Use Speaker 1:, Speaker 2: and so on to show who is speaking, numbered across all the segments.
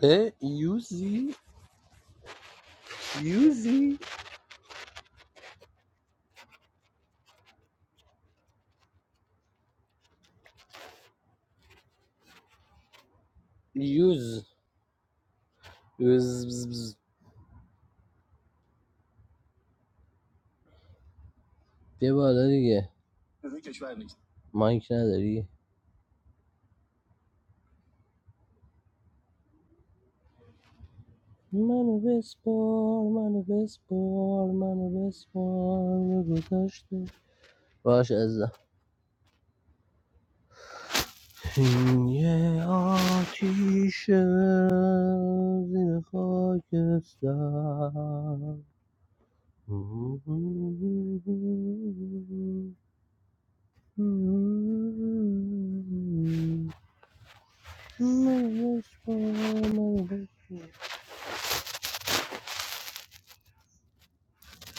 Speaker 1: به یوزی یوزی یوز یوز بز بز. بیا بالا دیگه مایک نداری منو بسپار منو بسپار منو بسپار به گذشته باش عزیزم یه آتیشه زیر خاکستر منو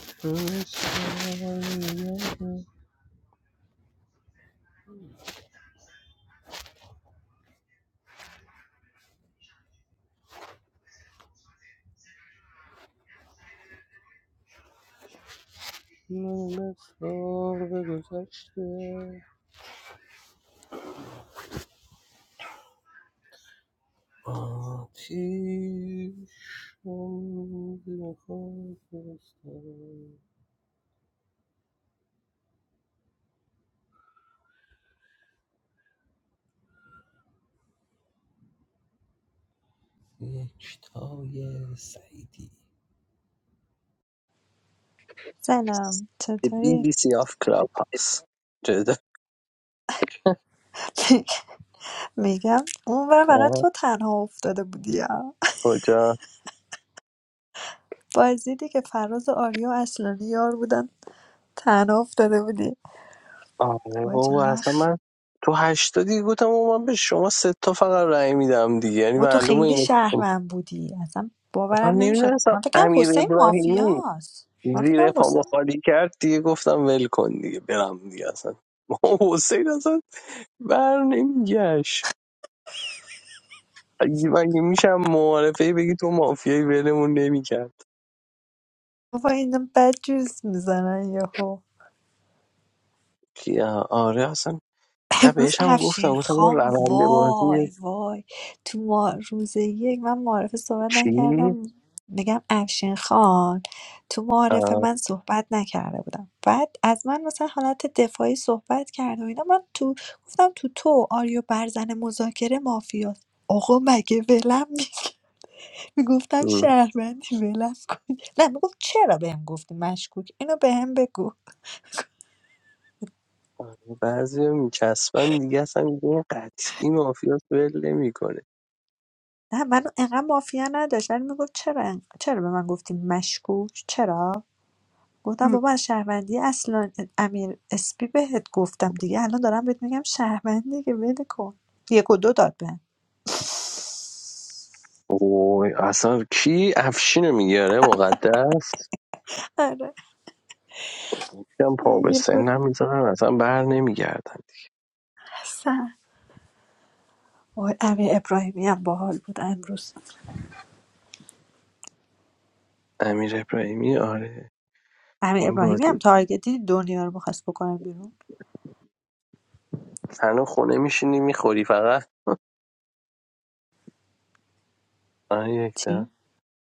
Speaker 1: بسپار به گذشته، آتیشم زیر خاک بستان. یکتای سعیدی
Speaker 2: سلام
Speaker 1: به بی
Speaker 2: چطوری؟
Speaker 1: بی سی آف کلاب هاوس جدا
Speaker 2: میگم اونور فقط تو تنها افتاده بودی ها.
Speaker 1: کجا
Speaker 2: بازی دی که فراز و آریا و اصلانی یار بودن تنها افتاده بودی
Speaker 1: آره
Speaker 2: وای
Speaker 1: بابا
Speaker 2: چقدر
Speaker 1: اصلا
Speaker 2: خ-
Speaker 1: من تو هشتا دیگه گفتم بابا من به شما سه تا فقط رأی میدم دیگه یعنی
Speaker 2: و تو
Speaker 1: معلومه
Speaker 2: خیلی
Speaker 1: اینو
Speaker 2: شهروند بودی اصلا
Speaker 1: من
Speaker 2: باورم نمیشد
Speaker 1: نمیدونستم
Speaker 2: من فکرم
Speaker 1: امیر
Speaker 2: حسین
Speaker 1: ابراهیمی
Speaker 2: مافیاست من فکرم
Speaker 1: زیر پا
Speaker 2: حسین
Speaker 1: مخالی کرد دیگه گفتم ول کن دیگه برم دیگه اصلا ما حسین اصلا بر نمیگشت اگه مگه میشم معارفه بگی تو مافیایی ولمون نمیکرد
Speaker 2: بابا اینا بد جوز میزنن یهو
Speaker 1: آره اصلا نه
Speaker 2: امروز
Speaker 1: بهش
Speaker 2: افشین
Speaker 1: گفتم گفتم اون
Speaker 2: خان
Speaker 1: روند بازی
Speaker 2: وای وای تو ما روز یک من معارف صحبت
Speaker 1: چی؟
Speaker 2: نکردم میگم افشین خان تو معارف
Speaker 1: آه،
Speaker 2: من صحبت نکرده بودم بعد از من مثلا حالت دفاعی صحبت کرد و اینا من تو گفتم تو تو آریو برزن مذاکره مافیاست آقا مگه ولم می- میگفتم
Speaker 1: م.
Speaker 2: شهروندی ولم کن نه میگفت چرا بهم گفتی مشکوک اینو بهم بگو
Speaker 1: آره، بعضی میچسبن دیگه اصلا دیگه این قطعی مافیاس ول نمیکنه
Speaker 2: نه من انقدر مافیا نداشت ولی میگفت چرا انق- چرا به من گفتی مشکوک چرا گفتم بابا از شهروندی اصلا امیر اسپی بهت گفتم دیگه الان دارم بهت میگم شهروندی که بده کن یک و دو داد به
Speaker 1: اوه اصلا کی افشینو میگیره مقدس
Speaker 2: آره
Speaker 1: یکم پا به
Speaker 2: یک و
Speaker 1: سنم میذارن اصلا بر نمیگردن
Speaker 2: سن وای امیر ابراهیمی هم باحال بود امروز
Speaker 1: امیر ابراهیمی آره
Speaker 2: امیر
Speaker 1: این
Speaker 2: ابراهیمی هم
Speaker 1: بازی
Speaker 2: تارگتی دنیا رو میخواست بکنم بیرون
Speaker 1: تنها خونه میشینی میخوری فقط آره یک
Speaker 2: چی
Speaker 1: دم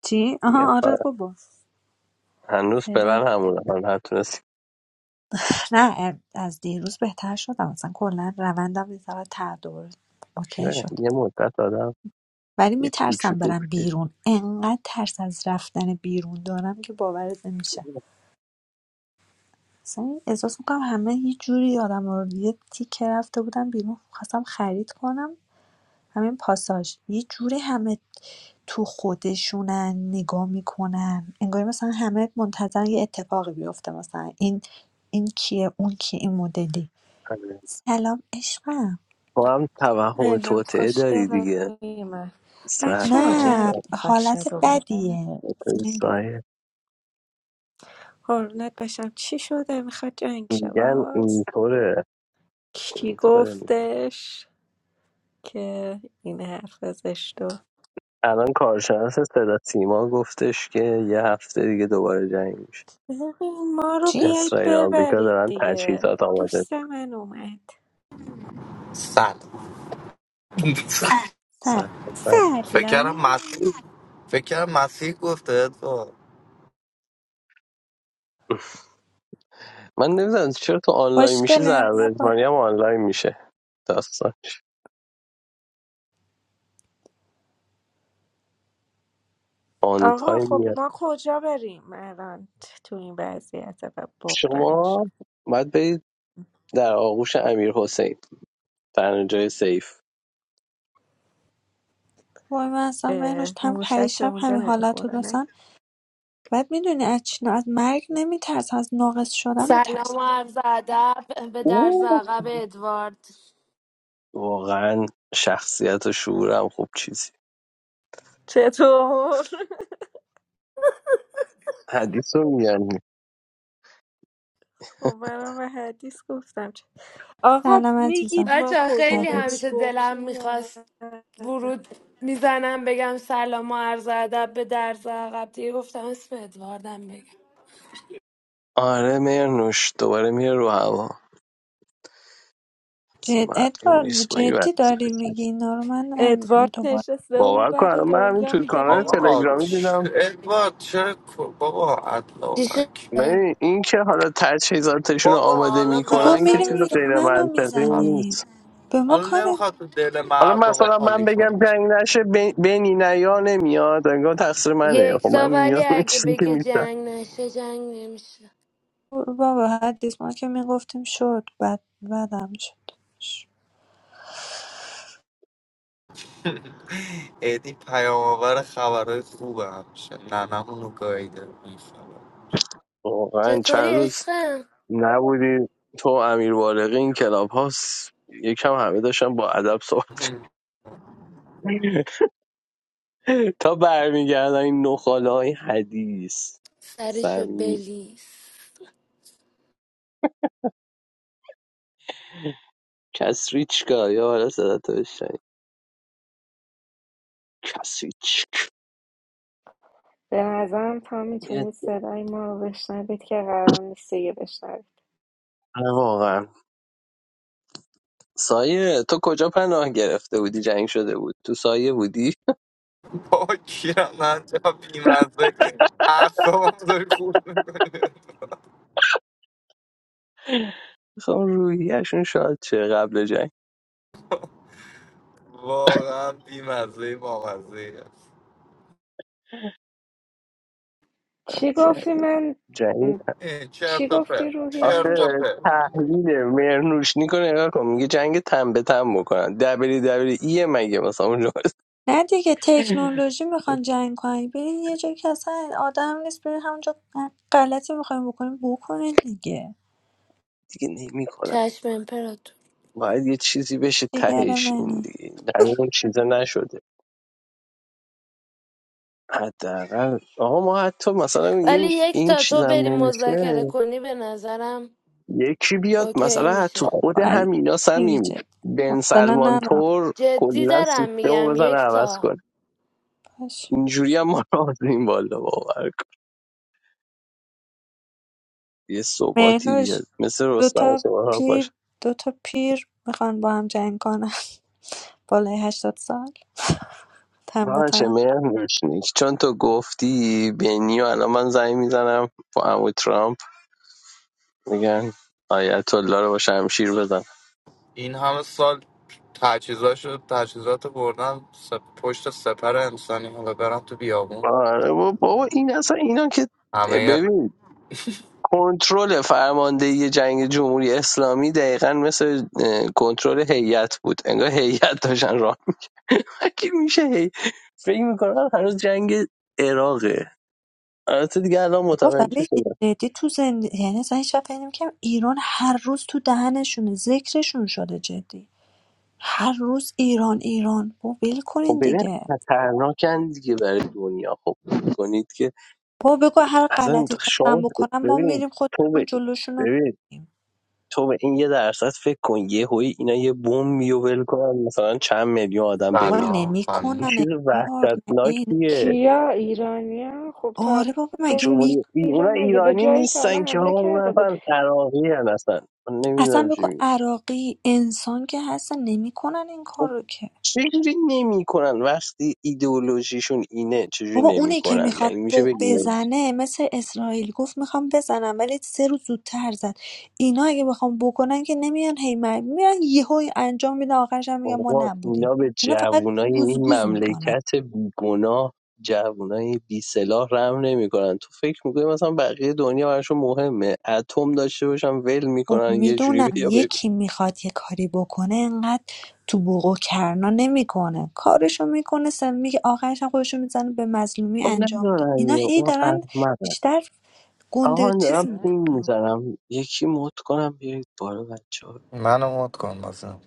Speaker 2: چی
Speaker 1: میگم
Speaker 2: آها آره
Speaker 1: فقط
Speaker 2: بابا
Speaker 1: هنوز
Speaker 2: فعلا
Speaker 1: پلن همونه من هر تونستی
Speaker 2: نه ام، از دیروز بهتر شدم اصلا کلا روندم یه ذره تعادل اوکی
Speaker 1: آره،
Speaker 2: شد
Speaker 1: یه مدت آدم
Speaker 2: ولی
Speaker 1: یه
Speaker 2: میترسم
Speaker 1: کوچولو
Speaker 2: برم
Speaker 1: بود.
Speaker 2: بیرون انقدر ترس از رفتن بیرون دارم که باورت نمیشه اصلا احساس میکنم همه یه جوری آدم رو یه تیکه رفته بودم بیرون خواستم خرید کنم همین پاساژ یه جوری همه تو خودشونن نگاه میکنن انگار مثلا همه منتظر یه اتفاقی بیفته مثلا این این کیه اون کیه این مدلی
Speaker 1: آره.
Speaker 2: سلام عشقم
Speaker 1: تو هم توهم
Speaker 3: الان
Speaker 1: توطعه داری
Speaker 3: خوشگل
Speaker 1: دیگه
Speaker 3: من بچه ها
Speaker 1: سلام
Speaker 2: نه
Speaker 3: جنگ
Speaker 1: سلام
Speaker 3: میخواد شه
Speaker 2: حالت
Speaker 3: دوباره
Speaker 2: بدیه فیلینگ بد.
Speaker 1: سایه
Speaker 3: حرونت بشم چی شده میخواد جنگ شه
Speaker 1: میگن
Speaker 3: باز
Speaker 1: اینطوره
Speaker 3: کی
Speaker 1: اینطوره میگن
Speaker 3: گفتش که این حرف زشتو
Speaker 1: الان کارشناس صدا سیما گفتش که یه هفته دیگه دوباره جنگ میشه
Speaker 3: ببین، ما رو
Speaker 2: چی؟
Speaker 3: بیایید
Speaker 1: اسرائیل و آمریکا
Speaker 3: ببرید
Speaker 1: دارن
Speaker 3: دیگه
Speaker 1: تجهیزات آماده
Speaker 3: دوست من اومد
Speaker 4: سلام
Speaker 1: می‌سازن.
Speaker 2: سلام
Speaker 4: فکر کردم
Speaker 3: سلام
Speaker 4: مسیح فکر کردم مسیح گفته ادوارد
Speaker 1: من نمیدونم چرا تو آنلاین میشی
Speaker 2: خوشگله بیا با
Speaker 1: زربزمانی هم آنلاین میشه داستان آن
Speaker 3: آقا
Speaker 1: تایم
Speaker 3: خب
Speaker 1: میاد
Speaker 3: ما کجا بریم الان تو این وضعیت و بغرنج
Speaker 1: شما باید برید در آغوش امیر حسین تنها جای سیف
Speaker 2: وای من اصلا مهرش
Speaker 3: اه،
Speaker 2: تم
Speaker 3: موشک به
Speaker 2: پریشب
Speaker 3: اونجا
Speaker 2: همین حالت رو
Speaker 3: نمیخوره نه
Speaker 2: داشتم بعد میدونی از چی از مرگ نمیترسم از ناقص شدن
Speaker 5: سلام
Speaker 2: میترسم
Speaker 5: و عرض ادب به درز
Speaker 1: او
Speaker 5: عقب ادوارد
Speaker 1: واقعا شخصیت و شعورم خوب چیزی
Speaker 3: چطور
Speaker 1: حدیث رو میگن
Speaker 3: خب منم به حدیث گفتم چه- آقا
Speaker 2: سلام
Speaker 3: میگید
Speaker 2: عزیزم
Speaker 3: ما
Speaker 5: بچه
Speaker 3: کجا
Speaker 5: خیلی
Speaker 3: بریم
Speaker 2: عزیز
Speaker 5: همیشه دلم
Speaker 3: گمشیم یا نه
Speaker 5: میخواست ورود میزنم بگم سلام و عرض ادب به درز عقب دیگه گفتم اسم ادواردم بگم
Speaker 1: آره مرنوش دوباره میره رو هوا اصلا
Speaker 2: جد
Speaker 1: مردم
Speaker 2: ادوارد
Speaker 1: نیست با این
Speaker 2: جدی داری میگی
Speaker 1: وضعیت.
Speaker 2: اینا رو من نمیدونی
Speaker 3: ادوارد
Speaker 2: دوباره
Speaker 3: نشسته اون
Speaker 1: باور کن
Speaker 3: ور
Speaker 1: الان من همین
Speaker 3: دنیا
Speaker 1: توی
Speaker 3: میگه
Speaker 1: کانال
Speaker 4: آقا
Speaker 3: لنگش
Speaker 1: تلگرامی
Speaker 3: کنید
Speaker 1: دیدم
Speaker 4: چ- ادوارد چرا کو- بابا
Speaker 5: چی
Speaker 4: ادلاوک
Speaker 5: شده؟
Speaker 1: نه این که حالا تجهیزاتشون رو
Speaker 4: بابا
Speaker 1: آماده
Speaker 4: حالا
Speaker 2: گفت
Speaker 1: میکنن که
Speaker 4: لازم
Speaker 1: چیز
Speaker 4: نیست
Speaker 2: میریم
Speaker 1: غیر
Speaker 2: یمن رو
Speaker 1: منطقی
Speaker 4: تو-
Speaker 2: میزنیم
Speaker 1: نیست
Speaker 2: به ما
Speaker 4: حالا
Speaker 2: کار
Speaker 4: نمیخواد تو دل
Speaker 1: حالا
Speaker 4: مردم رو
Speaker 1: مثلا من
Speaker 4: خالی کنی
Speaker 1: بگم جنگ نشه بین- بینی نیا نمیاد انگار تقصیر منه خب
Speaker 5: یکتا
Speaker 1: من
Speaker 5: ولی
Speaker 1: میام این
Speaker 5: اگه
Speaker 1: چیزی که
Speaker 5: بگه
Speaker 1: میتونم
Speaker 5: جنگ نشه جنگ نمیشه
Speaker 2: بابا حدیث ما که میگفتیم شد بعد بدم شد
Speaker 4: ایدی پیام آور خبرهای خوبه همشه ننمون رو گاییده بیخبر.
Speaker 1: واقعا
Speaker 5: چطوری
Speaker 1: چند روز
Speaker 5: عشقم؟
Speaker 1: نبودی تو و امیر بالغی این کلاب هاست یکم همه داشتن با ادب صحبت تا برمیگردن این نخاله های حدیث
Speaker 5: سرشو
Speaker 1: سمی
Speaker 5: بلیس
Speaker 1: کسریچکا یا حالا صدا تو بشنوی. کسریچک
Speaker 3: به نظرم تا
Speaker 1: میاد
Speaker 3: میتونید صدای ما رو بشنوید که قرار نیست دیگه بشنوید
Speaker 1: آره، واقعا سایه تو کجا پناه گرفته بودی جنگ شده بود تو سایه بودی
Speaker 4: بابا کیرم نجا بیمزه اعصابم داری خورد میکنی
Speaker 1: خب روحیشون شاد چه قبل جنگ
Speaker 4: واقعا بیمزه بامزه
Speaker 3: چی گفتی من
Speaker 1: جنگ
Speaker 3: م،
Speaker 4: ای،
Speaker 3: چی
Speaker 4: چرت و
Speaker 3: گفتی
Speaker 4: پرت
Speaker 3: روحی
Speaker 4: چرت و
Speaker 3: باشه
Speaker 1: آخه
Speaker 4: پرت
Speaker 1: تحلیل مرنوشنی کنه نگاه کن میگه جنگ تن به تن بکنن دبلی دبلی ای مگه مثلا اونجا هست؟
Speaker 2: نه دیگه تکنولوژی میخوان جنگ کنن برین یه جایی که اصلا آدم نیست برین همونجا هر غلطی میخواین بکنین بکنین دیگه
Speaker 1: دیگه نمیکنن
Speaker 5: چشم امپراتور
Speaker 1: باید یه چیزی بشه
Speaker 2: جگر
Speaker 1: تهش این
Speaker 2: منی
Speaker 1: دیگه جنگ اون چیزا نشده حداقل آقا ما حتی مثلا
Speaker 5: ولی
Speaker 1: میگیم
Speaker 5: یک
Speaker 1: این
Speaker 5: تا تو
Speaker 1: چیزم
Speaker 5: بری
Speaker 1: نمیشه
Speaker 5: مذاکره کنی به نظرم
Speaker 1: یکی بیاد
Speaker 5: اوکی
Speaker 1: مثلا حتی
Speaker 5: میشه
Speaker 1: خود
Speaker 2: با علی
Speaker 1: همینا
Speaker 2: میگی
Speaker 1: صمیم
Speaker 2: جد
Speaker 1: بن
Speaker 2: مثلا
Speaker 1: سلمان
Speaker 2: ندارم
Speaker 1: تور
Speaker 5: جدی
Speaker 1: کلا سیستم
Speaker 5: دارم
Speaker 1: رو
Speaker 5: میگم
Speaker 1: بزنه عوض
Speaker 5: یکتا
Speaker 1: کنه
Speaker 2: پش
Speaker 1: اینجوری هم ما را این بالا باور کن. یه ثباتی
Speaker 2: مهنوش
Speaker 1: بیاد مثل رستم و
Speaker 2: دوتا
Speaker 1: سپاه
Speaker 2: پیر دوتا پیر میخوان با هم جنگ کنن بالای هشتاد سال تن به
Speaker 1: باشه
Speaker 2: تن
Speaker 1: مهر روشنی چون تو گفتی بینی و الان من زنگ میزنم با امو ترامپ میگن آیت الله رو با شمشیر بزن
Speaker 4: این همه سال تجهیزاشو تجهیزات بردم سپ... پشت سپر انسانی حالا برم تو بیابون
Speaker 1: آره با- بابا این اصلا اینا که
Speaker 4: همه
Speaker 1: ببین کنترل فرماندهی جنگ جمهوری اسلامی دقیقا مثل اه، کنترل هیئت بود انگار هیئت داشتن راه می- مگه میشه هی فکر میکنم هنوز جنگ عراقه البته دیگه الان
Speaker 2: بابا
Speaker 1: متوجه
Speaker 2: ولی
Speaker 1: شدم
Speaker 2: جدی تو زندگی یعنی اصلا هیچ وقت فکر نمی‌کردم ایران هر روز تو دهنشونه ذکرشون شده جدی هر روز ایران ایران با ول
Speaker 1: خب
Speaker 2: کنین
Speaker 1: ببین
Speaker 2: دیگه
Speaker 1: خطرناکن دیگه برای دنیا خب کنید
Speaker 2: با بگو هر
Speaker 1: اصلا
Speaker 2: غلطی خواستن
Speaker 1: شما
Speaker 2: بکنم ما
Speaker 1: ببین
Speaker 2: میریم
Speaker 1: تو
Speaker 2: خودمون
Speaker 1: به
Speaker 2: جلوشون رو
Speaker 1: ببین
Speaker 2: می‌گیریم.
Speaker 1: تو به این یه درصد فکر کن یه هوی اینا یه بوم میو ول کنن مثلا چند میلیون آدم
Speaker 2: بابا
Speaker 1: بمیرن
Speaker 4: بدنام
Speaker 1: این
Speaker 4: خانم
Speaker 2: نمیکنن
Speaker 1: چیز
Speaker 2: بار مگه اینا
Speaker 1: وحشتناکیه
Speaker 3: کیا ایرانیا خب تا
Speaker 2: آره بابا
Speaker 3: حالا
Speaker 2: مگه
Speaker 1: جمهوری
Speaker 2: می
Speaker 1: ای- اونا
Speaker 3: ایران مگه به
Speaker 1: ایرانی
Speaker 3: جایی تا حالا
Speaker 1: نیستن که
Speaker 3: حمله
Speaker 1: آقا اونا
Speaker 3: کرده بود
Speaker 1: اصلا عراقی هن اصلا من
Speaker 2: اصلا
Speaker 1: نمیدونم چی
Speaker 2: بگو
Speaker 1: می
Speaker 2: عراقی انسان که هستن نمیکنن این کار
Speaker 1: خب
Speaker 2: که
Speaker 1: چجوری نمیکنن وقتی ایدئولوژیشون اینه چجوری
Speaker 2: بابا اونی که
Speaker 1: نمیکنن من
Speaker 2: میخواد
Speaker 1: این میشه بگیم
Speaker 2: بزنه مثل اسرائیل گفت میخوام بزنم ولی سه روز زودتر زد اینا اگه بخوام بکنن که نمیان هی من- میرن یهو انجام میدن آخرش هم میگن ما
Speaker 1: بابا
Speaker 2: نبودیم
Speaker 1: اینا به
Speaker 2: اینا فقط
Speaker 1: جوونای این
Speaker 2: گوزگوز میکنن
Speaker 1: مملکت بیگناه جوونای بی سلاح رحم نمیکنن تو فکر میکنی مثلا بقیه دنیا براشون مهمه اتم داشته باشن ول
Speaker 2: خب
Speaker 1: میکنن یه جوری
Speaker 2: میدونم
Speaker 1: بیا ببین
Speaker 2: یکی میخواد یه کاری بکنه انقدر تو بوق و کرنا نمیکنه کارشو میکنه سم میگه آخرش هم خودشو میزنه به مظلومی
Speaker 1: خب
Speaker 2: انجام میده
Speaker 1: ندارن
Speaker 2: اینا
Speaker 1: یا
Speaker 2: هی
Speaker 1: اون
Speaker 2: دارن
Speaker 1: احمقه
Speaker 2: بیشتر
Speaker 1: آقا
Speaker 2: گنده
Speaker 1: من
Speaker 2: چیز
Speaker 1: دارم پین
Speaker 2: میکنه
Speaker 1: میزنم یکی مد کنم بیایید بالا بچه ها
Speaker 4: منو مد کن مثلا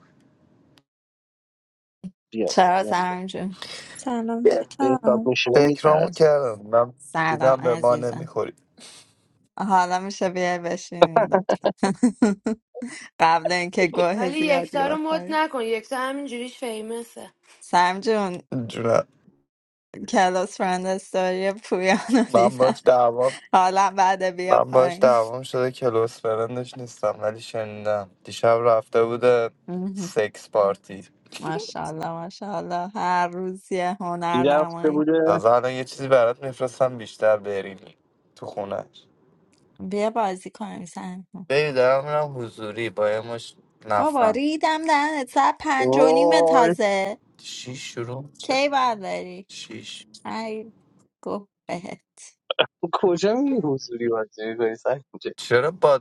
Speaker 1: بیا
Speaker 6: چرا
Speaker 1: بیا
Speaker 6: سرم جون
Speaker 2: سلام
Speaker 1: به حساب
Speaker 2: بهتام
Speaker 1: میشینه
Speaker 4: فکرامو
Speaker 1: میترسه
Speaker 4: کردم من
Speaker 6: سلام
Speaker 4: دیدم به ما
Speaker 6: عزیزم
Speaker 4: نمیخوری
Speaker 6: حالا میشه بیای بشینی لطفا قبل اینکه گوه
Speaker 5: ولی
Speaker 6: زیادی
Speaker 5: یکتا رو مد
Speaker 6: بخوری
Speaker 5: نکن یکتا همینجوریش فیمسه
Speaker 6: سم جون
Speaker 4: جونم
Speaker 6: کلاس فرند استوری پویانو
Speaker 4: من
Speaker 6: دیدم
Speaker 4: باش دعوام
Speaker 6: حالا بعد بیا
Speaker 4: من باش
Speaker 6: پایین
Speaker 4: دعوام شده کلوس فرندش نیستم ولی شنیدم دیشب رفته بوده
Speaker 6: مهم.
Speaker 4: سکس پارتی
Speaker 6: ماشاءالله ماشاءالله هر روز یه هنر
Speaker 1: این رفته
Speaker 6: نمایی
Speaker 1: بوده
Speaker 4: تازه الان یه چیزی برات میفرستم بیشتر بریلی تو خونش
Speaker 6: بیا بازی کنیم سم جون.
Speaker 4: بری دارم میرم حضوری با یه مش
Speaker 6: بابا
Speaker 4: نفهم
Speaker 6: ریدم دهنت ساعت پنج و نیم
Speaker 1: وای
Speaker 6: تازه
Speaker 4: شیش شروع میشه
Speaker 6: کی باید بری
Speaker 4: شیش
Speaker 6: ای گوه بهت
Speaker 1: تو کجا میری حضوری بازی میکنی
Speaker 4: چرا با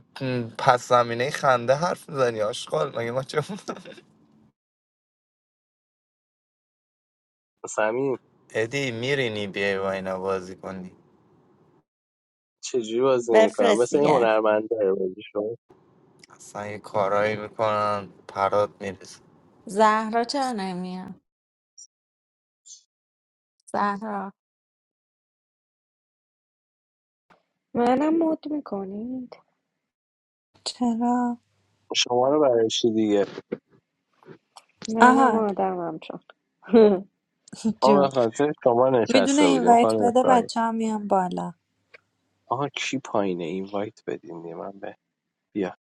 Speaker 4: پس زمینه خنده حرف میزنی آشغال مگه ما چه
Speaker 1: سنجه
Speaker 4: ادی میرینی بیای با اینا بازی کنی
Speaker 1: چجوری بازی میکنم
Speaker 6: بفرست
Speaker 1: مثل این
Speaker 6: دیگه
Speaker 1: هنرمنده بازی شما
Speaker 4: اصلا یه کارایی میکنن پرات میرسه
Speaker 6: زهرا چرا نمیاد زهرا
Speaker 3: منم مد میکنید
Speaker 2: چرا
Speaker 1: شما رو برای چی دیگه
Speaker 3: منم
Speaker 2: آها
Speaker 3: آدمم چون
Speaker 1: ما
Speaker 2: جون
Speaker 1: به خاطر شما
Speaker 2: میدونه
Speaker 1: نشسته
Speaker 2: این
Speaker 1: بودیم
Speaker 2: وایت
Speaker 1: خانم
Speaker 2: بده
Speaker 1: اسرائیل
Speaker 2: بچه هم میان بالا
Speaker 1: آها کی پایینه این وایت بدین دیگه من به بیا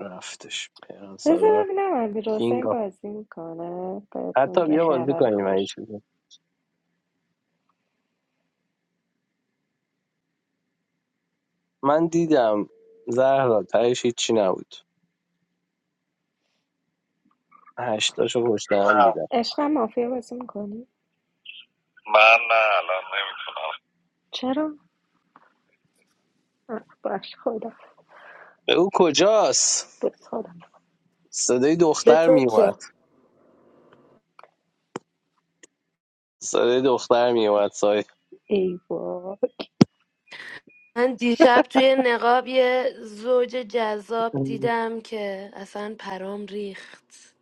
Speaker 1: رفتش پیران
Speaker 3: بذار
Speaker 1: سالار
Speaker 3: ببینم
Speaker 1: کینگ
Speaker 3: امیرحسین
Speaker 1: آف
Speaker 3: بازی میکنه بهتون
Speaker 1: حتی
Speaker 3: که
Speaker 1: بیا بازی
Speaker 3: خبر
Speaker 1: کنیم این
Speaker 3: خوش
Speaker 1: چیزی من دیدم زهرا تهش هیچی نبود هشتاشو پشت هم
Speaker 3: نه
Speaker 1: دیدم
Speaker 3: عشق مافیا بازی میکنی من نه الان نمیتونم چرا آه، باش خدا
Speaker 1: به او کجاست
Speaker 3: بس خدا
Speaker 1: صدای
Speaker 5: به
Speaker 1: دختر
Speaker 5: تو
Speaker 1: میومد
Speaker 5: چه
Speaker 1: صدای دختر میومد سای
Speaker 3: ای بابا
Speaker 5: من دیشب توی نقاب یه زوج جذاب دیدم که اصلا پرام ریخت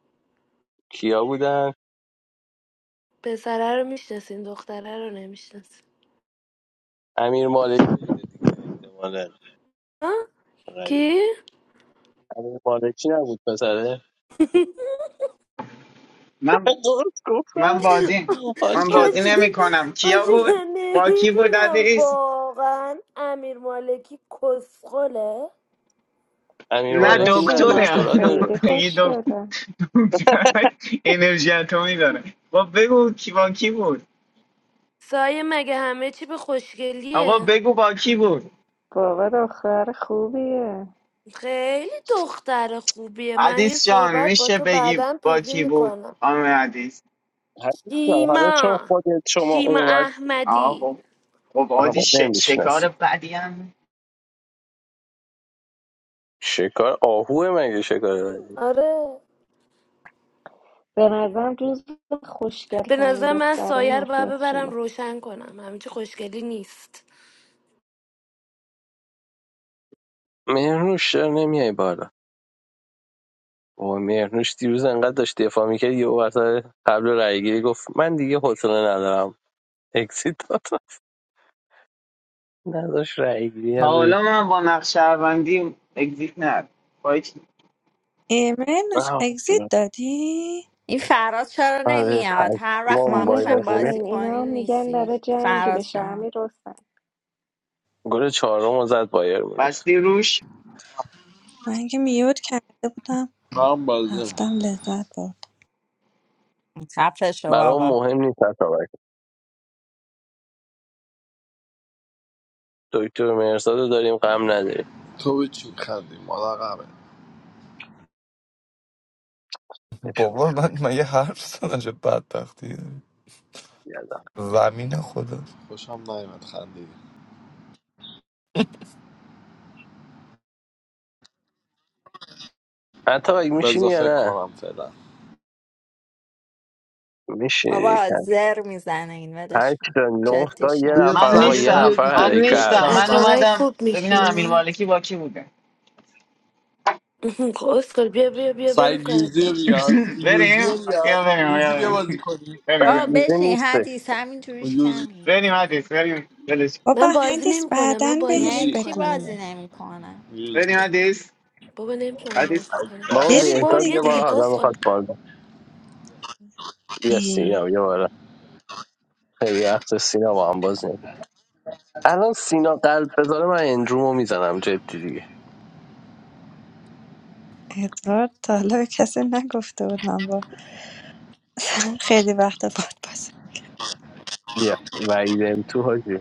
Speaker 1: کیا بودن
Speaker 5: پسره رو میشناسین دختره رو نمیشناسین
Speaker 1: امیر مالکی بوده دیگه احتمالاً
Speaker 5: ها؟
Speaker 1: غریب
Speaker 5: کی؟
Speaker 1: امیر مالکی نبود پسره
Speaker 7: من
Speaker 1: درست
Speaker 7: من
Speaker 1: گفتم
Speaker 7: بازی
Speaker 1: حال
Speaker 7: من
Speaker 1: که
Speaker 7: بازی
Speaker 5: آجی
Speaker 7: نمی کنم کیا
Speaker 5: آجی
Speaker 7: بود
Speaker 5: من
Speaker 7: با کی بود
Speaker 5: نمیدونم
Speaker 7: عزیز
Speaker 5: واقعا امیر مالکی کسخله
Speaker 1: امیر
Speaker 7: نه
Speaker 3: بابا
Speaker 1: مالکی نه
Speaker 3: شیما
Speaker 7: دکتره
Speaker 3: که
Speaker 1: دکترا داره
Speaker 3: خیلی
Speaker 7: اگه دک-
Speaker 3: خوشگله
Speaker 7: دکتر انرژی اتمی داره با بگو کی با کی بود
Speaker 5: سایه مگه همه چی به
Speaker 7: آقا
Speaker 5: خوشگلیه
Speaker 7: بگو با کی بود
Speaker 3: بابا دختر خوبیه
Speaker 5: خیلی دختر خوبیه من یه
Speaker 7: عدیس جان
Speaker 5: صحبت با
Speaker 7: میشه
Speaker 5: تو
Speaker 7: بگی
Speaker 5: بعدم
Speaker 7: با
Speaker 5: پیوی
Speaker 7: کی بود
Speaker 5: میکنم
Speaker 7: خانم عدیس
Speaker 1: حدیثم حالا چون
Speaker 5: شیما
Speaker 1: خودت شما
Speaker 5: شیما
Speaker 1: اونقدر
Speaker 7: آقا
Speaker 5: احمدی
Speaker 7: خب خب عادی
Speaker 1: همه
Speaker 7: ش... شکار
Speaker 1: نمیشناسیم
Speaker 7: بدی هم
Speaker 1: شکار آهوه مگه شکار بدی
Speaker 5: آره
Speaker 3: به نظرم جز خوشگل
Speaker 5: به
Speaker 3: ترین
Speaker 5: نظر من
Speaker 3: دختره
Speaker 5: سایر باید
Speaker 3: مافیا
Speaker 5: ببرم
Speaker 3: شیما
Speaker 5: روشن کنم همینچه خوشگلی نیست
Speaker 1: مهرنوش چرا نمیای بالا و مهرنوش دیروز انقدر داشت دفاع میکرد یه وسط قبل رای گیری گفت من دیگه حوصله ندارم اکسیت داد نداشت رای گیری
Speaker 7: تا
Speaker 1: هم ببین.
Speaker 7: حالا من با نقش شهروندی اگزیت ندادم. با هیچ-
Speaker 2: ایمنش
Speaker 1: آه،
Speaker 2: اگزیت دادی
Speaker 6: این فراز چرا
Speaker 1: آره
Speaker 6: نمیاد
Speaker 1: پس
Speaker 6: هر وقت
Speaker 1: ما
Speaker 6: ما
Speaker 3: امیر
Speaker 1: بایر
Speaker 6: میخوایم
Speaker 1: مونیخ
Speaker 6: بازی
Speaker 3: حسین اینا
Speaker 6: کنیم
Speaker 3: میگن
Speaker 6: نیستی
Speaker 3: داره جنگ
Speaker 6: فراز
Speaker 3: بشه
Speaker 6: جان
Speaker 3: امیر حسین
Speaker 1: گل چهارم رو زد بایر
Speaker 7: بستی روش
Speaker 2: من که میوت کرده بودم
Speaker 8: من بازی
Speaker 2: رفتم لذت برد
Speaker 6: خفه شو
Speaker 1: برام
Speaker 6: بابا
Speaker 1: مهم نیست اتابک دکتر مرزاد رو داریم غم نداریم
Speaker 8: تو به چی خندی مادقمه
Speaker 1: بشو
Speaker 4: بابا من من یه حرف زدم چه بدبختی داری.
Speaker 1: گردم
Speaker 4: زمین خدا
Speaker 8: خوشم نیمت خندی
Speaker 1: اتابک میشینی
Speaker 8: بذار
Speaker 1: یا
Speaker 8: فکر
Speaker 1: نه
Speaker 8: کنم فعلا
Speaker 1: میشینی
Speaker 6: بابا
Speaker 1: یکم
Speaker 6: زر میزنه این ولش
Speaker 1: هشت
Speaker 6: کن
Speaker 1: تا نه تا
Speaker 6: جدیش
Speaker 1: یه
Speaker 6: نه
Speaker 8: بیا
Speaker 7: من
Speaker 1: نفر آقا یه
Speaker 8: سمین بیا
Speaker 7: نیستم
Speaker 1: نفر
Speaker 7: من
Speaker 8: دیگه یک
Speaker 7: نیستم
Speaker 8: شنبه
Speaker 1: حرکت
Speaker 7: من
Speaker 8: هم
Speaker 5: اتابک
Speaker 7: اومدم
Speaker 8: هست
Speaker 5: خوب
Speaker 7: ببینم
Speaker 8: بیا
Speaker 7: امیر
Speaker 5: میشینه
Speaker 7: مالکی با کی بوده
Speaker 5: اسکل بیا بیا بیا بریم
Speaker 8: سعید
Speaker 5: کارت
Speaker 8: یوزی رو
Speaker 5: دارم
Speaker 8: بیار یوزی
Speaker 7: بریم
Speaker 8: رو بیار
Speaker 7: یا بریم
Speaker 8: یوزی
Speaker 7: یا
Speaker 8: بیا بازی کنیم
Speaker 7: بریم
Speaker 6: بابا
Speaker 7: بریم
Speaker 1: برگیزه
Speaker 6: بشین
Speaker 1: نیسته
Speaker 6: حدیث همین جوریش
Speaker 8: یوزی
Speaker 6: کمی
Speaker 7: بریم حدیث بریم ولش
Speaker 5: من
Speaker 2: بابا
Speaker 5: بازی
Speaker 2: هندیس
Speaker 5: نمیکنم من
Speaker 2: بعدن
Speaker 5: بازی
Speaker 2: بهش
Speaker 6: یعنی
Speaker 8: یوزی
Speaker 6: چی
Speaker 5: نمیکنم
Speaker 2: بگو
Speaker 6: بازی نمیکنه
Speaker 8: یوزی
Speaker 7: بریم حدیث
Speaker 5: بابا نمیتونم
Speaker 7: حدیث
Speaker 5: بازی کنم
Speaker 1: بابا
Speaker 5: بریم
Speaker 2: بشین
Speaker 5: بابا
Speaker 1: بهتاب
Speaker 5: بیا
Speaker 1: یه بار
Speaker 5: دیگه
Speaker 2: دیگه
Speaker 1: حالا
Speaker 5: کسخل
Speaker 1: میخواد بالا بیا
Speaker 2: ای،
Speaker 1: سینا یه بار خیلی وقت سینا با هم باز نمید الان سینا قلب بذاره من اندرومو میزنم جدی دیگه
Speaker 2: ادوارد تا حالا به کسی نگفته بود من با خیلی وقت باد بازه
Speaker 1: بیا وعیدم تو حاجی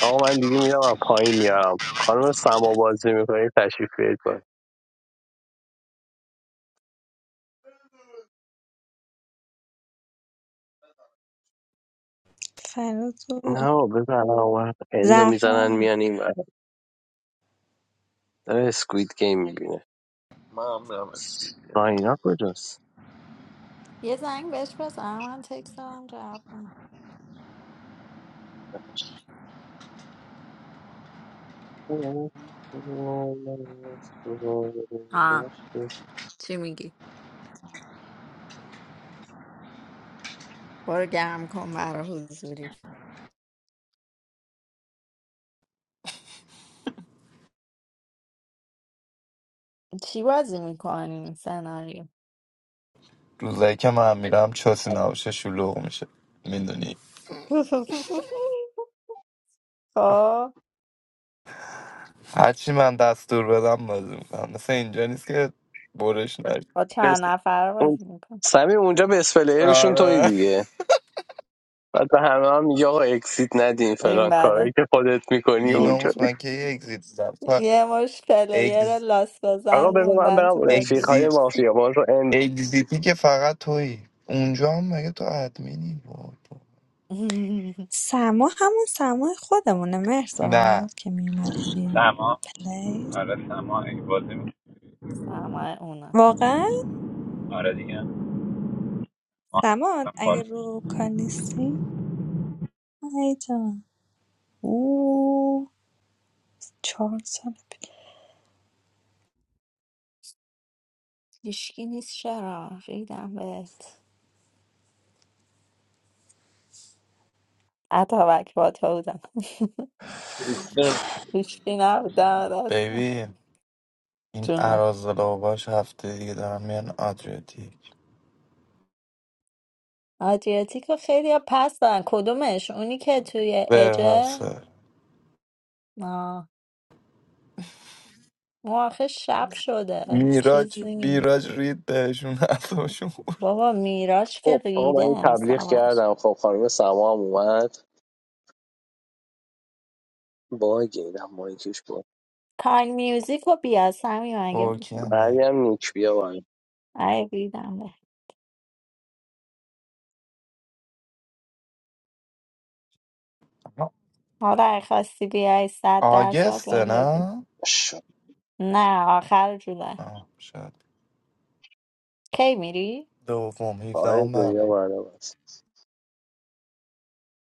Speaker 1: آقا من دیگه میرم از پایین میارم خانم سما بازی میکنی تشریف بیارید بالا.
Speaker 2: فراز و
Speaker 1: نه بابا، بزن الان اون وقت اندو میزنن
Speaker 2: زهرا
Speaker 1: میان این ور. داره اسکوید گیم میبینه
Speaker 8: من هم میرم اسمی
Speaker 1: ساینا کجاست
Speaker 6: یه زنگ بهش بزن من تکست دارم جواب نمی‌ده. آه چی میگی برو گرم کن برا حضوری چی بازی میکنی سناریو
Speaker 4: روزایی که من میرم چاسی نباشه شلوغ میشه میدونی
Speaker 6: خب
Speaker 4: هرچی من دستور بدم بازی میکنم مثل اینجا نیست که برش نشه
Speaker 6: با
Speaker 1: بس-
Speaker 6: چند نفره
Speaker 1: اون
Speaker 6: بازی میکنم
Speaker 1: سمیم اونجا به اسپلیرشون توی
Speaker 4: آره
Speaker 1: دیگه بعد به همه هم میگه آقا اکسیت ندین
Speaker 6: این
Speaker 1: فلان کارایی
Speaker 6: بده
Speaker 1: که خودت میکنی اونجا
Speaker 4: بیناموس من که یه اگزیت زدم تو
Speaker 6: یه مش پلیر
Speaker 4: اگز
Speaker 1: آقا
Speaker 6: لاستازن
Speaker 1: بذار من
Speaker 6: موندن
Speaker 1: برم
Speaker 6: تو
Speaker 1: رفیق
Speaker 6: بازی
Speaker 1: های
Speaker 4: اگزیت
Speaker 1: مافیا ما رو اند
Speaker 4: اگزیتی که فقط تویی اونجا هم مگه تو ادمینی وای وای.
Speaker 2: سما همون سمای خودمونه
Speaker 4: نه
Speaker 2: مرزاد که میومد این
Speaker 9: سما
Speaker 2: پلیس
Speaker 9: آره سما اگه بازی می‌کنی.
Speaker 6: سمه اونا
Speaker 2: واقعا
Speaker 9: آره دیگه آه،
Speaker 2: سما
Speaker 9: من
Speaker 2: اگه
Speaker 9: فالوش
Speaker 2: رو کار نیستی ای جان او چهار سال پیش
Speaker 6: هیشکی نیست چرا ریدم بهت اتابک با تو بودم هیشکی نبودم راستم
Speaker 4: ببین این
Speaker 6: جونم
Speaker 4: عراضلاباش هفته دیگه دارن میان آدریتیک
Speaker 6: آدریاتیکو خیلی ها پس دارن کدومش اونی که توی اجه
Speaker 4: برحسه
Speaker 6: آه اون آخه شب شده
Speaker 4: میراج
Speaker 6: چیزی
Speaker 4: بیراج رید بهشون اصابشون
Speaker 6: بابا میراش که
Speaker 1: خب آقا
Speaker 6: ریده
Speaker 1: من یه تبلیغ
Speaker 6: امسال
Speaker 1: کردم خب خانم سما هم اومد باگه ایدم مایکش بود
Speaker 6: کاین میوزیک رو بیا سمی اگه
Speaker 4: ترکی هم
Speaker 6: میشون
Speaker 1: بعدی
Speaker 4: بگیر
Speaker 1: هم نیک بیا باید
Speaker 6: ای بیدم به حالا اگه خواستی بیای صد درصد
Speaker 4: آگسته
Speaker 6: بهم بگو
Speaker 4: نه؟
Speaker 6: نه آخر جولای
Speaker 4: آه شاید
Speaker 6: کی میری؟
Speaker 4: دوم
Speaker 1: آقای
Speaker 4: هیفدهم
Speaker 1: ریا
Speaker 4: بهمن
Speaker 1: برام است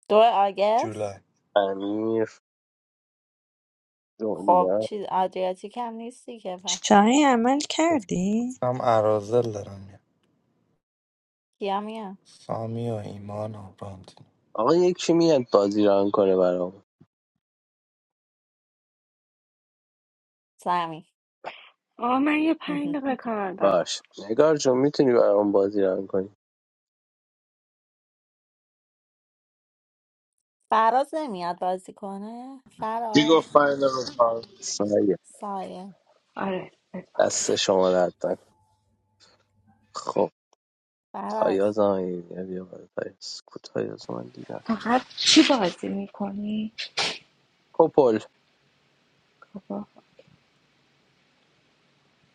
Speaker 6: دو آگست
Speaker 4: جولای
Speaker 1: امیر
Speaker 6: خب
Speaker 1: دنیا
Speaker 6: چیز آدریاتیک هم نیستی که پس
Speaker 2: شاهین عمل کردی
Speaker 4: گفتم عرازل دارم میام
Speaker 6: کیا میان
Speaker 4: سامی و ایمان و راندین
Speaker 1: آقا یکی میاد بازی ران کنه برام
Speaker 6: سمی
Speaker 3: آه من یه پنج دقیقه کار دارم.
Speaker 1: باش نگار جون میتونی برام بازی ران کنی
Speaker 6: فراز نمیاد بازی کنه فراز
Speaker 8: میگفت فایل رو کار.
Speaker 1: سایه
Speaker 6: سایه
Speaker 10: Alright.
Speaker 1: دست شما درد نکنه. خب
Speaker 6: فراز
Speaker 1: تایاز هم بیا بیا بالا تایاز کو تایاز من دیدم
Speaker 10: How about you guys? Do you want
Speaker 1: کپل
Speaker 10: to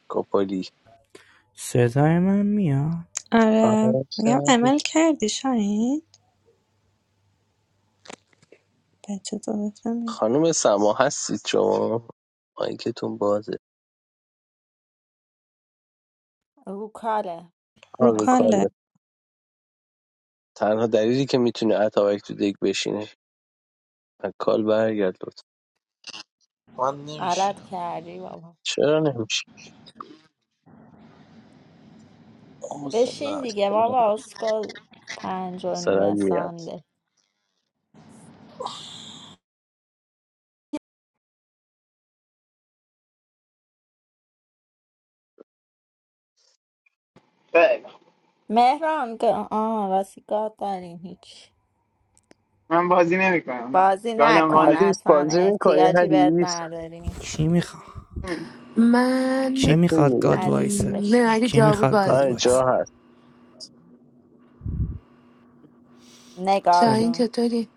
Speaker 1: کپلی
Speaker 11: صدای من میاد
Speaker 2: آره
Speaker 1: آره،
Speaker 2: میگم
Speaker 1: شاید.
Speaker 2: عمل کردی شاهین بچه داداشم
Speaker 1: خانم سما هستید شما مایکتون بازه
Speaker 6: رو کاله
Speaker 2: رو
Speaker 1: آه، رو
Speaker 2: کاله
Speaker 1: کاله
Speaker 6: واسمون
Speaker 1: تنها دلیلی که میتونه اتابک تو دیگ بشینه از کال برگرد لطفا
Speaker 8: من
Speaker 6: غلط
Speaker 8: نمیشینم
Speaker 6: کردی بابا
Speaker 1: چرا نمیشه
Speaker 8: حوصله
Speaker 6: بشین
Speaker 8: ندارم.
Speaker 6: دیگه بابا اسکل پنج و
Speaker 1: سرد میاد
Speaker 6: نیمه
Speaker 7: بریم.
Speaker 6: مهران گ- آه راستی گاد داریم هیچ
Speaker 7: من بازی نمی کنم نه
Speaker 6: بازی
Speaker 7: یادم
Speaker 6: نکن
Speaker 7: وانه
Speaker 1: حدیث
Speaker 6: اصلا
Speaker 1: بازی میکنی
Speaker 6: احتیاجی بهت
Speaker 1: حدیث
Speaker 6: نداریم
Speaker 11: کی میخواد
Speaker 5: من
Speaker 11: کی
Speaker 1: بهتون
Speaker 11: میخواد
Speaker 1: میگه
Speaker 11: گاد
Speaker 6: حدیث
Speaker 11: وایسه
Speaker 5: م، نه
Speaker 6: بشین
Speaker 5: اگه
Speaker 11: کی
Speaker 5: جا بود
Speaker 11: میخواد
Speaker 5: بازی
Speaker 11: گاد
Speaker 1: آره
Speaker 11: وایسه
Speaker 1: جا
Speaker 5: میکنم
Speaker 1: هست
Speaker 6: نگار
Speaker 11: خب
Speaker 5: شاهین
Speaker 6: جون
Speaker 5: چطوری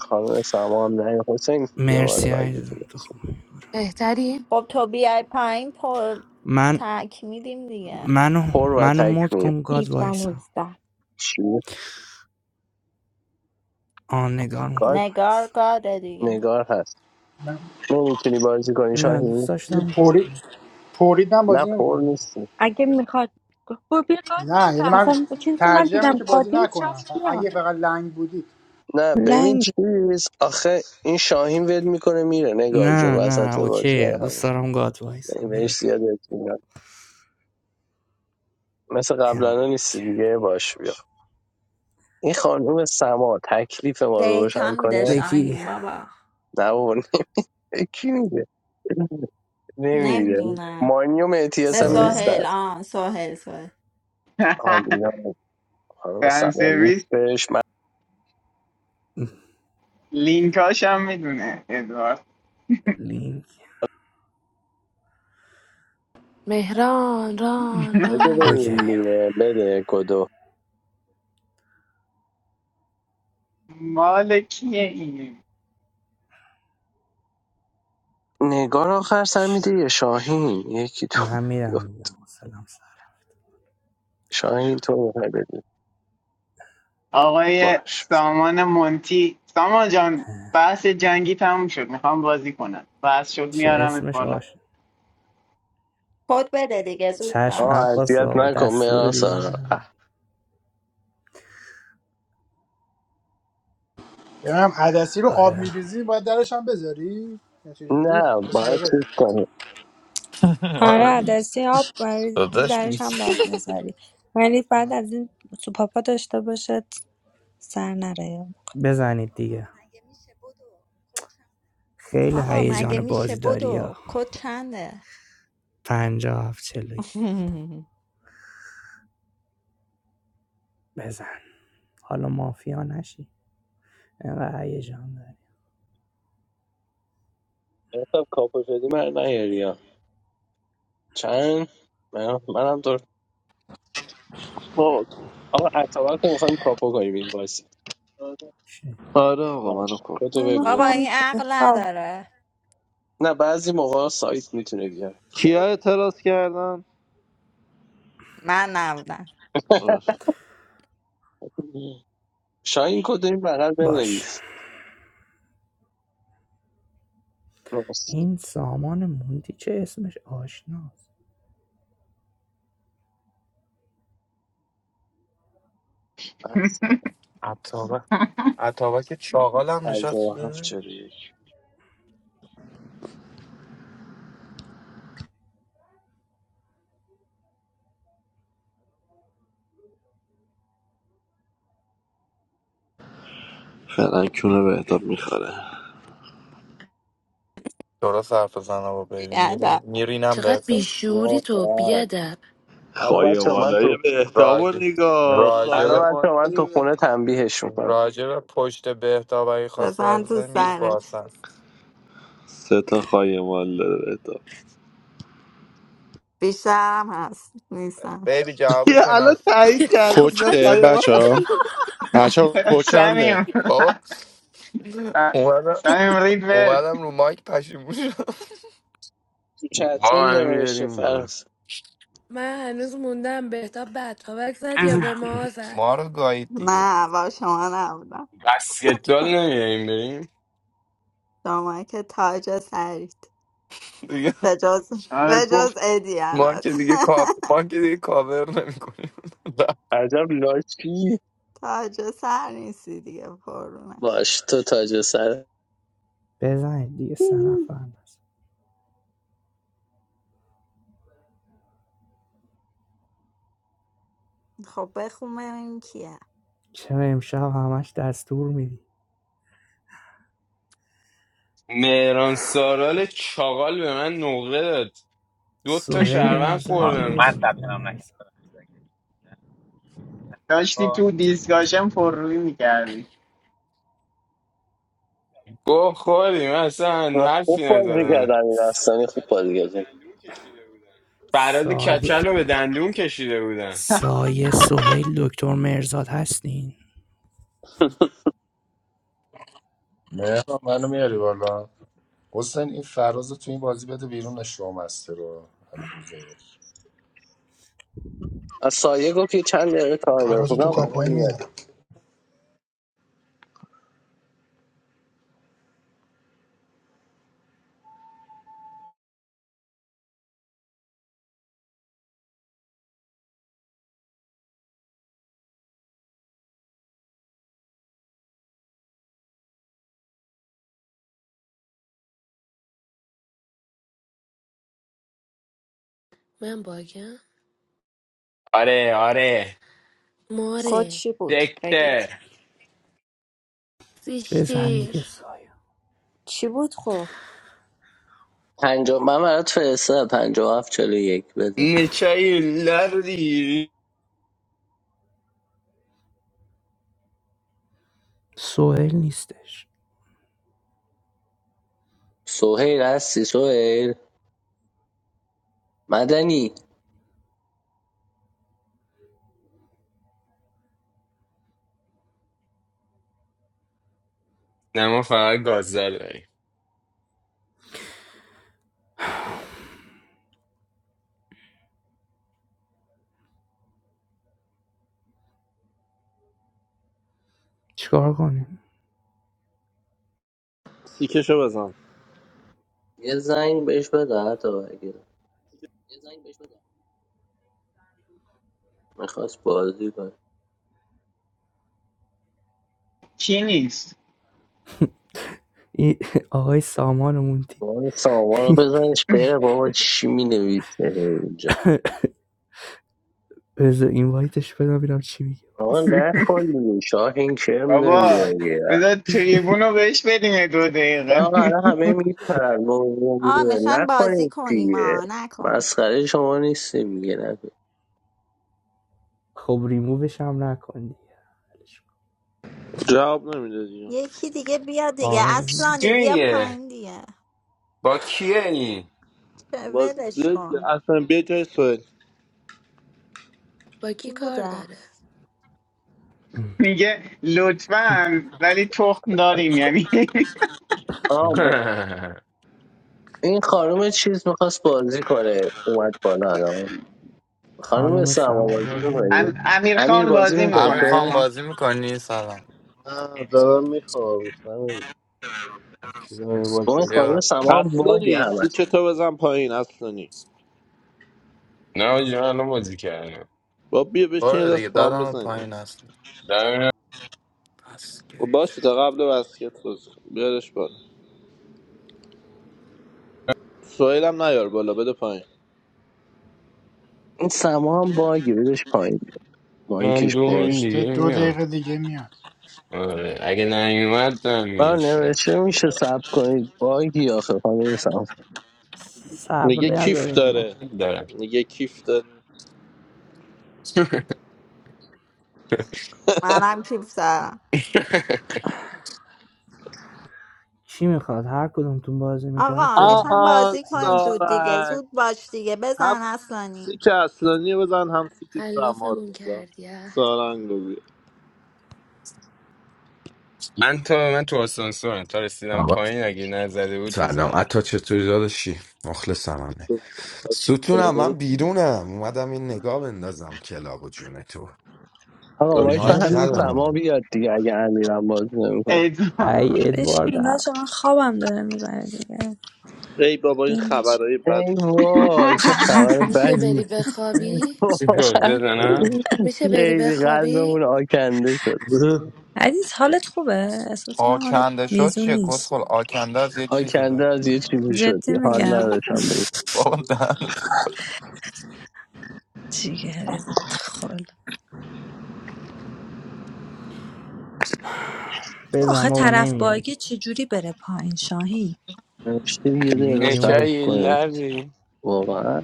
Speaker 1: خانم سما هم نه حسین یه بار
Speaker 11: مرسی
Speaker 1: بگی تو
Speaker 11: عزیزم تو
Speaker 1: بازی.
Speaker 11: خوبی
Speaker 5: بهتری؟
Speaker 6: خب تو بیای پایین پو
Speaker 11: من
Speaker 6: تک میدیم دیگه
Speaker 11: منو
Speaker 1: پر و
Speaker 11: منو مد
Speaker 1: تکمیل
Speaker 11: کن گاد
Speaker 10: keep Daniel
Speaker 11: وایسم
Speaker 10: star?
Speaker 1: چی؟
Speaker 11: آن نگار میخواد
Speaker 1: گاد
Speaker 6: نگار
Speaker 11: وایسم
Speaker 6: گاده دیگه
Speaker 1: نگار هست
Speaker 12: من
Speaker 1: نمیتونی بازی کنی
Speaker 11: نه دوست
Speaker 1: شاهین
Speaker 12: اگه
Speaker 11: داشتم گاد
Speaker 12: پوری
Speaker 11: وایس
Speaker 12: پورید من
Speaker 1: نه
Speaker 12: بازی
Speaker 1: پر
Speaker 12: نمیکنم
Speaker 1: نیستی
Speaker 10: I guess we want to go. We will go
Speaker 12: نه یعنی
Speaker 10: to
Speaker 12: من
Speaker 10: Isasan. What kind of
Speaker 12: ترجیح
Speaker 10: mountain do
Speaker 12: اینه
Speaker 10: you
Speaker 12: که بازی
Speaker 10: want to go to?
Speaker 12: نکنم
Speaker 10: Changi
Speaker 12: ف-
Speaker 10: Pier.
Speaker 12: اگه فقط لنگ بودی
Speaker 1: نه ببین چیز آخه این شاهین ول میکنه میره نگار جون
Speaker 11: نه نه
Speaker 1: وسط بازی
Speaker 11: اوکی
Speaker 1: برای
Speaker 11: دوست
Speaker 1: همون
Speaker 11: دارم گاد
Speaker 1: نه،
Speaker 11: وایسم بذار
Speaker 1: بهش
Speaker 11: گاد
Speaker 1: زیاد اعتماد. مثل قبلا نیستی
Speaker 11: اوکی.
Speaker 1: دیگه باش بیا این خانم سما تکلیف ما رو
Speaker 6: دیتا
Speaker 1: روشن
Speaker 6: میده
Speaker 1: کنه
Speaker 11: بکی
Speaker 6: شاهین بابا
Speaker 1: نه بابا کی میگه نمیره
Speaker 6: نمیدونم
Speaker 1: مانی و مهدیس
Speaker 6: به
Speaker 1: هم
Speaker 11: سوئل
Speaker 1: نیستن
Speaker 6: سهیل آه سهیل سهیل
Speaker 1: آلینا خانم
Speaker 7: فن
Speaker 1: سوال
Speaker 7: سرویس
Speaker 1: نیستش من
Speaker 7: لینکاش هم میدونه ادوارد
Speaker 11: لینک
Speaker 5: مهران ران
Speaker 1: بده
Speaker 5: ران
Speaker 11: اوکی
Speaker 1: بریم دیگه. بده کدو
Speaker 7: مال کیه این
Speaker 1: نگار آخر سر میده یه شاهین یکی تو
Speaker 11: من میرم دیگه سلام سر
Speaker 1: شاهین تو میخوای بدی
Speaker 7: آقای
Speaker 1: باش
Speaker 7: سامان منتی سامان جان بحث جنگی تموم شد میخوام بازی کنم بحث شد
Speaker 11: چه
Speaker 7: میارم ات
Speaker 11: اسمش
Speaker 7: بالا.
Speaker 11: آش
Speaker 6: کد بده دیگه زود
Speaker 11: چشم
Speaker 1: آه
Speaker 6: باش
Speaker 11: عباس
Speaker 1: اذیت
Speaker 11: آقا
Speaker 1: نکن
Speaker 11: دستور
Speaker 1: مرا
Speaker 11: دیگه
Speaker 1: سارا
Speaker 11: اینم
Speaker 12: ببینم عدسی رو آب
Speaker 11: آره
Speaker 12: میریزی باید درش هم بذاری یا چه جوریه
Speaker 1: نه
Speaker 12: کسی
Speaker 1: باید
Speaker 12: داره
Speaker 1: چیز کنی
Speaker 4: آره
Speaker 2: آره
Speaker 4: دیگه.
Speaker 2: دستی آب بریزی
Speaker 4: داداش
Speaker 2: درش هم باید بذاری ولی بعد از این سوپاپا داشته باشه سر نره
Speaker 11: بزنید دیگه خیلی
Speaker 6: آقا مگه
Speaker 11: هیجان
Speaker 6: میشه
Speaker 11: بازیداری ها
Speaker 6: بدو کد چنده
Speaker 11: پنجاه هفت چلو یک بزن حالا مافیا نشی اینقدر هیجان داری
Speaker 1: حساب کاپو شدی من نیاری ها. چند من منم تو
Speaker 8: آه،
Speaker 1: آقا اتابک رو میخوایم کاپو کنیم این بازی
Speaker 8: آره آقا منو
Speaker 1: باش
Speaker 8: کپ
Speaker 1: کدو
Speaker 8: کن
Speaker 1: بگو
Speaker 6: بابا
Speaker 2: نمیخوام
Speaker 6: این عقل
Speaker 2: بخواب
Speaker 6: نداره
Speaker 1: نه بعضی موقع سایت میتونه بیاره
Speaker 8: کیا اعتراض کردن
Speaker 6: من نبودم
Speaker 8: باش.
Speaker 1: شاین کد این بغل
Speaker 11: باش
Speaker 1: بنویس راست
Speaker 11: این سامان موندی چه اسمش آشناست
Speaker 4: عطابه عطابه که چاقال هم
Speaker 1: پنجاه
Speaker 4: نشست
Speaker 1: و هفت چرا یک
Speaker 8: فعلا کونه به اعتاب میخوره
Speaker 4: درست حرف زنه با بیبی
Speaker 6: بیادب
Speaker 4: میرینم به
Speaker 5: چقدر بیشوری تو
Speaker 1: واقعا
Speaker 5: بیادب
Speaker 1: الان بچه من
Speaker 8: خایمالای
Speaker 1: تو
Speaker 8: بهتاب و
Speaker 4: راجب
Speaker 8: نگاه
Speaker 4: راجب
Speaker 1: الان بچه من
Speaker 8: خایمالای
Speaker 1: تو
Speaker 8: به-
Speaker 1: خونه تنبیهش میکنم
Speaker 4: راجب پشت بهتاب اگه خواستی حرف
Speaker 6: بزن تو
Speaker 4: بزنی میگه
Speaker 6: سرت
Speaker 4: باسن
Speaker 8: سه تا خایمال داره بهتاب
Speaker 6: بیشترم هست نیستم
Speaker 4: بیبی
Speaker 8: یه
Speaker 4: جوابشو
Speaker 8: الان
Speaker 4: ند
Speaker 8: تایید کردی اینا
Speaker 5: صحبت رو
Speaker 13: کوچه
Speaker 8: خواهی
Speaker 13: بچه
Speaker 5: نگاه
Speaker 13: ها بچه ها کوچنده
Speaker 7: سمیم
Speaker 4: بابا اومدم
Speaker 7: سمیم رید به
Speaker 4: اومدم رو مایک پشیمون شدم
Speaker 1: تو
Speaker 14: آقا
Speaker 1: چتروم
Speaker 14: من
Speaker 1: نمیشه
Speaker 14: بیاریم بالا
Speaker 1: فرس
Speaker 5: من هنوز موندم بهتاب بد پاوک زد
Speaker 14: چیز
Speaker 5: یا به ما زد
Speaker 4: ما رو گایید دیگه
Speaker 6: نه با شما نبودم
Speaker 14: بسکتبال نمیاریم بریم
Speaker 6: شما که تاج سرید
Speaker 4: دیگه
Speaker 6: به جز
Speaker 7: آره،
Speaker 6: به جز
Speaker 7: گفت
Speaker 6: ادی
Speaker 4: ما که
Speaker 6: البته.
Speaker 4: دیگه کاپ ما که دیگه کاور نمیکنیم
Speaker 1: عجب لاشی
Speaker 6: تاج سر نیستی دیگه پرونش
Speaker 1: باش تو تاج سر
Speaker 11: بزنید دیگه سه نفر نزد.
Speaker 6: خب بخون ببینیم کیه
Speaker 11: چرا امشب همش دستور میدی
Speaker 14: مهران سارال چاقال به من نقره داد دو تا
Speaker 11: سهیل
Speaker 14: شهروند
Speaker 9: آه،
Speaker 11: نزده
Speaker 14: خوردم
Speaker 11: و
Speaker 9: من ثبت
Speaker 11: دکتر
Speaker 9: نام
Speaker 11: مرزا
Speaker 9: نکردم لحظه
Speaker 7: داشتی تو
Speaker 9: کن.
Speaker 7: دیسکاشن پر روی میکردی
Speaker 14: گوه خوردیم اصلا
Speaker 1: خوب
Speaker 14: حرفی
Speaker 1: بازی
Speaker 14: نزدم
Speaker 1: کردم این داستانی خوب بازی کردم
Speaker 14: فراز
Speaker 11: سایه
Speaker 14: کچل رو به دندون کشیده بودن
Speaker 11: سایه سهیل دکتر مرزاد هستین
Speaker 15: مهران منو میاری بالا حسین این فراز رو تو این بازی بده بیرون شو مستر رو همین روز یک
Speaker 1: از سایه گفت یه چند دقیقه کار داره
Speaker 12: پرازو تو
Speaker 1: فکرم الان
Speaker 12: کاپوی
Speaker 1: میاد
Speaker 12: میزنم
Speaker 5: من باگم
Speaker 14: آره آره
Speaker 3: کد
Speaker 5: ماره
Speaker 3: چی بود بگید
Speaker 14: دکتر
Speaker 11: بزن دیگه
Speaker 5: زیشتیر
Speaker 11: سایه
Speaker 3: چی بود خب
Speaker 1: پنجا من برات فرستادم پنجا هفت چلو یک بزن.
Speaker 14: نچای لردی
Speaker 11: سهیل نیستش
Speaker 1: سهیل هستی سهیل مدنی
Speaker 14: نه ما فقط گازدار داریم
Speaker 11: چیکار کنیم
Speaker 8: تیکشو بزن
Speaker 1: یه زنگ بهش بده حتی اگه میخواست بازی کنه
Speaker 7: چی نیست
Speaker 11: این آقای سامانمون دی
Speaker 1: بابا سامان رو بزنش بره بابا چی مینویسه اینجا
Speaker 11: بذار اینوایتش بدم ببینم چی میگه
Speaker 1: آقا
Speaker 11: وایس
Speaker 1: نکن دیگه شاهین کرم
Speaker 7: بابا
Speaker 1: نمیدونی
Speaker 7: بذار تریبون رو بهش بدیم دو دقیقه
Speaker 1: آقا الان همه میپرن
Speaker 6: آه میخوایم بازی
Speaker 1: نکنید
Speaker 6: کنیم
Speaker 1: دیگه
Speaker 6: آه نکن
Speaker 1: مسخره شما نیستیم میگه نکن
Speaker 11: خب ریمووش هم نکن دیگه
Speaker 8: جواب نمیده دیگه
Speaker 6: یکی دیگه بیا دیگه
Speaker 11: آره ببین.
Speaker 6: اصلانی
Speaker 14: چی
Speaker 6: بیا
Speaker 14: میگه
Speaker 6: پایین دیگه
Speaker 14: با کیه این
Speaker 6: چه
Speaker 8: با
Speaker 6: ولش
Speaker 8: بیا-
Speaker 6: کن
Speaker 8: اصلا بیا جای سوهل
Speaker 5: با
Speaker 6: کی
Speaker 5: کی
Speaker 6: بود
Speaker 5: کار داره
Speaker 6: رفت
Speaker 7: میگه لطفا ولی تخم داریم یعنی
Speaker 1: آه ب... این خانم چیز میخواست بازی کنه اومد بالا الان خانم
Speaker 11: خانم
Speaker 1: سما
Speaker 11: سما
Speaker 1: بازی
Speaker 11: بازی
Speaker 7: ام-
Speaker 1: میکنی
Speaker 11: میکنی
Speaker 7: امیر
Speaker 1: امیر
Speaker 7: خان
Speaker 1: بازی
Speaker 7: بازی
Speaker 1: میکنی
Speaker 4: امیر
Speaker 7: میکنه امیر
Speaker 1: تو
Speaker 4: خان
Speaker 7: خان
Speaker 4: بازی میکنی سلام
Speaker 16: نه دارم میخوام همین چیزا رو باید
Speaker 1: با این خانم
Speaker 4: بیا
Speaker 16: بگم.
Speaker 1: سما هم
Speaker 8: اصلا
Speaker 1: باگه
Speaker 8: نیست
Speaker 1: همش
Speaker 8: تیکه تو بزن پایین اصلا نیست
Speaker 14: نه آجی، من الان بازی کردم
Speaker 8: با بیا بشین یه
Speaker 4: برو دیگه
Speaker 8: دست با هم
Speaker 4: دادم
Speaker 8: بزنیم
Speaker 4: پایین هست بس که
Speaker 8: با باشه
Speaker 4: شو.
Speaker 8: تا قبل بسکت بازی کن. بیارش بالا سوهل هم نیار بالا بده پایین
Speaker 1: این سما هم باگه بدش پایین
Speaker 14: من
Speaker 1: مایکش
Speaker 14: دو
Speaker 1: باز
Speaker 14: این دیگه
Speaker 12: نوشته دو
Speaker 14: میام
Speaker 12: دقیقه دیگه میاد
Speaker 14: آره اگه نیومد دارم
Speaker 1: من
Speaker 14: میشنم
Speaker 1: نوشته میشه سب کنید باگی آخه خانم سما
Speaker 11: صبر
Speaker 8: میگه کیف
Speaker 11: نداریم
Speaker 8: داره
Speaker 11: ما
Speaker 14: دارم
Speaker 8: میگه کیف داره
Speaker 6: منم کیپ
Speaker 11: چی میخواد هر کدومتون بازی میکنید
Speaker 6: آقا میخوایم
Speaker 11: بزنید دیگه
Speaker 8: آها
Speaker 6: بازی
Speaker 11: این
Speaker 6: کنیم
Speaker 11: است
Speaker 6: زود دیگه
Speaker 8: سارنگ
Speaker 6: زود باش دیگه
Speaker 8: هم
Speaker 6: بزن اصلانی
Speaker 8: سیک اصلانی رو بزن هم سیک سما رو
Speaker 5: علافمون
Speaker 8: بزن
Speaker 5: کردی اه.
Speaker 8: سارنگ رو بیار.
Speaker 14: من تا من تو آسانسورم تا رسیدم
Speaker 17: آقا
Speaker 14: پایین اگه نزده بود
Speaker 17: سلام.
Speaker 14: میزنم
Speaker 17: I touch it to the other she. What's the name? Sutuna, ma
Speaker 8: کنی؟
Speaker 17: biruna. Madam, in negab, in da zam, kelabujune tu.
Speaker 1: آقا
Speaker 17: My
Speaker 1: وایسا
Speaker 8: اوکی.
Speaker 11: مودت
Speaker 1: همین
Speaker 11: کن
Speaker 1: سما
Speaker 17: channel.
Speaker 1: بیاد دیگه اگه امیرم باز نمیکنه
Speaker 7: ایدزا.
Speaker 2: آه،
Speaker 11: ای ادوارد
Speaker 2: بشین
Speaker 11: هم.
Speaker 2: بچه من خوابم داره میبره دیگه
Speaker 8: ای بابا این
Speaker 2: بیم بشین
Speaker 8: خبرهای بد
Speaker 1: ای وای چه خبر
Speaker 5: میشه
Speaker 1: بدی
Speaker 5: بری بخوابی؟
Speaker 14: سیگارده
Speaker 1: واقعا
Speaker 14: زنم
Speaker 5: میشه بری
Speaker 1: خیلی
Speaker 5: بخوابی؟
Speaker 1: قلبمون آکنده شد
Speaker 2: عزیز حالت خوبه احساس من حالت
Speaker 4: آکنده شد
Speaker 2: میزون
Speaker 4: چیه
Speaker 2: نیست
Speaker 4: کسخل آکنده از یه چیزی
Speaker 1: آکنده از یه
Speaker 4: برداشت
Speaker 1: چیزی
Speaker 2: جدی
Speaker 1: شدی حال
Speaker 2: میگم
Speaker 1: نداشتم بگم
Speaker 4: بابا دهنتو
Speaker 2: جیگرت خل
Speaker 11: بزن
Speaker 2: آخه
Speaker 11: بابا
Speaker 2: طرف
Speaker 11: نمیاد
Speaker 2: باگه چجوری بره پایین شاهین
Speaker 1: نوشته یه دقیقه صبر
Speaker 14: نکه
Speaker 11: ریمووش
Speaker 14: یه
Speaker 1: کنید
Speaker 11: کردم
Speaker 14: لبی
Speaker 1: واقعا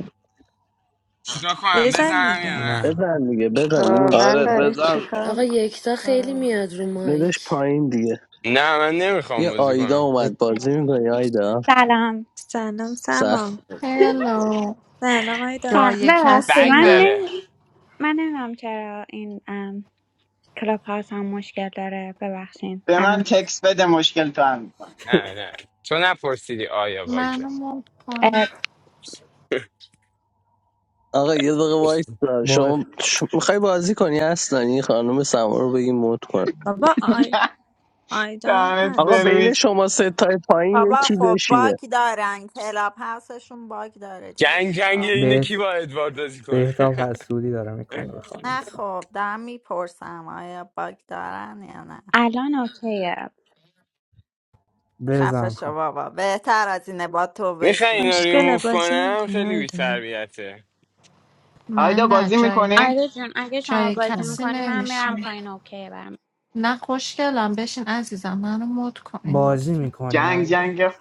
Speaker 14: چیکار کنم
Speaker 2: بزن
Speaker 14: بزنم یا
Speaker 2: دیگه
Speaker 14: نه
Speaker 11: نه
Speaker 1: بزن دیگه بزن
Speaker 3: واقعا
Speaker 8: آره
Speaker 1: نیست
Speaker 3: داری
Speaker 8: بزن
Speaker 3: چیکار
Speaker 5: آقا
Speaker 3: میکنی
Speaker 5: یکتا خیلی میاد رو
Speaker 1: داداش
Speaker 5: مایک
Speaker 1: پایین دیگه
Speaker 14: نه من نمیخوام
Speaker 1: بیا
Speaker 14: بازی
Speaker 1: آیدا
Speaker 14: کنم
Speaker 1: اومد
Speaker 11: فکر
Speaker 1: بازی میکنی آیدا
Speaker 18: سلام
Speaker 2: سلام
Speaker 1: سر
Speaker 2: سلام
Speaker 8: بابا.
Speaker 19: هلو
Speaker 2: سلام آیدا
Speaker 18: سلام
Speaker 19: جای
Speaker 18: ببخشید
Speaker 19: کسی
Speaker 14: بگ
Speaker 18: من
Speaker 19: نه
Speaker 14: داره
Speaker 18: نمی... من نمیدونم چرا این ام... کلاب هاوس هم مشکل داره ببخشید
Speaker 7: به من
Speaker 18: الان
Speaker 7: تکس بده مشکل تو هم میکنم
Speaker 14: نه نه تو نپرسیدی آیا باگ
Speaker 19: منو
Speaker 14: داره
Speaker 19: مود کن
Speaker 18: اه،
Speaker 1: آقا یه دقیقه وایس
Speaker 11: با
Speaker 1: شما میخوای بازی کنی اصلا این خانم سما رو بگی موت کن
Speaker 2: بابا آی... آیدا هم
Speaker 7: دهنت
Speaker 1: آقا
Speaker 2: هست
Speaker 1: بین
Speaker 7: سرویس
Speaker 1: شما سه تای پایین
Speaker 6: بابا
Speaker 1: یکی
Speaker 6: خب
Speaker 1: بشینه
Speaker 6: باگ دارن کلاب هاوسشون باگ داره دیگه
Speaker 14: جنگ جنگ
Speaker 6: چیکار
Speaker 14: اینه کی
Speaker 6: کنیم
Speaker 11: بهت
Speaker 14: با ادوارد بازی کنه
Speaker 11: بهتاب حسودی داره میکنه به خانم
Speaker 6: نه
Speaker 11: سام
Speaker 6: خب دارم میپرسم آیا باگ دارن یا نه
Speaker 18: الان اوکیه
Speaker 6: خفه
Speaker 11: بزن
Speaker 6: شو
Speaker 11: خانم
Speaker 6: بابا بهتر از اینه با تو
Speaker 14: میخوای اینا رو
Speaker 6: بشینیم
Speaker 2: خوشگله
Speaker 14: ریموف
Speaker 2: بازی
Speaker 14: کنم
Speaker 2: میکنه
Speaker 14: خیلی
Speaker 2: آیدا
Speaker 14: بی‌تربیته
Speaker 19: من
Speaker 7: آیدا
Speaker 19: نه
Speaker 7: بازی
Speaker 19: جای
Speaker 7: میکنی؟
Speaker 18: آیدا جون اگه شما
Speaker 19: جای
Speaker 18: بازی
Speaker 19: کسی
Speaker 18: میکنی من میرم
Speaker 19: نمیشین
Speaker 18: پایین اوکیه برم
Speaker 19: نه خوشگلم بشین عزیزم منو مود کنین
Speaker 11: بازی
Speaker 19: لطفا
Speaker 11: میکنی
Speaker 7: جنگ
Speaker 11: آیدا
Speaker 7: جنگ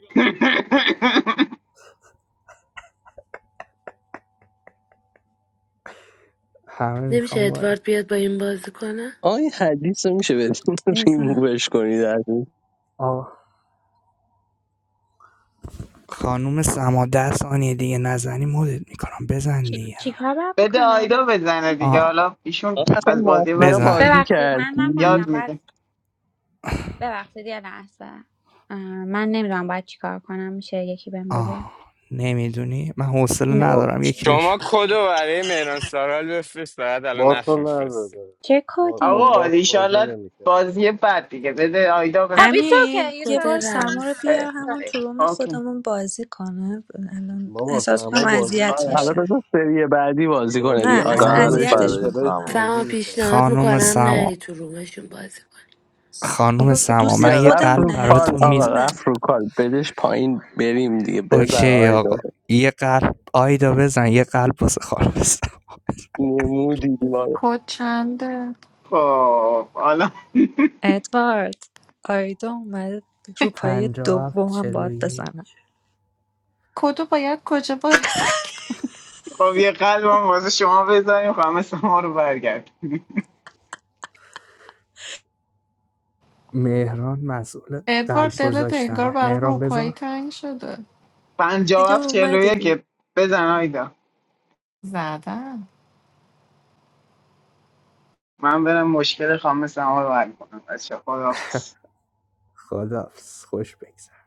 Speaker 11: همه
Speaker 5: نمیشه
Speaker 11: میخوام بازی
Speaker 5: ادوارد بیاد با این بازی کنه
Speaker 1: آقا این حدیث رو میشه بدین
Speaker 2: ازم
Speaker 1: ریمووش کنید از این
Speaker 11: آه خانم سما ده ثانیه دیگه نزنی مدت میکنم بزن
Speaker 18: چی,
Speaker 11: دیگه
Speaker 18: چی کار باید
Speaker 7: بده
Speaker 18: بکنم
Speaker 7: آیدا بزنه دیگه
Speaker 11: آه
Speaker 7: حالا ایشون
Speaker 1: آقا اصلا
Speaker 7: از بازی
Speaker 1: مافیا
Speaker 7: بعد
Speaker 11: بزن
Speaker 1: بازی
Speaker 18: ببخشید من نفهمیدم
Speaker 7: یاد
Speaker 1: کردی
Speaker 18: باید
Speaker 7: میده
Speaker 18: ببخشید یه لحظه اه، من نمیدونم باید چی کار کنم میشه یکی بهم بگه
Speaker 11: آه، نمی‌دونی؟ من حوصله
Speaker 18: نه
Speaker 16: آقا
Speaker 11: ندارم یکی بهش
Speaker 14: شما
Speaker 11: بگم.
Speaker 14: کدو برای مهران سارال بفرست بعد الان
Speaker 16: بات
Speaker 14: نقش
Speaker 16: رو
Speaker 14: بفرستی
Speaker 16: نداره
Speaker 18: چه
Speaker 16: با, با
Speaker 18: کدی
Speaker 7: آقا
Speaker 16: بات بازی
Speaker 7: ایشالله
Speaker 16: نمیکرده
Speaker 7: بازی بعد دیگه بده آیدا بزنه
Speaker 18: خب ایتس اوکی
Speaker 2: امیر
Speaker 18: ایتس
Speaker 2: یه
Speaker 5: کد
Speaker 2: بار
Speaker 18: اوکی باشه
Speaker 2: سما رو
Speaker 5: رمز
Speaker 7: اه،
Speaker 2: بیار همون
Speaker 18: بچه
Speaker 2: تو روم
Speaker 7: اوکی
Speaker 2: خودمون بازی کنه الان
Speaker 16: بابا
Speaker 2: احساس میکنم
Speaker 16: سما بازی
Speaker 2: اذیت
Speaker 1: آه، حالا
Speaker 2: میشه
Speaker 1: بذار
Speaker 16: میکردش
Speaker 1: سری بعدی بازی کنه
Speaker 16: بازی
Speaker 1: دیگه
Speaker 2: نه اصلا
Speaker 16: میکرد
Speaker 1: آیدا
Speaker 11: خانم
Speaker 16: تو
Speaker 8: قلب
Speaker 11: س
Speaker 16: گیم
Speaker 2: اذیتش
Speaker 1: بشین
Speaker 8: برای
Speaker 16: پلیش
Speaker 2: میکنم
Speaker 8: سما
Speaker 16: بازی
Speaker 5: فهم
Speaker 16: میکرد
Speaker 5: پیشنهاد
Speaker 16: قبلا
Speaker 11: خانم
Speaker 5: میکنم
Speaker 11: سما
Speaker 5: نری تو رومشون بازی کنی
Speaker 11: خانم
Speaker 2: بابا
Speaker 11: سما
Speaker 2: دوست
Speaker 11: من
Speaker 1: بیا
Speaker 11: یه
Speaker 1: رفت
Speaker 11: قلب
Speaker 1: رو
Speaker 2: خودمونه حدیث
Speaker 1: کال
Speaker 11: براتون
Speaker 1: آقا
Speaker 11: میز
Speaker 2: دیوونه
Speaker 1: رفت رو کال بدش پایین بریم دیگه بزن
Speaker 11: اوکی
Speaker 1: آیدا
Speaker 11: آقا یه قلب آیدا بزن یه قلب واسه خانم سما
Speaker 1: نمودی
Speaker 19: کد چنده
Speaker 7: خب حالا
Speaker 2: ادوارد آیدا اومده رو پای
Speaker 11: ۵۷
Speaker 2: دومم باید
Speaker 11: ۴۱
Speaker 2: بزنم
Speaker 19: کدو باید کجا وارد کنم
Speaker 7: خب یه قلبم واسه شما بزنیم همه شما رو برگرد
Speaker 11: مهران مسئول
Speaker 19: ادوارد
Speaker 11: قلب
Speaker 19: دلت انگار
Speaker 11: گذاشتنه
Speaker 19: برای
Speaker 11: مهران
Speaker 19: روپایی
Speaker 11: بذار
Speaker 19: تنگ شده
Speaker 7: پنجاه و
Speaker 2: دیگه
Speaker 7: هفت چهل و
Speaker 2: اومدی
Speaker 7: که بزن آیدا
Speaker 19: زدم
Speaker 7: من برم مشکل خامه سما رو حل کنم بچه خداحافظ
Speaker 11: خدافز خوش بگذر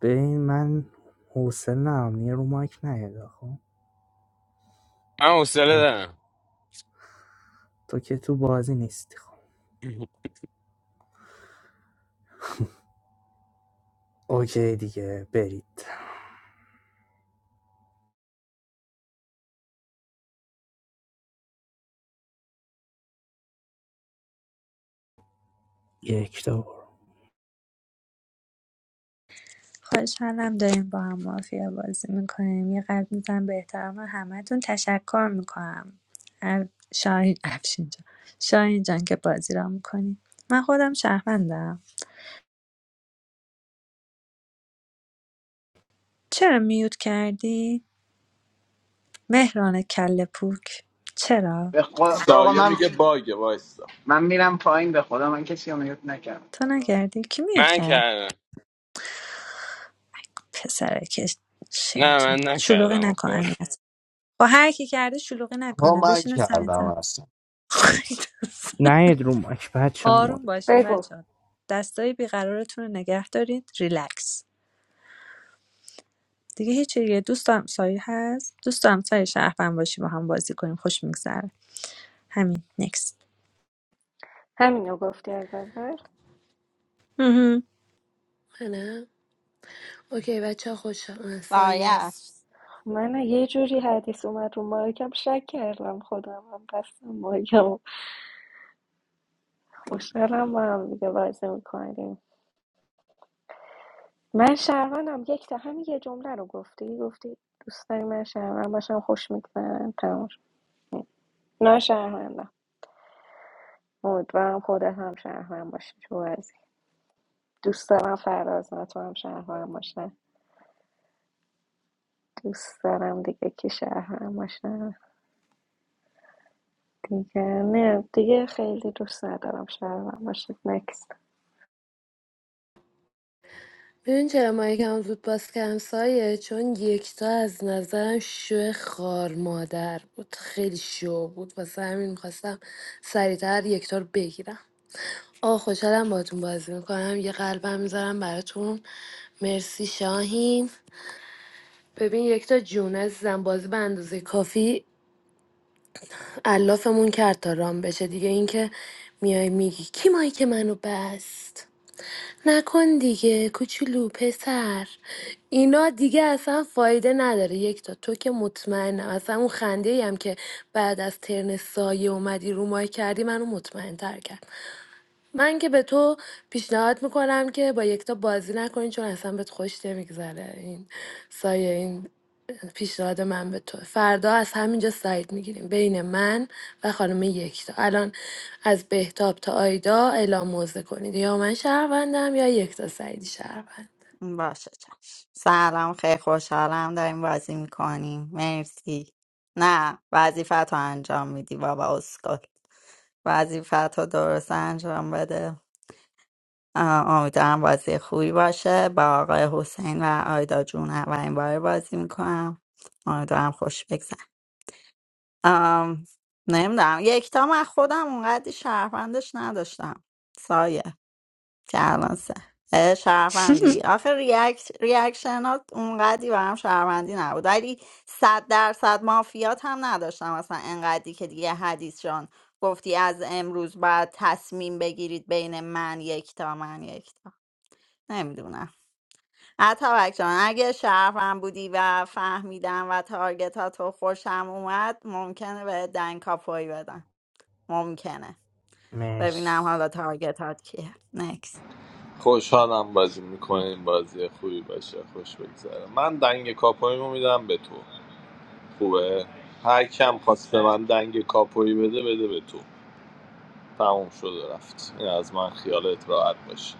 Speaker 11: ببین من حوصله ندارم دیگه رو مایک نیاد خب
Speaker 14: من حوصله
Speaker 11: تا-
Speaker 14: دارم
Speaker 11: تو که تو بازی نیستی خب اوکی دیگه برید یک تا برو
Speaker 2: خوشحالم داریم با هم مافیا بازی میکنیم یه قلب میزنم به احترام همتون تشکر میکنم شاهین افشین جان شاهین جان که بازی را میکنیم من خودم شهروندم چرا میوت کردی؟ مهران کل پوک چرا؟
Speaker 7: به, خدا... به آقا
Speaker 8: سایه
Speaker 7: من
Speaker 8: میگه باگه وایستا
Speaker 7: من میرم پایین به خدا من کسی رو میوت
Speaker 2: تو
Speaker 7: نکردم
Speaker 2: نکردی؟ کی میوت
Speaker 14: من
Speaker 2: کرد؟
Speaker 14: کردم
Speaker 2: پسره که
Speaker 14: نه
Speaker 2: شیطون
Speaker 14: من
Speaker 2: شلوغی
Speaker 14: نکردم
Speaker 2: نکن
Speaker 14: آخه.
Speaker 2: امیت با هر کی کرده شلوغی
Speaker 17: Oh,
Speaker 2: نکنه
Speaker 17: my
Speaker 2: بشینه سر جات.
Speaker 17: channel, master.
Speaker 11: نید رو مایک بچه
Speaker 2: آروم باشین
Speaker 3: بگو
Speaker 2: بچه‌ها دستای بیقرارتون رو نگه دارید ریلکس دیگه هیچ دیگه دوست و همسایه هست دوست و همسایه شهروند باشی با هم بازی کنیم خوش میگذره همین نکست
Speaker 3: همینو گفتی از اول
Speaker 5: خب، نه؟ اوکی بچه ها خوش آمد. سایه
Speaker 6: سایه
Speaker 5: است
Speaker 6: است
Speaker 3: من یه جوری حدیث اومد رو مایکم شک کردم خودم هم پس مایکم خوشحالم با هم دیگه بازی میکنیم من شهروندم یک تا همین یه جمله رو گفتی گفتی دوست داری من شهروند باشم خوش میگذرم تمام شد. نه شهروندم امیدوارم خودت هم شهروند باشی تو بازی دوست دارم فراز نه تو هم شهروند باشه دوست دارم دیگه که شهرم باشه دیگه نه دیگه خیلی دوست ندارم شهرم باشه نکست
Speaker 5: ببین چرا مایک هم زود باز کردم سایه چون یکتا از نظرم شو خار مادر بود خیلی شو بود واسه همین میخواستم سریعتر یکتا رو بگیرم آه خوشحالم باتون بازی میکنم یه قلبم میذارم براتون مرسی شاهین ببین یک تا جون عزیزم بازی به اندازه کافی علافمون کرد تا رام بشه دیگه اینکه میای میگی کی مایی که منو بست نکن دیگه کوچولو پسر اینا دیگه اصلا فایده نداره یک تا تو که مطمئنم اصلا اون خنده هم که بعد از ترن سایه اومدی رو مای کردی منو مطمئن تر کرد من که به تو پیشنهاد میکنم که با یکتا بازی نکنی چون اصلا بهت خوش نمیگذره این سایه این پیشنهاد من به تو فردا از همینجا سعید میگیریم بین من و خانم یکتا الان از بهتاب تا آیدا اعلام موزه کنید یا من شهروندم یا یکتا سعیدی شهروند
Speaker 6: باشه چشم سلام خیلی خوشحالم داریم بازی میکنیم مرسی نه وظیفت رو انجام میدی بابا اسکل وظیفت رو درست انجام بده امیدوارم بازی خوبی باشه با آقای حسین و آیدا جون اولین بار بازی میکنم امیدوارم خوش بگذر نمیدونم یکتا من خودم اونقدی شهروندش نداشتم سایه که الان سه اه، شهروندی آخه ریاکت ریاکشنات اونقدی برام شهروندی نبود ولی صد درصد مافیات هم نداشتم اصلا انقدری که دیگه حدیث جان گفتی از امروز باید تصمیم بگیرید بین من یکتا من یکتا نمیدونم اتابک جان اگه شرفم بودی و فهمیدم و تارگت ها تو خوشم اومد ممکنه به دنکاپوی بدم ممکنه ببینم
Speaker 11: مرسی
Speaker 6: حالا تارگت هات کیه
Speaker 8: خوشحالم بازی میکنیم بازی خوبی باشه خوش بگذره من دنگ کاپویمو میدم به تو خوبه هر کم خواست به من دنگ کاپویی بده بده به تو تموم شد و رفت این از من خیالت راحت باشه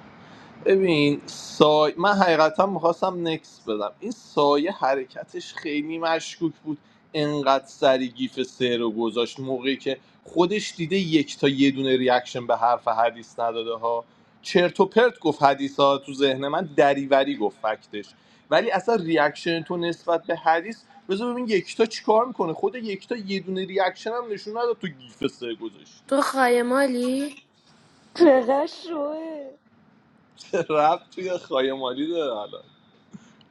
Speaker 8: ببین سای... من حقیقتا میخواستم نکس بدم این سایه حرکتش خیلی مشکوک بود انقدر سری گیف سه رو گذاشت موقعی که خودش دیده یک تا یه دونه ریاکشن به حرف حدیث نداده ها چرت و پرت گفت حدیث ها تو ذهن من دریوری گفت فکتش ولی اصلا ریاکشن تو نسبت به حدیث بذار ببین یکتا چیکار میکنه خود یکتا یه دونه ریاکشن هم نشون نداد تو گیف سه گذاشتی
Speaker 5: تو خایه مالی؟
Speaker 3: چقدر شوه
Speaker 8: چه ربط توی خایمالی داره الان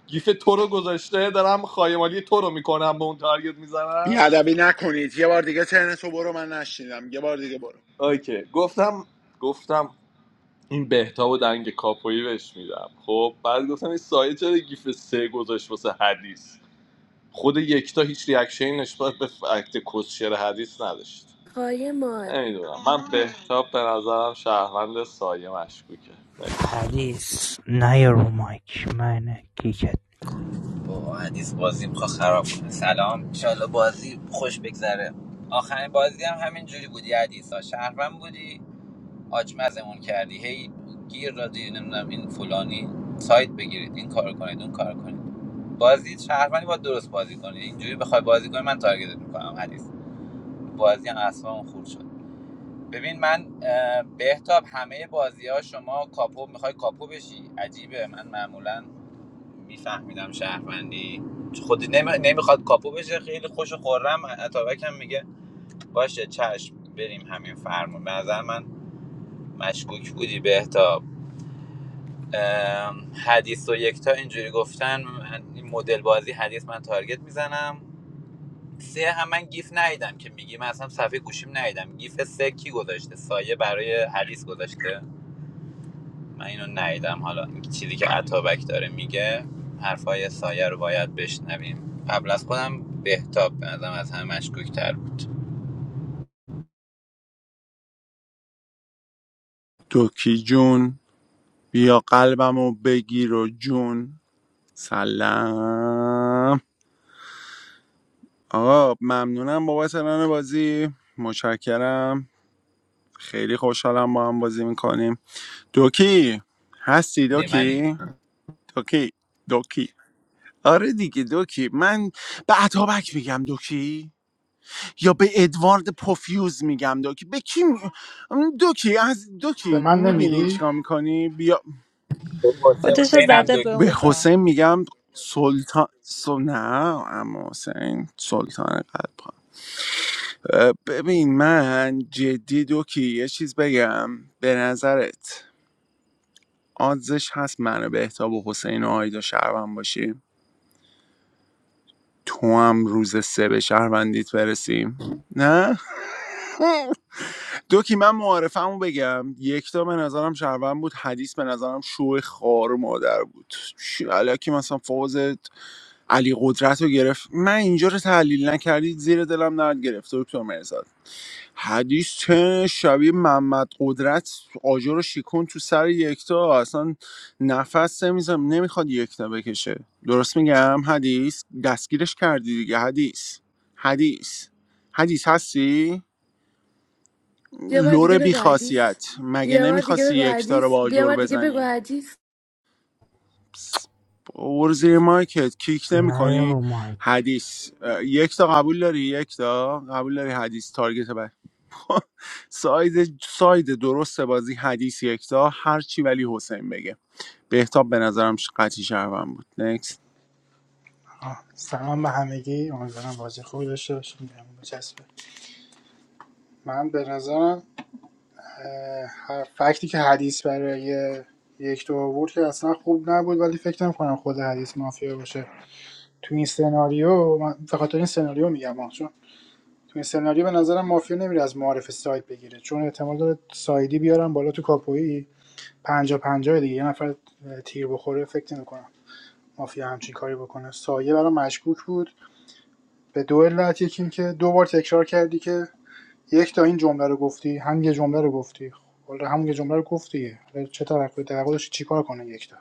Speaker 8: گیف تو رو گذاشته دارم خایمالی تو رو میکنم به اون تارگت میزنم
Speaker 13: بیادبی نکنید یه بار دیگه ترنتو برو من نشنیدم یه بار دیگه برو
Speaker 8: اوکی گفتم گفتم این بهتاب و دنگ کاپویی بهش میدم خب بعد گفتم این سایه چرا گیف سه گذاشت واسه حدیث خود یکتا هیچ ریاکشنی نسبت به فکت کسشر حدیث نداشت
Speaker 5: خایه مال
Speaker 8: نمیدونم من بهتاب به نظرم شهروند سایه مشکوکه نکست
Speaker 11: حدیث نیا رو مایک من کیکت میکنم
Speaker 9: با حدیث بازی میخوا خراب کنه سلام انشالله بازی خوش بگذره آخرین بازی هم همین جوری بودی حدیث ها شهرم بودی آجمزمون کردی هی گیر دادی نمیدونم این فلانی سایت بگیرید این کار کنید اون کار کنید بازی شهروندی با درست بازی کنید اینجوری بخوای بازی کنی من تارگت میکنم حدیث بازی هم اصلا خورد شد ببین من اه، بهتاب همه بازی ها شما کاپو میخوای کاپو بشی عجیبه من معمولا میفهمیدم شهروندی خودی نمی... نمیخواد کاپو بشه خیلی خوش و خورم اتابک هم میگه باشه چشم بریم همین فرمون به نظر من مشکوک بودی بهتاب اه، حدیث و یکتا اینجوری گفتن این مدل بازی حدیث من تارگت میزنم سه هم من گیف ندیدم که میگیم اصلا صفحه گوشیم ندیدم گیف سه کی گذاشته سایه برای حدیث گذاشته من اینو ندیدم حالا چیزی که عطابک داره میگه حرفای سایه رو باید بشنویم قبل از خودم بهتاب به نظرم از همه مشکوکتر بود
Speaker 13: دوکی جون بیا قلبمو بگیر و جون سلام آقا ممنونم بابت ران بازی متشکرم خیلی خوشحالم با هم بازی میکنیم دوکی هستی
Speaker 9: زمانی
Speaker 13: دوکی دوکی دوکی آره دیگه دوکی من به اتابک میگم دوکی یا به ادوارد پوفیوز میگم دوکی به کی می... دوکی از
Speaker 12: به
Speaker 13: دوکی
Speaker 12: من
Speaker 13: میبینی
Speaker 12: نمیگی
Speaker 13: چیکار میکنی بیا
Speaker 9: حسین
Speaker 2: خودشو
Speaker 9: حسین هم
Speaker 2: زده به
Speaker 13: به
Speaker 2: اون
Speaker 9: دکیه
Speaker 2: را
Speaker 13: حسین میگم سلطان سل... نه اما حسین سلطان قلب اه، ببین من جدی دوکی یه چیز بگم به نظرت آدزش هست منو به احتاب و حسین و آیدا شهروند باشیم تو هم روز سه به شهروندیت برسیم نه دوکی من معارفمو بگم یکتا به نظرم شهروند بود حدیث به نظرم شو خار و مادر بود چی- الکی مثلا فاز علی قدرت رو گرفت من اینجا رو تحلیل نکردید زیر دلم نرد گرفت دکتر مرزاد حدیث چه شبیه محمد قدرت آجر رو شیکون تو سر یکتا اصلا نفس نمیزم نمیخواد یکتا بکشه درست میگم حدیث دستگیرش کردی دیگه حدیث حدیث حدیث هستی
Speaker 5: یه بار
Speaker 13: لور
Speaker 5: دیگه بگو حدیث
Speaker 13: بیخاصیت مگه
Speaker 5: یه بار دیگه
Speaker 13: نمیخواستی
Speaker 5: بگو
Speaker 13: یکتا رو
Speaker 5: حدیث
Speaker 13: با
Speaker 5: خب یه
Speaker 13: آجر
Speaker 5: بار دیگه بگو
Speaker 13: بزنی
Speaker 5: حدیث
Speaker 13: پس، برو زیر مایکت کیک
Speaker 11: نیا
Speaker 13: نمیکنی
Speaker 11: رو مایک
Speaker 13: حدیث اه، یکتا قبول داری یکتا قبول داری حدیث تارگت بر خب، ساید ساید درست بازی حدیث یکتا هرچی ولی حسین بگه بهتاب به نظرم ش- قطعی شهروند بود نکست
Speaker 12: آه، سلام به همگی امیدوارم بازی خوبی داشته باشیم به همون بچسبه. من به نظرم اه، هر فکتی که حدیث برای یک دو آورد که اصلا خوب نبود ولی فکر نمی‌کنم خود حدیث مافیا باشه تو این سناریو من به خاطر این سناریو میگم آه، چون تو این سناریو به نظرم مافیا نمیره از معارف ساید بگیره چون احتمال داره سایدی بیارم بالا تو کاپویی پنجا پنجاه دیگه یه نفر تیر بخوره فکر نمیکنم مافیا همچین کاری بکنه سایه برام مشکوک بود به دو علت یکی این که دو بار تکرار کردی که یک تا این جمله رو گفتی هم یه جمله رو گفتی حالا همون یه جمله رو گفتی حالا چه توقع توقع داشتی چیکار کنه یک تا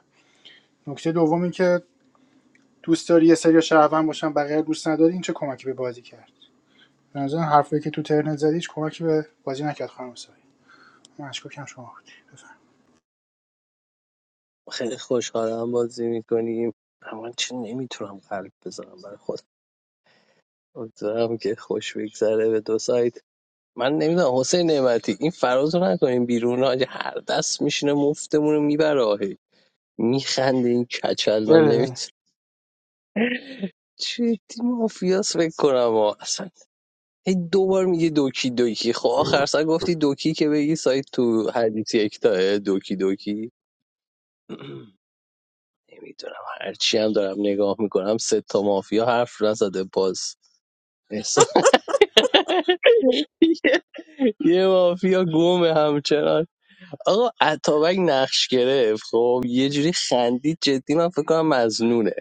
Speaker 12: نکته دوم این که دوست داری یه سری شهروند باشن بقیه دوست نداری این چه کمکی به بازی کرد به نظرم حرفایی که تو ترنت زدی هیچ کمکی به بازی نکرد خانم سایی من اشکاکم شما بودی بفهم
Speaker 1: خیلی خوشحالم بازی میکنیم اما چه نمیتونم قلب بذارم برای خودم امیدوارم که خوش بگذره به دو سایت من نمیدونم حسین نعمتی این فراز رو نکنیم بیرون آجه هر دست میشینه مفتمون رو میبره آهی میخنده این کچل من
Speaker 12: بله بله
Speaker 1: نمیتونم چه تیم مافیاس فکر کنم آه. اصلا هی دوبار میگه دوکی دوکی خب آخر سر گفتی دوکی که بگی سایت تو حدیث یکتاه دوکی دوکی نمیدونم هرچی هم دارم نگاه میکنم سه تا مافیا حرف نزده باز احساس یه یه مافیا گمه همچنان آقا اتابک نقش گرفت خب یه جوری خندید جدی من فکر کنم مزنونه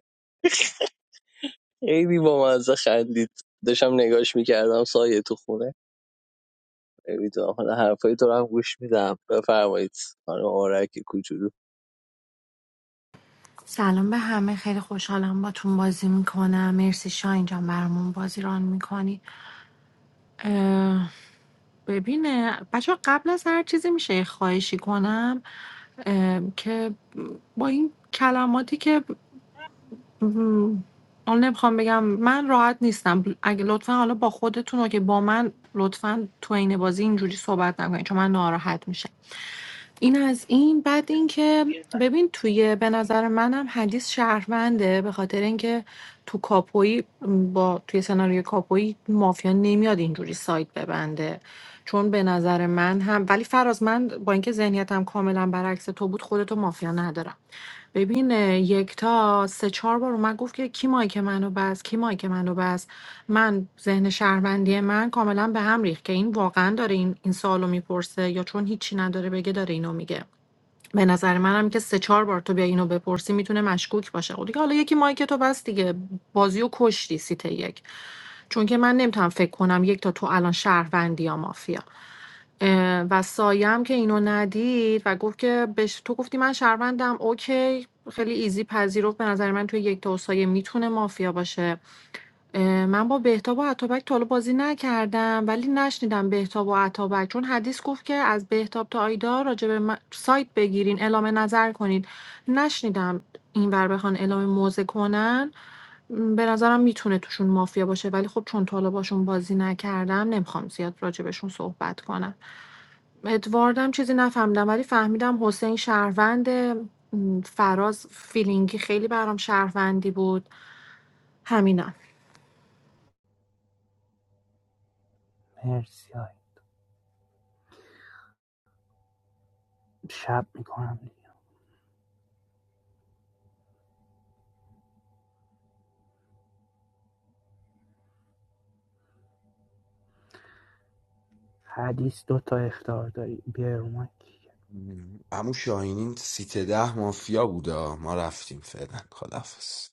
Speaker 1: خیلی با مزه خندید داشتم نگاش میکردم سایه تو خونه نمیدونم حالا حرفای تو رو هم گوش میدم بفرمایید خانم آرک کوچولو
Speaker 19: سلام به همه خیلی خوشحالم باتون بازی میکنم مرسی شاین جان برامون بازی ران میکنی ببین بچه‌ها قبل از هر چیزی میشه یه خواهشی کنم ام، که با این کلماتی که م، حالا نمیخوام بگم من راحت نیستم اگه لطفا حالا با خودتون و که با من لطفا تو این بازی اینجوری صحبت نکنید چون من ناراحت میشم این از این بعد اینکه ببین توی به نظر منم حدیث شهرونده به خاطر اینکه تو کاپویی با توی سناریو کاپویی مافیا نمیاد اینجوری سایت ببنده چون به نظر من هم ولی فراز من با اینکه ذهنیتم کاملا برعکس تو بود خودتو مافیا ندارم ببین اه، یکتا سه چهار بار اومد گفت که کی مایک منو بس کی مایک منو بس من ذهن شهروندی من کاملا به هم ریخت که این واقعا داره این این سوالو میپرسه یا چون هیچی نداره بگه داره اینو میگه به نظر منم که سه چهار بار تو بیا اینو بپرسی میتونه مشکوک باشه خب دیگه حالا یکی مایک تو بس دیگه بازیو و کشتی سیت یک چون که من نمیتونم فکر کنم یک تا تو الان شهروندی یا مافیا اه، و سایم که اینو ندید و گفت که بهش تو گفتی من شهروندم اوکی خیلی ایزی پذیرفت به نظر من توی یک تا و سایه میتونه مافیا باشه اه، من با بهتاب و اتابک تا حالا بازی نکردم ولی نشنیدم بهتاب و اتابک چون حدیث گفت که از بهتاب تا آیدا راجع به من- سایت بگیرین اعلام نظر کنین نشنیدم این ور بخوان اعلام موضع کنن م، به نظرم میتونه توشون مافیا باشه ولی خب چون تا حالا باشون بازی نکردم نمیخوام زیاد راجع بهشون صحبت کنم ادواردم چیزی نفهمیدم ولی فهمیدم حسین شهروند فراز فیلینگی خیلی برام شهروندی بود همینم
Speaker 11: مرسی آی. شب میکنم دیگه حدیث دوتا تا اختار داری بیا رو مایک
Speaker 17: Amusha, inint sitedah, ma fiyaudo, ma laftim fedan khalafas.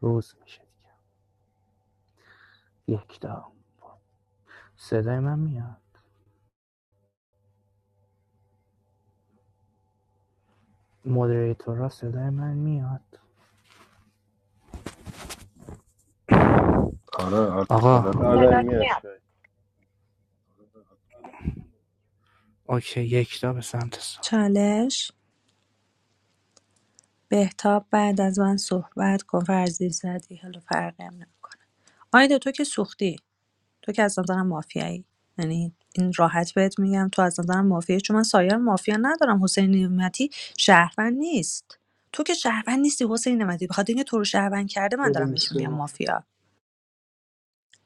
Speaker 11: روز میشه دیگه یک تا صدای من میاد مودریتورا صدای من میاد
Speaker 15: آره آره
Speaker 11: آقا
Speaker 15: یادت
Speaker 10: That
Speaker 16: آره
Speaker 15: میاد
Speaker 10: doesn't matter.
Speaker 16: میاد
Speaker 11: اوکی یک تا به سمت سایه
Speaker 2: چالش بهتاب بعد از من صحبت کن فرضی زدی حالا فرقی هم نمیکنه آیدا تو که سوختی تو که از نظرم مافیایی یعنی این راحت بهت میگم تو از نظرم مافیایی چون من سایر مافیا ندارم حسین نعمتی شهروند نیست تو که شهروند نیستی حسین نعمتی بخاطر اینکه تو رو شهروند کرده من دارم
Speaker 12: بودیم
Speaker 2: بهش میگم
Speaker 12: سرو
Speaker 2: مافیا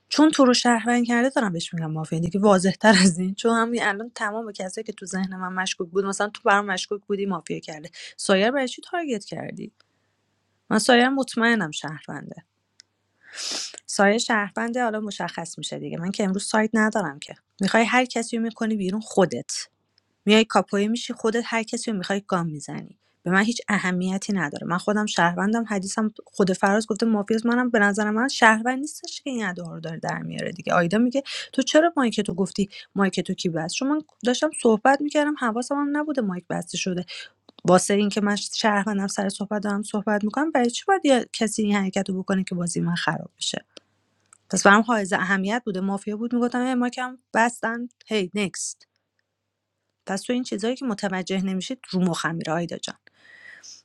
Speaker 2: چون تو رو شهروند کرده دارم بهش میگم مافیا دیگه واضح تر از این چون همین الان تمام کسایی که تو ذهن من مشکوک بود مثلا تو برام مشکوک بودی مافیا کرده سایر برای چی تارگت کردی من سایر مطمئنم شهرونده سایه شهرونده حالا مشخص میشه دیگه من که امروز سایت ندارم که میخوای هر کسی رو میکنی بیرون خودت میای کاپوی میشی خودت هر کسی رو میخوای گام میزنی به من هیچ اهمیتی نداره من خودم شهروندم حدیثم خود فراز گفته مافیاس منم به نظر من شهروند نیستش که این ادا رو داره در میاره دیگه آیدا میگه تو چرا مایک تو گفتی مایک تو کی بست چون من داشتم صحبت میکردم حواسم هم نبوده مایک بسته شده واسه اینکه من شهروندم سر صحبت دارم صحبت میکنم برای چی باید یه کسی این حرکت رو بکنه که بازی من خراب بشه پس برام حائز اهمیت بوده مافیا بود میگفتم اه، ما کم بستن هی نکست پس تو این چیزایی که متوجه نمیشید رو مخم میره آیدا جان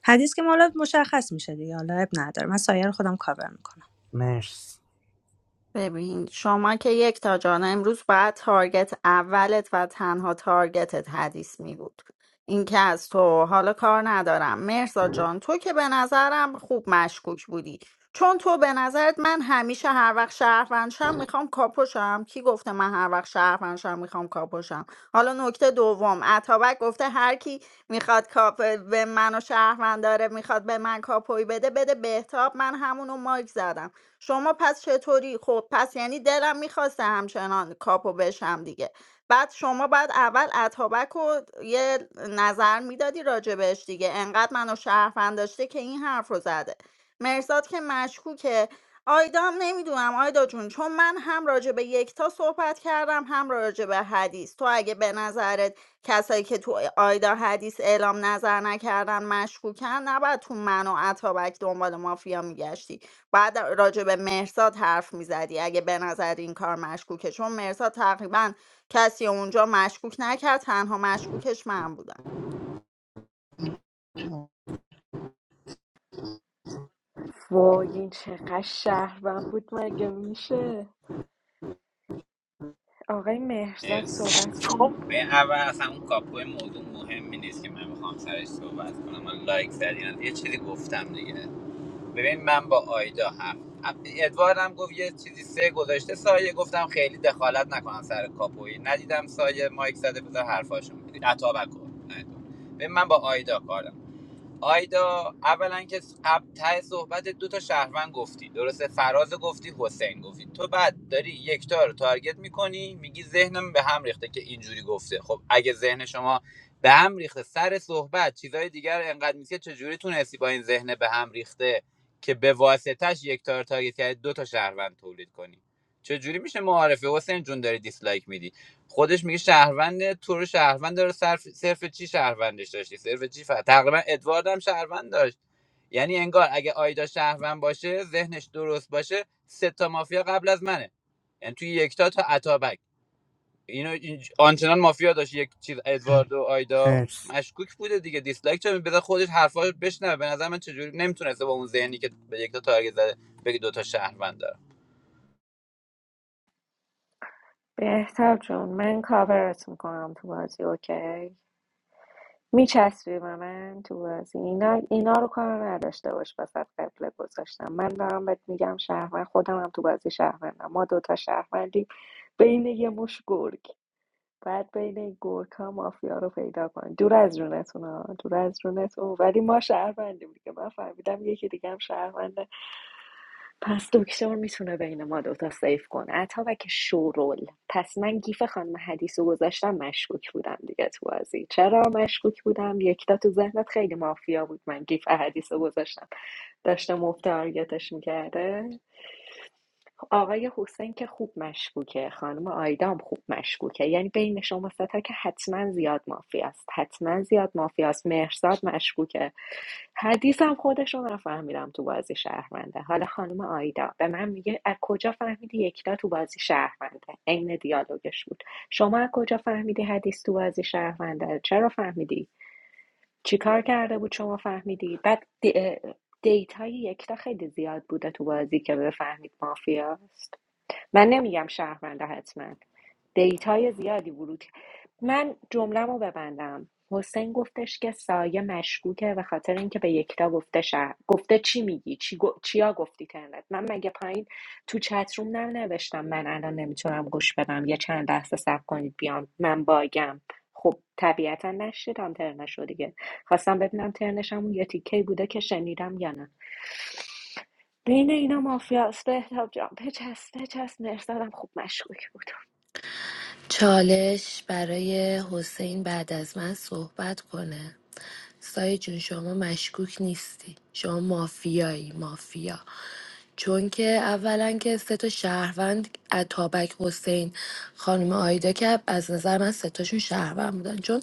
Speaker 2: حدیث که مالا مشخص میشه دیگه حالا اب نداره من سایه رو خودم کاور میکنم
Speaker 11: مرسی
Speaker 6: ببین شما که یک تا جان امروز باید تارگت اولت و تنها تارگتت حدیث می بود این که از تو حالا کار ندارم مرزا جان تو که به نظرم خوب مشکوک بودی چون تو به نظرت من همیشه هر وقت شهروندشم میخوام کاپوشم کی گفته من هر وقت شهروندشم میخوام کاپوشم حالا نکته دوم اتابک گفته هر کی میخواد کاپ به من و شهروند داره میخواد به من کاپوی بده بده بهتاب من همونو مایک زدم شما پس چطوری خب پس یعنی دلم میخواسته همچنان کاپو بشم دیگه بعد شما بعد اول اتابک رو یه نظر میدادی راجبش دیگه انقدر منو شرفند داشته که این حرف رو زده مرزاد که مشکوکه آیدا هم نمیدونم آیدا جون چون من هم راجع به یکتا صحبت کردم هم راجع به حدیث تو اگه به نظرت کسایی که تو آیدا حدیث اعلام نظر نکردن مشکوکن نباید تو من و اتابک دنبال مافیا میگشتی بعد راجع به مرزاد حرف میزدی اگه به نظر این کار مشکوکه چون مرزاد تقریبا کسی اونجا مشکوک نکرد تنها مشکوکش من بودم
Speaker 3: وای این چقدر شهرم بود مگه میشه آقای مهرزاد
Speaker 9: مرسی
Speaker 3: صحبت کن
Speaker 9: به اول اصلا اون کاپوی موضوع مهمی نیست که من بخوام سرش صحبت کنم من لایک زدین یه چیزی گفتم دیگه ببین من با آیدا هم ادوارد هم گفت یه چیزی سه گذاشته سایه گفتم خیلی دخالت نکنم سر کاپوی ندیدم سایه مایک زده بذار حرفاشو میگیری عطا بکن ببین من با آیدا کارم آیدا اولا که س- اب- ته صحبت دو تا شهروند گفتی درسته فراز گفتی حسین گفتی تو بعد داری یکتا رو تارگت میکنی میگی ذهنم به هم ریخته که اینجوری گفته خب اگه ذهن شما به هم ریخته سر صحبت چیزای دیگر انقدر نیست که چجوری تونستی با این ذهن به هم ریخته که به واسطش یکتا رو تارگت کرد دو تا شهروند تولید کنی چجوری میشه معارفه حسین جون داری دیسلایک میدی خودش میگه شهروند تو رو شهروند داره صرف, صرف چی شهروندش داشتی صرف چی فر... تقریبا ادوارد هم شهروند داشت یعنی انگار اگه آیدا شهروند باشه ذهنش درست باشه سه تا مافیا قبل از منه یعنی توی یکتا تا اتابک اینو این آنچنان مافیا داشت یک چیز ادوارد و آیدا
Speaker 11: مرسی
Speaker 9: مشکوک بوده دیگه دیسلایک چه بذار خودش حرفاش بشنوه به نظر من چجوری نمیتونسته با اون ذهنی که به یکتا تارگت زده بگه دو تا شهروند دارم.
Speaker 3: بهتر جون من کاورت میکنم تو بازی اوکی میچسبی به من تو بازی اینا, اینا رو کار نداشته باش وسط قبله گذاشتم من دارم بهت میگم شهروند خودم هم تو بازی شهروندم ما دوتا شهروندی بین یه مش گرگ باید بین این گورکا مافیا رو پیدا کن دور از جونتون ها دور از جونتون ولی ما شهروندیم دیگه من فهمیدم یکی دیگه هم شهرونده پس دکتر میتونه بین ما دوتا سیف کنه اتابک شورول پس من گیف خانم حدیث رو گذاشتم مشکوک بودم دیگه تو بازی چرا مشکوک بودم یکتا تو ذهنت خیلی مافیا بود من گیف حدیث رو گذاشتم داشته مفت تارگتش میکرده آقای حسین که خوب مشکوکه خانم آیدا خوب مشکوکه یعنی بین شما ستا که حتما زیاد مافیاست حتما زیاد مافیاست مهرزاد مشکوکه حدیثم خودشون رو فهمیدم تو بازی شهرونده حالا خانم آیدا به من میگه از کجا فهمیدی یکتا تو بازی شهرونده عین دیالوگش بود شما از کجا فهمیدی حدیث تو بازی شهرونده چرا فهمیدی چیکار کرده بود شما فهمیدی بعد دی- دیتای یکتا خیلی زیاد بوده تو بازی که بفهمید مافیاست من نمیگم شهرونده حتما دیتای زیادی ورود من جمله رو ببندم حسین گفتش که سایه مشکوکه به خاطر اینکه به یکتا گفته شهر گفته چی میگی چی گو- چیا گفتی ترنت من مگه پایین تو چت روم ننوشتم من الان نمیتونم گوش بدم یا چند لحظه صبر کنید بیام من باگم خب طبیعتا نشیدم ترنشو دیگه خواستم ببینم ترنشم اون یه تیکه بوده که شنیدم یا نه بین اینا مافیاست بهتاب جان بچست بچست مرزادم خوب مشکوک بود
Speaker 5: چالش برای حسین بعد از من صحبت کنه سایه جون شما مشکوک نیستی شما مافیایی مافیا چون که اولا که سه تا شهروند اتابک حسین خانم آیدا که از نظر من سه تاشون شهروند بودن چون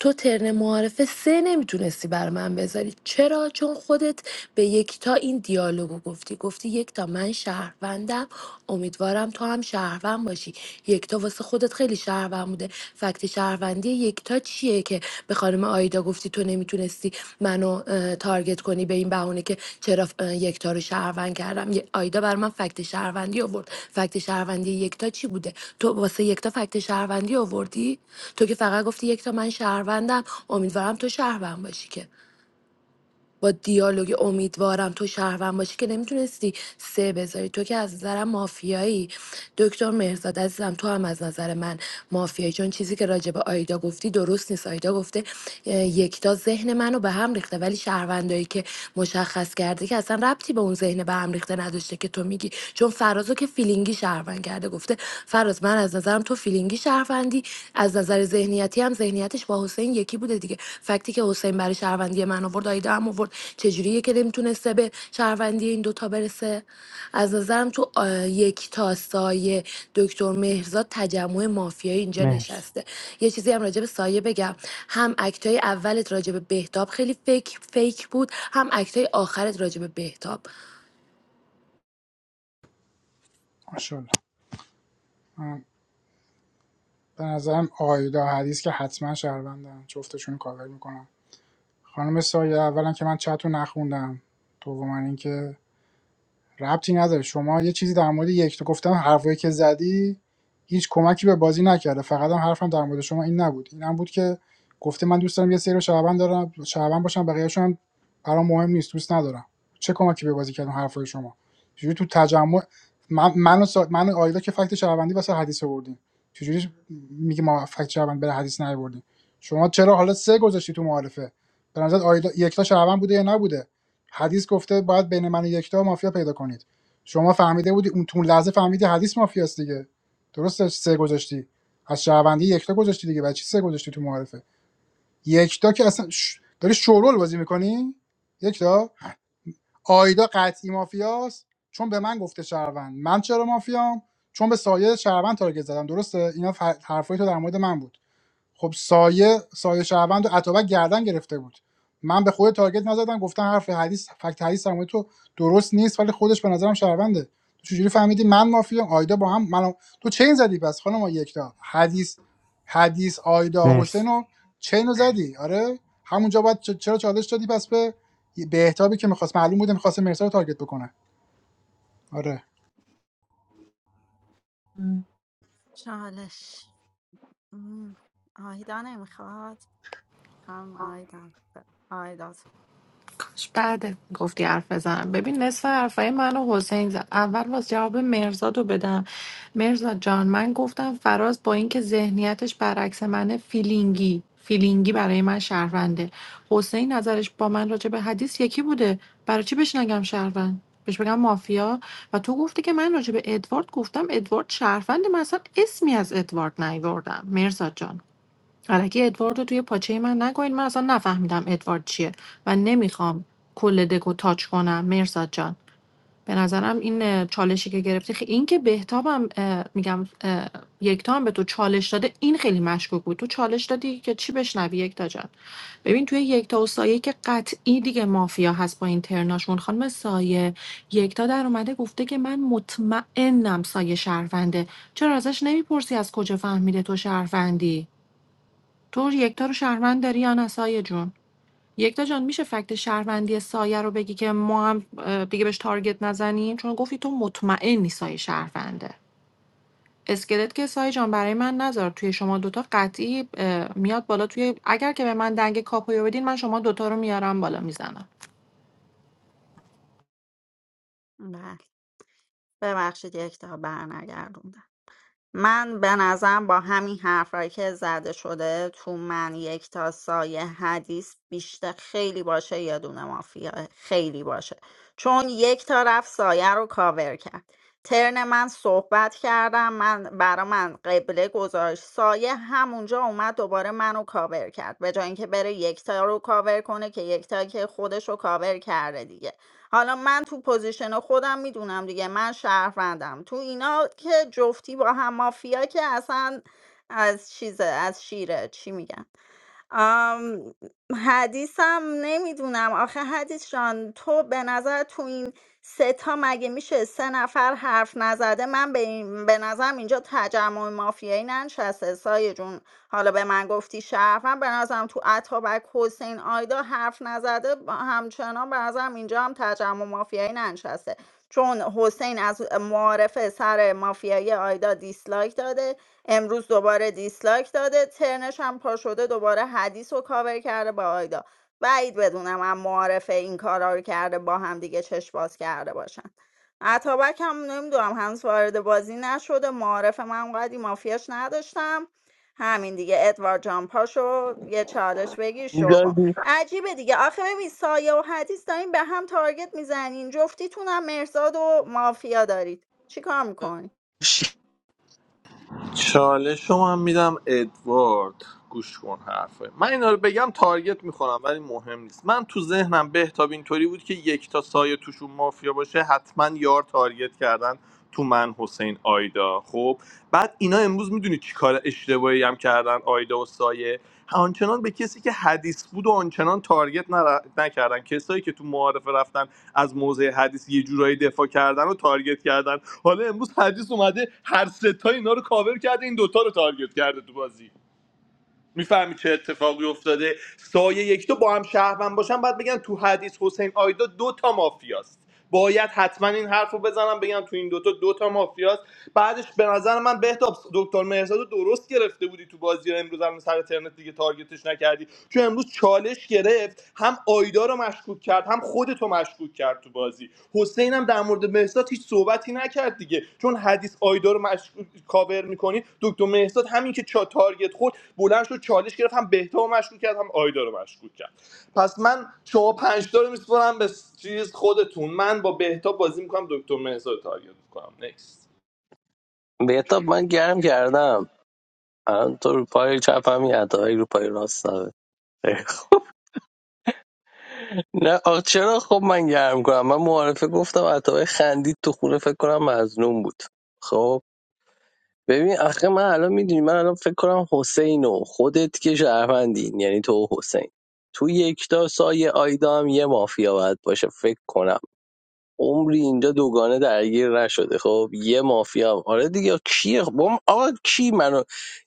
Speaker 5: تو ترن معارفه سه نمیتونستی بر من بذاری چرا چون خودت به یکتا این دیالوگو گفتی گفتی یک یکتا من شهروندم امیدوارم تو هم شهروند باشی یکتا واسه خودت خیلی شهروند بوده فکت شهروندی یکتا چیه که به خانم آیدا گفتی تو نمیتونستی منو اه، تارگت کنی به این بهونه که چرا اه، یکتا رو شهروند کردم یه- آیدا بر من فکت شهروندی آورد فکت شهروندی یکتا چی بوده تو واسه یکتا فکت شهروندی آوردی تو که فقط گفتی یکتا من شهروندم امیدوارم تو شهروند باشی که با دیالوگ امیدوارم تو شهروند باشی که نمیتونستی سه بذاری تو که از نظرم مافیایی دکتر مهرزاد عزیزم تو هم از نظر من مافیایی چون چیزی که راجع به آیدا گفتی درست نیست آیدا گفته اه، یکتا ذهن منو به هم ریخته ولی شهروندایی که مشخص کرده که اصلا ربطی به اون ذهن به هم ریخته نداشته که تو میگی چون فرازو که فیلینگی شهروند کرده گفته فراز من از نظرم تو فیلینگی شهروندی از نظر ذهنیتی هم ذهنیتش با حسین یکی بوده دیگه فکتی که حسین برای شهروندی من آورد آیده هم آورد چجوریه که نمیتونسته به شهروندی این دوتا برسه از نظرم تو آه، یک تا سایه دکتر مهرزاد تجمع مافیایی اینجا
Speaker 11: مرسی
Speaker 5: نشسته یه چیزی هم راجع به سایه بگم هم اکتای اولت راجع به بهتاب خیلی فیک فیک بود هم اکتای آخرت راجع به بهتاب
Speaker 12: ماشاءالله من به نظرم آیدا حدیث که حتما شهروندم جفتشون رو کاور میکنم خانم سایه اولا که من چت رو نخوندم دوما اینکه ربطی نداره شما یه چیزی در مورد یک تو گفتم حرفایی که زدی هیچ کمکی به بازی نکرده فقط هم حرفم در مورد شما این نبود این هم بود که گفته من دوست دارم یه سری رو شعبان دارم شعبان باشم بقیه‌شون هم برام مهم نیست دوست ندارم چه کمکی به بازی کردن حرفای شما چجوری تو تجمع من منو سا... من و آیدا که فکت شعبندی واسه حدیث آوردیم چجوری میگه ما فکت شعبند برای حدیث نیاوردیم شما چرا حالا سه گذاشتی تو معارفه به نظر آیدا یکتا شعبان بوده یا نبوده حدیث گفته باید بین من و یکتا مافیا پیدا کنید شما فهمیده بودی اون تون لحظه فهمیدی حدیث مافیاست دیگه درسته سه گذاشتی از شهروندی یکتا گذاشتی دیگه بچی سه گذاشتی تو معارفه یکتا که اصلا ش... داری شورول بازی میکنی یکتا آیدا قطعی مافیاست چون به من گفته شهروند من چرا مافیام چون به سایه شهروند تارگت زدم درسته اینا ف... حرفای تو در مورد من بود خب سایه سایه شهروند و اتابک گردن گرفته بود من به خود تارگت نزدم گفتم حرف حدیث فکت حدیث هم تو درست نیست ولی خودش به نظرم شهرونده تو چجوری فهمیدی من مافیام آیدا با هم من تو چین زدی پس خانم یکتا حدیث حدیث آیدا
Speaker 11: مرسی
Speaker 12: حسینو و چین زدی آره همونجا باید چرا چالش دادی پس به بهتابی که میخواست معلوم بوده میخواست مرسا رو تارگت بکنه آره
Speaker 6: چالش مم. آیدا نمیخواد هم آیدا ب- آیدا
Speaker 19: کاش بعد گفتی حرف بزنم ببین نصف حرفای منو حسین زد اول باز جواب مرزاد رو بدم مرزاد جان من گفتم فراز با اینکه ذهنیتش برعکس منه فیلینگی فیلینگی برای من شهرونده حسین نظرش با من راجع به حدیث یکی بوده برای چی بهش نگم شهروند بهش بگم مافیا و تو گفتی که من راجع به ادوارد گفتم ادوارد شهروند من اصلا اسمی از ادوارد نیاوردم مرزاد جان الکی ادوارد رو توی پاچه من نگوین من اصلا نفهمیدم ادوارد چیه و نمیخوام کل دکو تاچ کنم مرزاد جان به نظرم این اه، چالشی که گرفتی خی... این که بهتابم اه، میگم اه، یکتا هم به تو چالش داده این خیلی مشکوک بود تو چالش دادی که چی بشنوی یکتا جان ببین توی یکتا و سایه که قطعی دیگه مافیا هست با این ترناشون خانم سایه یکتا در اومده گفته که من مطمئنم سایه شهرونده چرا ازش نمیپرسی از کجا فهمیده تو شهروندی تو یکتا رو شهروند داری یا نه سایه جون یکتا جان میشه فکت شهروندی سایه رو بگی که ما هم اه، دیگه بهش تارگت نزنیم چون گفتی تو مطمئنی سایه شهرونده اسکلت که سایه جان برای من نذار توی شما دوتا قطعی اه، میاد بالا توی اگر که به من دنگ کاپویو بدین من شما دوتا رو میارم بالا میزنم
Speaker 6: بله ببخشید یک تا برنگردوندم من به نظرم با همین حرفایی که زده شده تو من یک تا سایه حدیث بیشتر خیلی باشه یا دونه مافیا خیلی باشه چون یک تا رفت سایه رو کاور کرد ترن من صحبت کردم من برا من قبله گذاشت سایه همونجا اومد دوباره منو کاور کرد به جای اینکه بره یکتا رو کاور کنه که یکتا که خودش رو کاور کرده دیگه حالا من تو پوزیشن خودم میدونم دیگه من شهروندم تو اینا که جفتی با هم مافیا که اصلا از چیزه از شیره چی میگن آم، حدیثم نمیدونم آخه حدیث جان تو به نظر تو این سه تا مگه میشه سه نفر حرف نزده من به, این به نظرم اینجا تجمع مافیایی ننشسته سایه جون حالا به من گفتی شرف من به نظرم تو اتابک حسین آیدا حرف نزده با- همچنان به نظرم اینجا هم تجمع مافیایی ننشسته چون حسین از معارفه سر مافیایی آیدا دیسلایک داده امروز دوباره دیسلایک داده ترنش هم پا شده دوباره حدیث رو کاور کرده با آیدا بعید بدونم هم معارفه این کارا رو کرده با هم دیگه چشم باز کرده باشن عطابک هم نمیدونم هنوز وارد بازی نشده معارف من اونقدی مافیاش نداشتم همین دیگه ادوارد جان پاشو یه چالش بگیر شروع کن
Speaker 1: میدادی
Speaker 6: عجیبه دیگه آخه ببین سایه و حدیث دارین به هم تارگت میزنین جفتیتونم مرزاد و مافیا دارید چیکار میکنی
Speaker 8: چالش رو من میدم ادوارد گوش کن حرفای من اینا رو بگم تارگت میخورم ولی مهم نیست من تو ذهنم بهتاب اینطوری بود که یک تا سایه توشون مافیا باشه حتما یار تارگت کردن تو من حسین آیدا خب بعد اینا امروز میدونی چی کار اشتباهی هم کردن آیدا و سایه آنچنان به کسی که حدیث بود و آنچنان تارگت نر- نکردن کسایی که تو معارفه رفتن از موضع حدیث یه جورایی دفاع کردن و تارگت کردن حالا امروز حدیث اومده هر ستا اینا رو کاور کرده این دوتا رو تارگت کرده تو بازی میفهمی چه اتفاقی افتاده سایه یک تو با هم شهروند باشن بعد بگن تو حدیث حسین آیدا دو تا مافیاست باید حتما این حرفو رو بزنم بگم تو این دوتا دوتا مافیاست بعدش به نظر من بهتاب دکتر مهرزاد رو درست گرفته بودی تو بازی امروز هم سر ترنت دیگه تارگتش نکردی چون امروز چالش گرفت هم آیدا رو مشکوک کرد هم خودت رو مشکوک کرد تو بازی حسین هم در مورد مهرزاد هیچ صحبتی نکرد دیگه چون حدیث آیدا رو مشکوک کاور میکنی دکتر مهرزاد همین که چا تارگت خورد بلند شد چالش گرفت هم بهتاب رو مشکوک کرد هم آیدا رو مشکوک کرد پس من شما پنج تا رو میسپرم به چیز خودتون من با بهتاب بازی میکنم دکتر مهزاد رو تارگت میکنم نکست
Speaker 1: بهتاب من گرم کردم الان تو رو پای چپ همین عطاهی رو پای راست داره خیلی خوب. نه آخ چرا خب من گرم کنم من معارفه گفتم عطاهی خندید تو خونه فکر کنم مظلوم بود خب ببین آخه من الان میدونی من الان فکر کنم حسین و خودت که شهروندین یعنی تو و حسین تو یکتا سایه آیدا هم یه مافیا باید باشه فکر کنم عمری اینجا دوگانه درگیر نشده خب یه مافیا هم. آره دیگه کی بم آقا کی منو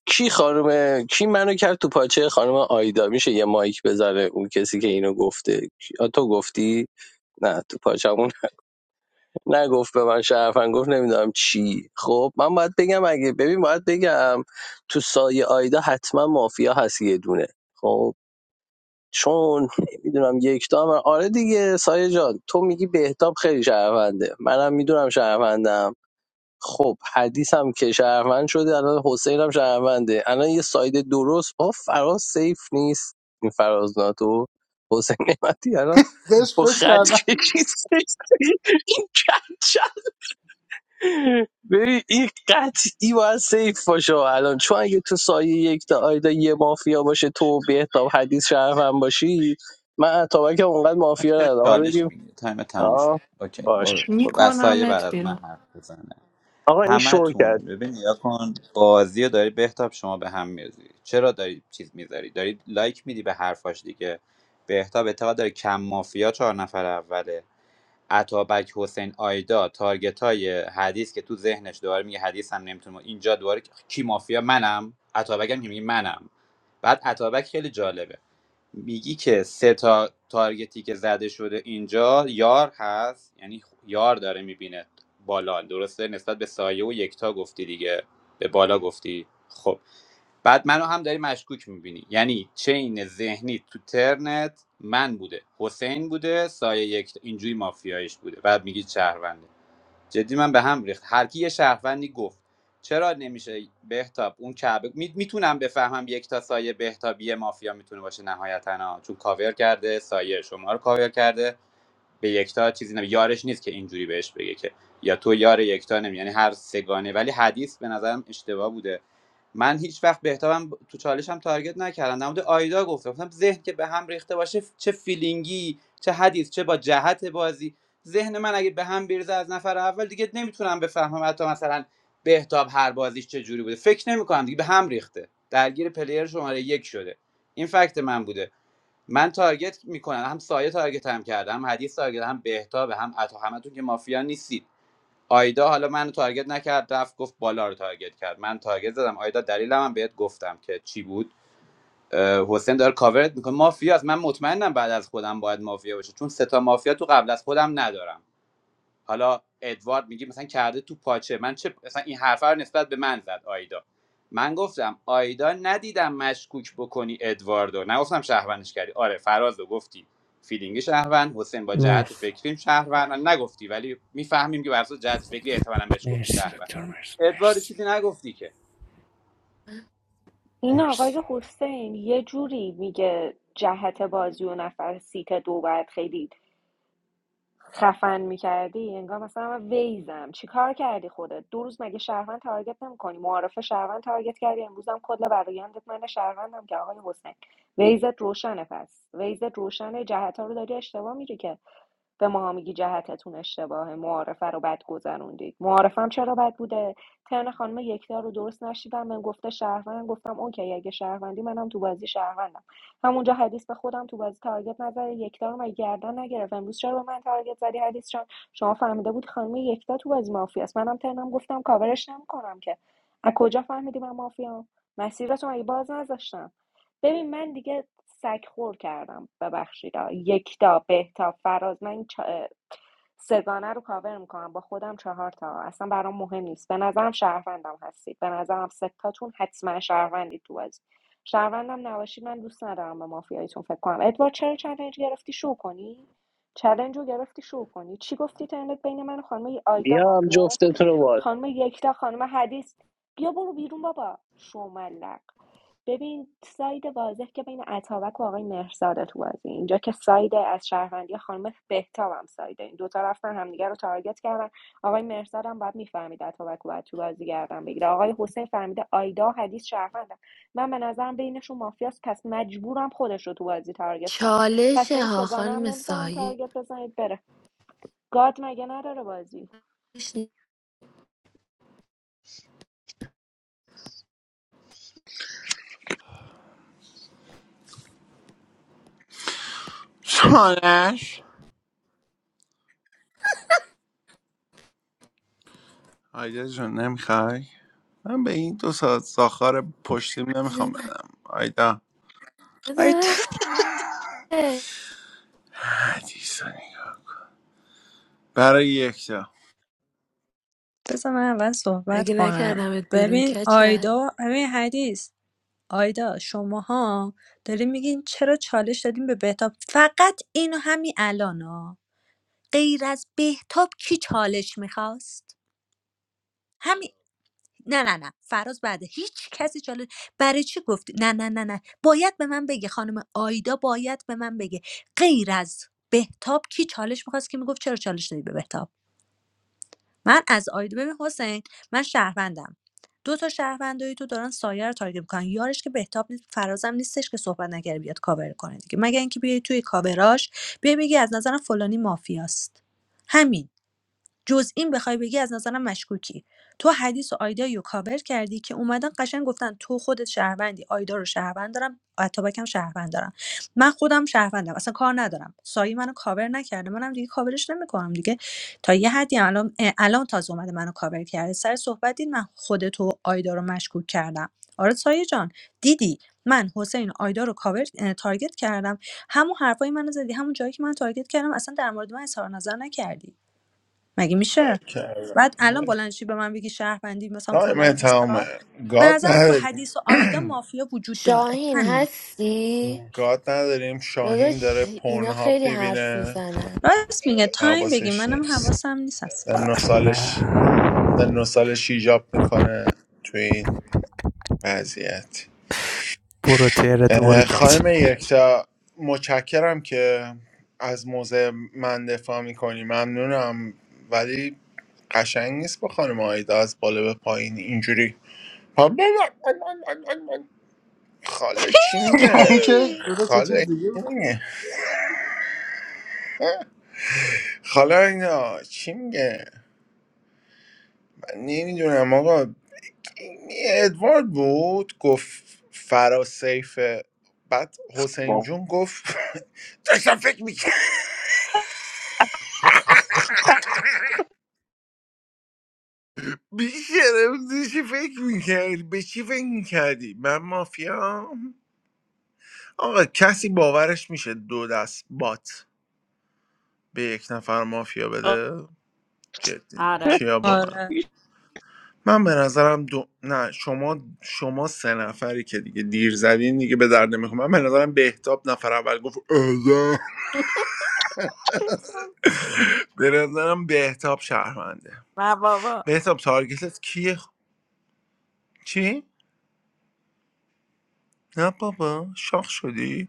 Speaker 1: کی خانم کی منو کرد تو پاچه خانم آیدا میشه یه مایک بذاره اون کسی که اینو گفته کی- آ، تو گفتی نه تو پاچمون نگفت به من شرفن گفت نمیدونم چی خب من باید بگم اگه ببین باید بگم تو سایه آیدا حتما مافیا هست یه دونه خب چون نمیدونم یک دو هم آره دیگه سایه جان تو میگی بهتاب خیلی شهرونده منم میدونم شهروندم خب حدیثم که شهروند شده الان حسین هم شهرونده الان یه ساید درست با فراز سیف نیست این فراز ناتو حسین نعمتی الان
Speaker 12: بهش
Speaker 1: با
Speaker 12: فکر
Speaker 1: خط
Speaker 12: کردم
Speaker 1: کشید این چند ببین این قطعی باید سیف باشه الان چون اگه تو سایه یک تا آیدا یه مافیا باشه تو و بهتاب حدیث شرف هم باشی من اتابک هم اونقدر مافیا
Speaker 9: چرا
Speaker 1: ندارم حالا
Speaker 9: چالش
Speaker 1: بگیم
Speaker 9: میگیری تایم تموم شد
Speaker 1: آه
Speaker 9: اوکی
Speaker 1: باش
Speaker 9: برو برو. بعد
Speaker 19: میکنمت
Speaker 9: از من
Speaker 19: بیرون
Speaker 9: حرف بزنه
Speaker 1: آقا این شور کرد
Speaker 9: همتون ببین یا کن بازی رو داری بهتاب شما به هم میریزی چرا داری چیز میذاری داری لایک میدی به حرفاش دیگه بهتاب اعتقاد داره کم مافیا چهار نفر اوله عطابک حسین آیدا تارگت های حدیث که تو ذهنش دوباره میگه حدیث هم نمیتونه اینجا دوباره کی مافیا منم عطابک هم که میگه منم بعد عطابک خیلی جالبه میگی که سه تا تارگتی که زده شده اینجا یار هست یعنی یار داره میبینه بالا درسته نسبت به سایه و یکتا گفتی دیگه به بالا گفتی خب بعد منو هم داری مشکوک میبینی یعنی چین ذهنی تو ترنت من بوده حسین بوده سایه یکتا. اینجوری مافیایش بوده بعد میگی شهرونده جدی من به هم ریخت هر کی یه شهروندی گفت چرا نمیشه بهتاب اون کعبه می... میتونم بفهمم یک تا سایه بهتابی مافیا میتونه باشه نهایتا ها. چون کاور کرده سایه شما رو کاور کرده به یکتا چیزی نمی یارش نیست که اینجوری بهش بگه که یا تو یار یکتا نمی یعنی هر سگانه ولی حدیث به نظرم اشتباه بوده من هیچ وقت بهتابم ب- تو چالشم تارگت نکردم در مورد آیدا گفتم گفتم ذهن که به هم ریخته باشه چه فیلینگی چه حدیث چه با جهت بازی ذهن من اگه به هم بریزه از نفر اول دیگه نمیتونم بفهمم حتی مثلا بهتاب هر بازیش چه جوری بوده فکر نمی‌کنم دیگه به هم ریخته درگیر پلیر شماره یک شده این فکت من بوده من تارگت میکنم هم سایه تارگت هم کردم هم حدیث تارگت هم بهتاب هم عطا همتون که مافیا نیستید آیدا حالا منو تارگت نکرد رفت گفت بالا رو تارگت کرد من تارگت زدم آیدا دلیلم هم بهت گفتم که چی بود حسین داره کاورت میکنه مافیاست من مطمئنم بعد از خودم باید مافیا باشه چون سه تا مافیا تو قبل از خودم ندارم حالا ادوارد میگه مثلا کرده تو پاچه من چه مثلا این حرفه رو نسبت به من زد آیدا من گفتم آیدا ندیدم مشکوک بکنی ادواردو نگفتم شهروندش کردی آره فراز رو گفتی فیلینگ شهروند حسین با جهت
Speaker 11: مرسی
Speaker 9: فکریم شهروند من نگفتی ولی میفهمیم که بر اساس جهت فکری احتمالاً بهش گفتی
Speaker 11: مرسی
Speaker 9: شهروند
Speaker 11: دکتر مرسی
Speaker 9: ادوارد
Speaker 11: مرسی
Speaker 9: چیزی نگفتی که
Speaker 3: این آقای
Speaker 11: مرسی
Speaker 3: حسین یه جوری میگه جهت بازی و نفر سیت دو باید خیلی خفن میکردی انگار مثلا من ویزم چی کار کردی خودت دو روز مگه شهروند تارگت نمیکنی معارف شهروند تارگت کردی امروزم کل برایندت من شهروندم که آقای حسین ویزت روشنه پس ویزت روشنه جهت ها رو داری اشتباه میری که به ماها میگی جهتتون اشتباهه معارفه رو بد گذروندید معارفم چرا بد بوده ترن خانم یکتا رو درست نشیدم من گفته شهروند گفتم اوکی اگه شهروندی منم تو بازی شهروندم همونجا حدیث به خودم تو بازی تارگت نزده یکتا رو مگه گردن نگرفت امروز چرا به من تارگت زدی حدیث جان شما فهمیده بود خانم یکتا تو بازی مافیاست منم ترنم گفتم کاورش نمیکنم که از کجا فهمیدی من مافیام مسیرتون مگه باز نذاشتم ببین من دیگه سگ خور کردم ببخشید آ. یکتا بهتا فراز من این چا- سگانه رو کاور میکنم با خودم چهار تا اصلا برام مهم نیست به نظرم شهروندم هستید به نظرم ستاتون حتما شهروندید تو از شهروندم نباشید من دوست ندارم به مافیاییتون فکر کنم ادوارد چرا چلنج گرفتی شو کنی چلنج رو گرفتی شو کنی چی گفتی ترنت بین من و خانم آیدا
Speaker 1: بیا هم
Speaker 3: مافیاست
Speaker 1: جفتتون رو باز
Speaker 3: خانم یکتا خانم حدیث بیا برو بیرون بابا شوملق ببین ساید واضح که بین اتابک و آقای مهرزاده تو بازی اینجا که ساید از شهروندی خانم بهتاب هم سایده این دو دوتا رفتن همدیگه رو تارگت کردن آقای مهرزاد هم باید میفهمید اتابک رو باید تو بازی گردن بگیره آقای حسین فهمیده آیدا و حدیث شهروندن من به نظرم بینشون مافیاست پس مجبورم خودش رو تو بازی تارگت کنم پس
Speaker 5: چالش
Speaker 3: به این
Speaker 5: ها
Speaker 3: سگانه هم
Speaker 5: خانم
Speaker 3: نمیذارم
Speaker 5: سایه
Speaker 3: تارگت بزنید بره گاد مگه نداره بازی
Speaker 13: چانش آیدا جان نمیخوای من به این دو ساعت ساخار پشتیم نمیخوام بدم آیدا
Speaker 2: آیدا
Speaker 13: حدیث رو نگاه. برای یکتا
Speaker 2: بذار من اول صحبت
Speaker 5: اگه
Speaker 2: کنم
Speaker 5: نکردمت بیرون
Speaker 2: ببین
Speaker 5: کچل
Speaker 2: آیدا ببین حدیث آیدا شماها دارین میگین چرا چالش دادیم به بهتاب فقط اینو همین الان غیر از بهتاب کی چالش میخواست همین نه نه نه فراز بعده هیچ کسی چاله برای چی گفتی نه نه نه نه باید به من بگه خانم آیدا باید به من بگه غیر از بهتاب کی چالش میخواست که میگفت چرا چالش دادی به بهتاب من از آیدا ببین حسین من شهروندم دو تا شهروندای تو دارن سایه رو تارگت میکنن یارش که بهتاب نیست فرازم نیستش که صحبت نکرده بیاد کاور کنه دیگه مگر اینکه بیای توی کاوراش بیای بگی از نظرم فلانی مافیاست همین جز این بخوای بگی از نظرم مشکوکی تو حدیث و آیدا رو کاور کردی که اومدن قشنگ گفتن تو خودت شهروندی آیدا رو شهروند دارم اتابکم شهروند دارم من خودم شهروندم اصلا کار ندارم سایه منو کاور نکرده منم دیگه کاورش نمیکنم دیگه تا یه حدی الان الان تازه اومده منو کاور کرده سر صحبت دید من خودت و آیدا رو مشکوک کردم آره سایه جان دیدی من حسین و آیدا رو کاور تارگت کردم همون حرفای منو زدی همون جایی که من تارگت کردم اصلا در مورد من اظهار نظر نکردی مگه میشه
Speaker 13: کردم
Speaker 2: بعد الان بلند شی به من بگی شهروندی مثلا فلان
Speaker 13: تایم
Speaker 2: و
Speaker 13: تمامه
Speaker 2: بیسار به
Speaker 13: گاد
Speaker 2: نظرم تو
Speaker 13: نداریم
Speaker 2: حدیث و آیدا مافیا وجود داره
Speaker 5: شاهین
Speaker 2: همین
Speaker 5: هستی؟
Speaker 11: مرسی
Speaker 13: گاد نداریم شاهین
Speaker 5: داداش
Speaker 13: داره
Speaker 5: اینا
Speaker 13: پورنهاب
Speaker 5: خیلی حرف
Speaker 13: میبینه
Speaker 5: میزنن
Speaker 2: راست میگه تایم بگی
Speaker 13: حواسش
Speaker 2: منم
Speaker 13: نیست
Speaker 2: حواسم نیست اصلا
Speaker 13: سن و سالش
Speaker 11: نه
Speaker 13: سن و سالش ایجاب میکنه تو این وضعیت
Speaker 11: برو تهرتو برو
Speaker 13: اه، خانم
Speaker 11: کچل
Speaker 13: یکتا متشکرم که از موضع من دفاع میکنی ممنونم ولی قشنگ نیست با خانم آیدا از بالا به پایین اینجوری خاله چی
Speaker 12: اون
Speaker 13: میگه
Speaker 12: که درست یه چیز
Speaker 13: خاله
Speaker 12: دیگه
Speaker 13: چی میگه خاله اینا چی میگه من نمیدونم آقا این ادوارد بود گفت فرا سیفه بعد حسین جون گفت داشتم فکر میکنم بیشرم چی فکر میکردی به چی فکر میکردی من مافیام آقا کسی باورش میشه دو دست بات به یک نفر مافیا بده جدی
Speaker 6: آره
Speaker 13: کیا با من
Speaker 2: آره
Speaker 13: من به نظرم دو... نه شما شما سه نفری که دیگه دیر زدین دیگه به درد نمیخوام من به نظرم بهتاب نفر اول گفت آزا. به نظرم بهتاب شهرمنده بهتاب تارگتت کیه چی؟ نه بابا شاخ شدی؟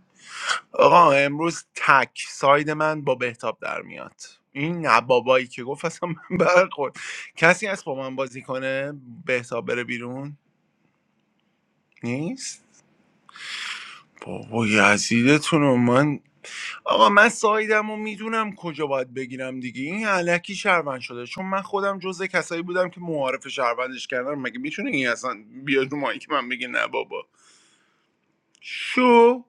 Speaker 13: آقا امروز تک ساید من با بهتاب در میاد این نه بابایی که گفت اصلا من برخورد کسی هست با من بازی کنه بهتاب بره بیرون نیست بابا یزیدتون من آقا من سایدم و میدونم کجا باید بگیرم دیگه این علکی شهروند شده چون من خودم جزء کسایی بودم که معارف شهروندش کردم مگه میتونه این اصلا بیاد رو مایی که من بگه نه بابا شو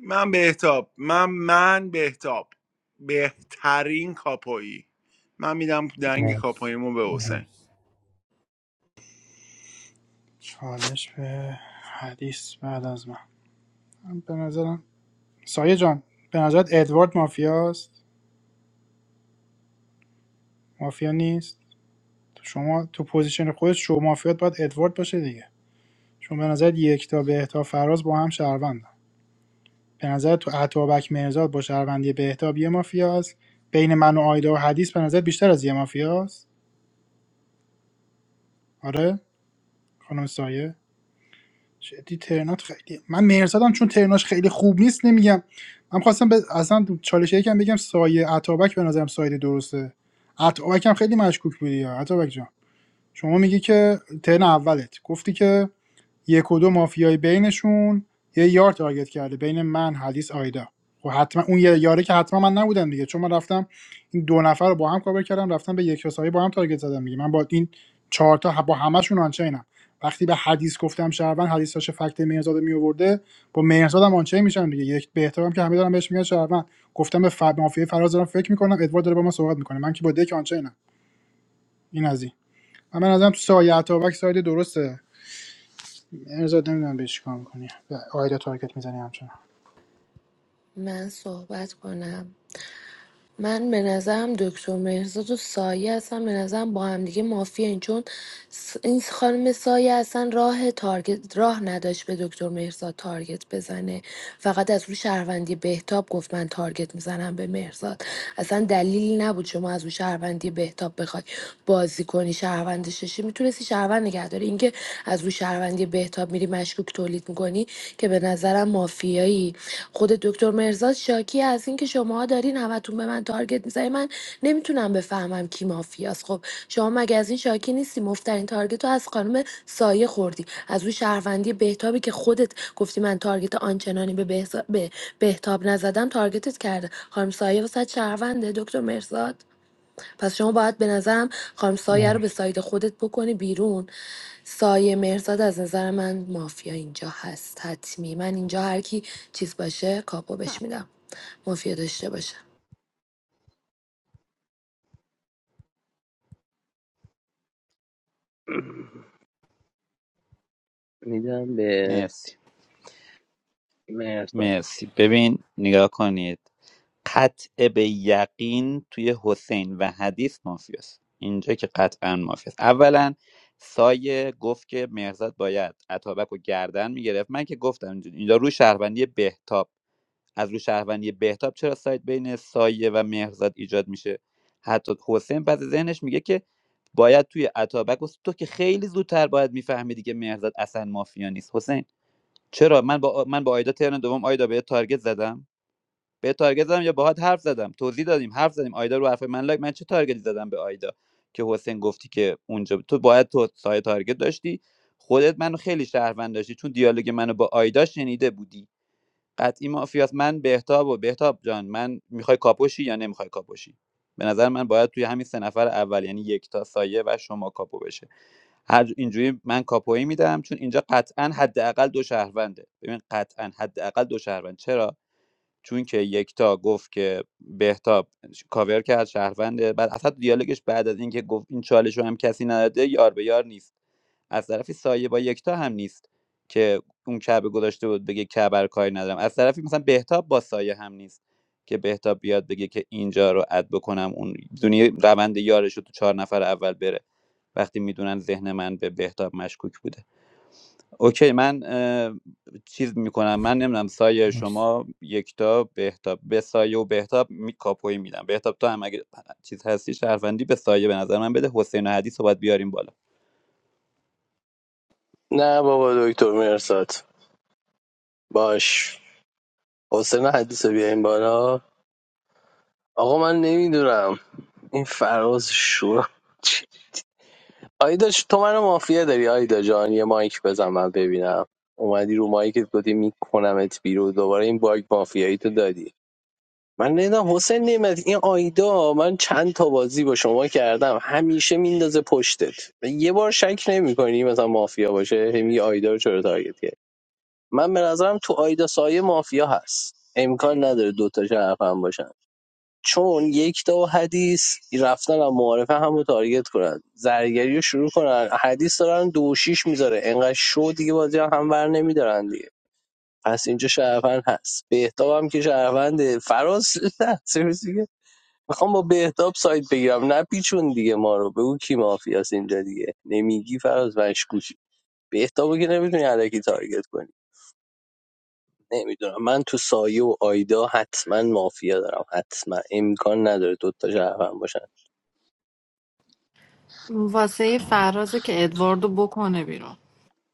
Speaker 13: من بهتاب من من بهتاب بهترین کاپایی من میدم دنگ
Speaker 11: مرسی
Speaker 13: کاپاییمو به حسین
Speaker 11: مرسی
Speaker 12: چالش به حدیث بعد از من من به نظرم سایه جان به نظرت ادوارد مافیاست مافیا نیست شما تو پوزیشن خودت شو مافیات باید ادوارد باشه دیگه شما به نظرت یک تا به تا فراز با هم شهروندن به نظر تو عطابک مرزاد با شهروندی بهتاب یه مافیاست بین من و آیدا و حدیث به نظر بیشتر از یه مافیاست آره خانم سایه جدی ترنات خیلی من مرزادم چون ترناش خیلی خوب نیست نمیگم من خواستم به اصلا چالش یکم بگم سایه عطابک به نظرم سایه درسته عطابک هم خیلی مشکوک بودی یا عطابک جان شما میگی که ترن اولت گفتی که یک و دو مافیای بینشون یه یار تارگت کرده بین من حدیث آیدا خب حتما اون یه یاره که حتما من نبودم دیگه چون من رفتم این دو نفر رو با هم کاور کردم رفتم به یک رسایی با هم تارگت زدم دیگه من با این چهار تا با همشون آنچینم وقتی به حدیث گفتم شهروند حدیث داشت فکت مهرزاد می آورده با مهرزاد هم آنچین میشم دیگه یک بهترم که همه دارم بهش میگن شهروند گفتم به ف... مافیای فراز دارم فکر میکنم ادوارد داره با من صحبت میکنه من که با دک آنچینم این از این من ازم تو سایه اتابک ساید درسته ارزاد نمیدونم به چی کار میکنی به آیدا تارگت میزنی همچنان
Speaker 5: من صحبت کنم من به نظرم دکتر مهرزاد و سایه هستن به نظرم با هم دیگه مافیان چون س- این خانم سایه اصلا راه تارگت راه نداشت به دکتر مهرزاد تارگت بزنه فقط از روی شهروندی بهتاب گفت من تارگت میزنم به مهرزاد اصلا دلیلی نبود شما از روی شهروندی بهتاب بخوای بازی کنی شهروندش شی میتونستی شهروند نگه داری اینکه از روی شهروندی بهتاب میری مشکوک تولید میکنی که به نظرم مافیایی خود دکتر مرزاد شاکی از اینکه شماها دارین همتون به من تارگت میزنی من نمیتونم بفهمم کی مافیاست خب شما مگه از این شاکی نیستی مفترین تارگت رو از خانم سایه خوردی از اون شهروندی بهتابی که خودت گفتی من تارگت آنچنانی به, بهز- به بهتاب نزدم تارگتت کرده خانم سایه واسه شهرونده دکتر مرزاد پس شما باید به نظرم خانم سایه رو به
Speaker 11: مرسی
Speaker 5: ساید خودت بکنی بیرون سایه مرزاد از نظر من مافیا اینجا هست حتمی من اینجا هر کی چیز باشه کاپو بش میدم مافیا داشته باشه
Speaker 1: میدم به
Speaker 9: مرسی
Speaker 1: مرسا
Speaker 9: مرسی ببین نگاه کنید قطع به یقین توی حسین و حدیث مافیاست اینجا که قطعا مافیاست اولا سایه گفت که مهرزاد باید اتابک رو گردن میگرفت من که گفتم اینجا اینجا رو شهروندی بهتاب از رو شهروندی بهتاب چرا سایت بین سایه و مهرزاد ایجاد میشه حتی حسین بعد ذهنش میگه که باید توی اتابک و- تو که خیلی زودتر باید میفهمیدی که مهرزاد اصلا مافیا نیست حسین چرا من با من با آیدا ترن دوم آیدا به تارگت زدم به تارگت زدم یا باهات حرف زدم توضیح دادیم حرف زدیم آیدا رو حرف من لایک من چه تارگتی زدم به آیدا که حسین گفتی که اونجا تو باید تو سایه تارگت داشتی خودت منو خیلی شهروند داشتی چون دیالوگ منو با آیدا شنیده بودی قطعی مافیاست من بهتاب و بهتاب جان من میخوای کاپوشی یا نمیخوای کاپوشی به نظر من باید توی همین سه نفر اول یعنی یکتا سایه و شما کاپو بشه هر اینجوری من کاپویی میدم چون اینجا قطعا حداقل دو شهرونده ببین قطعا حداقل دو شهروند چرا چون که یکتا گفت که بهتاب کاور کرد شهرونده بعد اصلا دیالوگش بعد از اینکه گفت این چالش رو هم کسی نداده یار به یار نیست از طرفی سایه با یکتا هم نیست که اون کعبه گذاشته بود بگه کعبه رو کاری ندارم از طرفی مثلا بهتاب با سایه هم نیست که بهتاب بیاد بگه که اینجا رو اد بکنم اون دونی روند یارش رو تو چهار نفر اول بره وقتی میدونن ذهن من به بهتاب مشکوک بوده اوکی من اه، چیز میکنم من نمیدونم سایه
Speaker 11: مرسی
Speaker 9: شما یکتا بهتاب به سایه و بهتاب می کاپوی میدم بهتاب تو هم اگه چیز هستی شهروندی به سایه به نظر من بده حسین و حدیث رو باید بیاریم بالا
Speaker 1: نه بابا دکتر مرسات باش حسین حدیث رو بیاین بالا آقا من نمیدونم این فراز شور آیدا ش- تو منو مافیا داری آیدا جان یه مایک بزن من ببینم اومدی رو مایکت گفتی میکنمت بیرون دوباره این باگ مافیایی تو دادی من نمیدونم حسین نعمت این آیدا من چند تا بازی با شما کردم همیشه میندازه پشتت یه بار شک نمیکنی مثلا مافیا باشه هی میگی آیدا رو چرا تارگت کرد من به نظرم تو آیدا سایه مافیا هست امکان نداره دوتا شرف هم باشن چون یک تا حدیث رفتن و معارفه هم رو تارگت کنن زرگری رو شروع کنن حدیث دارن دو و شیش میذاره انقدر شو دیگه بازی هم هم بر نمیدارن دیگه پس اینجا شهروند هست بهتاب هم که شهرونده فراز نه سرویس دیگه میخوام با بهتاب سایت بگیرم نه پیچون دیگه ما رو بگو کی مافیاس اینجا دیگه نمیگی فراز مشکوکی بهتابو که نمیتونی علکی تارگت کنی نمیدونم من تو سایه و آیدا حتما مافیا دارم حتما امکان نداره دوتا شهروند باشن
Speaker 19: واسه فرازه که ادواردو بکنه بیرون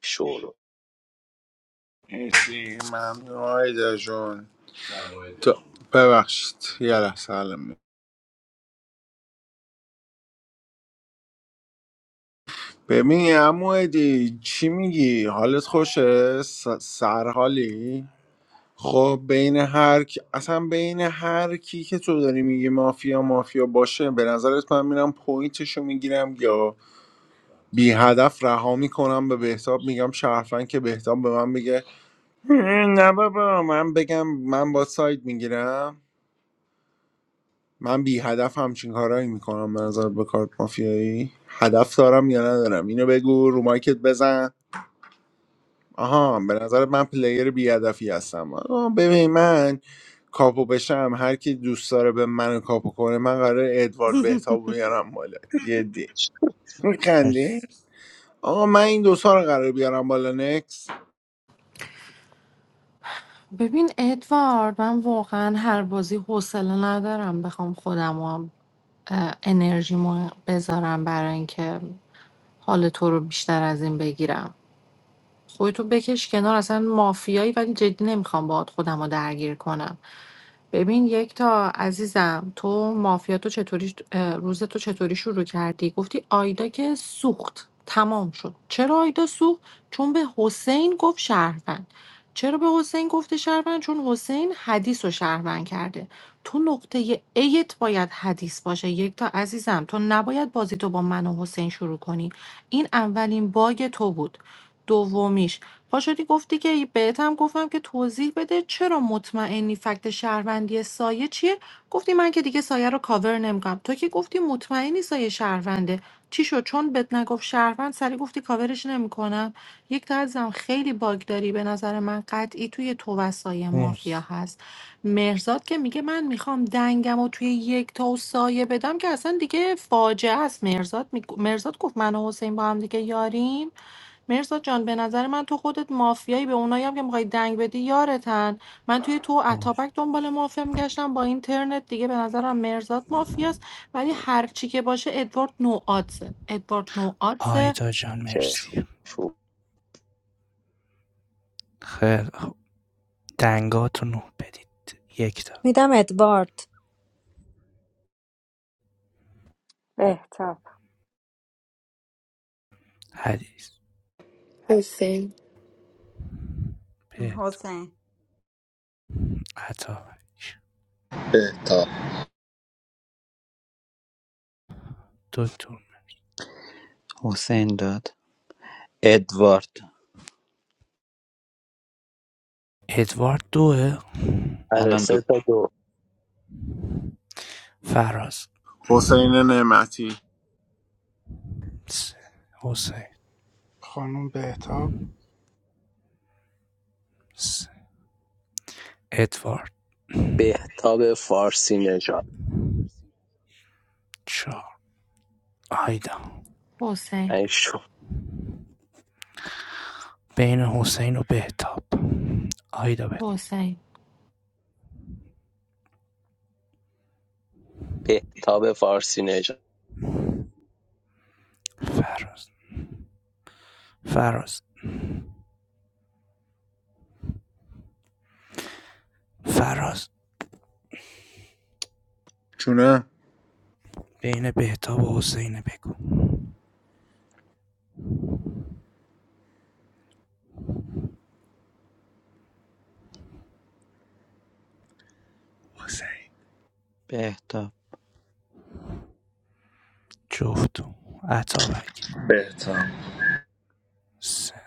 Speaker 1: شور
Speaker 13: مرسی ممنون آیدا جون تو ببخشید یه لحظه ببین عمو دی چی میگی حالت خوشه س- سرحالی خب بین هر کی... اصلا بین هر کی که تو داری میگی مافیا مافیا باشه به نظرت من میرم پوینتشو میگیرم یا بی هدف رها میکنم به بهتاب میگم شرفن که بهتاب به من بگه "هه، نه بابا من بگم من با ساید میگیرم من بی هدف همچین کارایی میکنم به نظر به کارت مافیایی هدف دارم یا ندارم اینو بگو رو مایکت بزن آها به نظر من پلیر بیهدفی هستم آها، ببین من کاپو بشم هر کی دوست داره به من کاپو کنه من قراره ادوارد بهتاب بیارم بالا جدی میخندی
Speaker 11: مرسی
Speaker 13: آقا من این دوتا رو قراره بیارم بالا نکس
Speaker 19: ببین ادوارد من واقعا هر بازی حوصله ندارم بخوام خودم انرژیمو بذارم برای اینکه حال تو رو بیشتر از این بگیرم خودتو بکش کنار اصلا مافیایی ولی جدی نمیخوام باهات خودم رو درگیر کنم ببین یک تا عزیزم تو مافیا تو چطوری اه، روز تو چطوری شروع کردی گفتی آیدا که سوخت تمام شد چرا آیدا سوخت چون به حسین گفت شهروند چرا به حسین گفته شهروند چون حسین حدیث رو شهروند کرده تو نقطه ایت باید حدیث باشه یک تا عزیزم تو نباید بازی تو با من و حسین شروع کنی این اولین باگ تو بود دومیش پاشدی گفتی که بهت هم گفتم که توضیح بده چرا مطمئنی فکت شهروندی سایه چیه گفتی من که دیگه سایه رو کاور نمیکنم تو که گفتی مطمئنی سایه شهرونده چی شد چون بهت نگفت شهروند سری گفتی کاورش نمیکنم یک تا عزیزم خیلی باگ داری به نظر من قطعی توی تو و سایه مافیا
Speaker 11: مرسی
Speaker 19: هست مرزاد که میگه من میخوام دنگم و توی یک تا و سایه بدم که اصلا دیگه فاجعه است مرزاد می... مرزاد گفت من و حسین با هم دیگه یاریم مرزاد جان به نظر من تو خودت مافیایی به اونایی هم که میخوای دنگ بدی یارتن من توی تو و
Speaker 11: مرسی
Speaker 19: اتاپک دنبال مافیا میگشتم با اینترنت دیگه به نظرم مرزاد مافیاست ولی هر چی که باشه ادوارد نو آدزه ادوارد نو آدزه
Speaker 11: آیدا جان
Speaker 1: شور
Speaker 11: مرسی
Speaker 1: شور
Speaker 11: خیلی خوب دنگاتونو بدید یک تا
Speaker 2: میدم ادوارد
Speaker 3: بهتاب
Speaker 11: حدیث
Speaker 5: حسین
Speaker 11: بهتا
Speaker 6: حسین
Speaker 11: عطا
Speaker 8: بهتاب
Speaker 11: دکتر
Speaker 9: حسین داد ادوارد
Speaker 11: ادوارد دوه
Speaker 1: آره
Speaker 9: الان دو
Speaker 1: سه تا دو
Speaker 11: فراز
Speaker 13: حسین نعمتی
Speaker 11: سه حسین
Speaker 12: خانم بهتاب
Speaker 11: سه ادوارد
Speaker 1: بهتاب فارسی نژاد
Speaker 11: چهار آیدا
Speaker 19: حسین
Speaker 1: ای شور.
Speaker 11: بین حسین و بهتاب آیدا بگو
Speaker 19: حسین
Speaker 1: بهتاب فارسی نژاد
Speaker 11: فراز فراز فراز
Speaker 13: چونه
Speaker 11: بین بهتاب و حسینه بگو
Speaker 13: حسین
Speaker 9: بهتاب
Speaker 11: جفتو اتابک
Speaker 8: بهتاب
Speaker 11: سه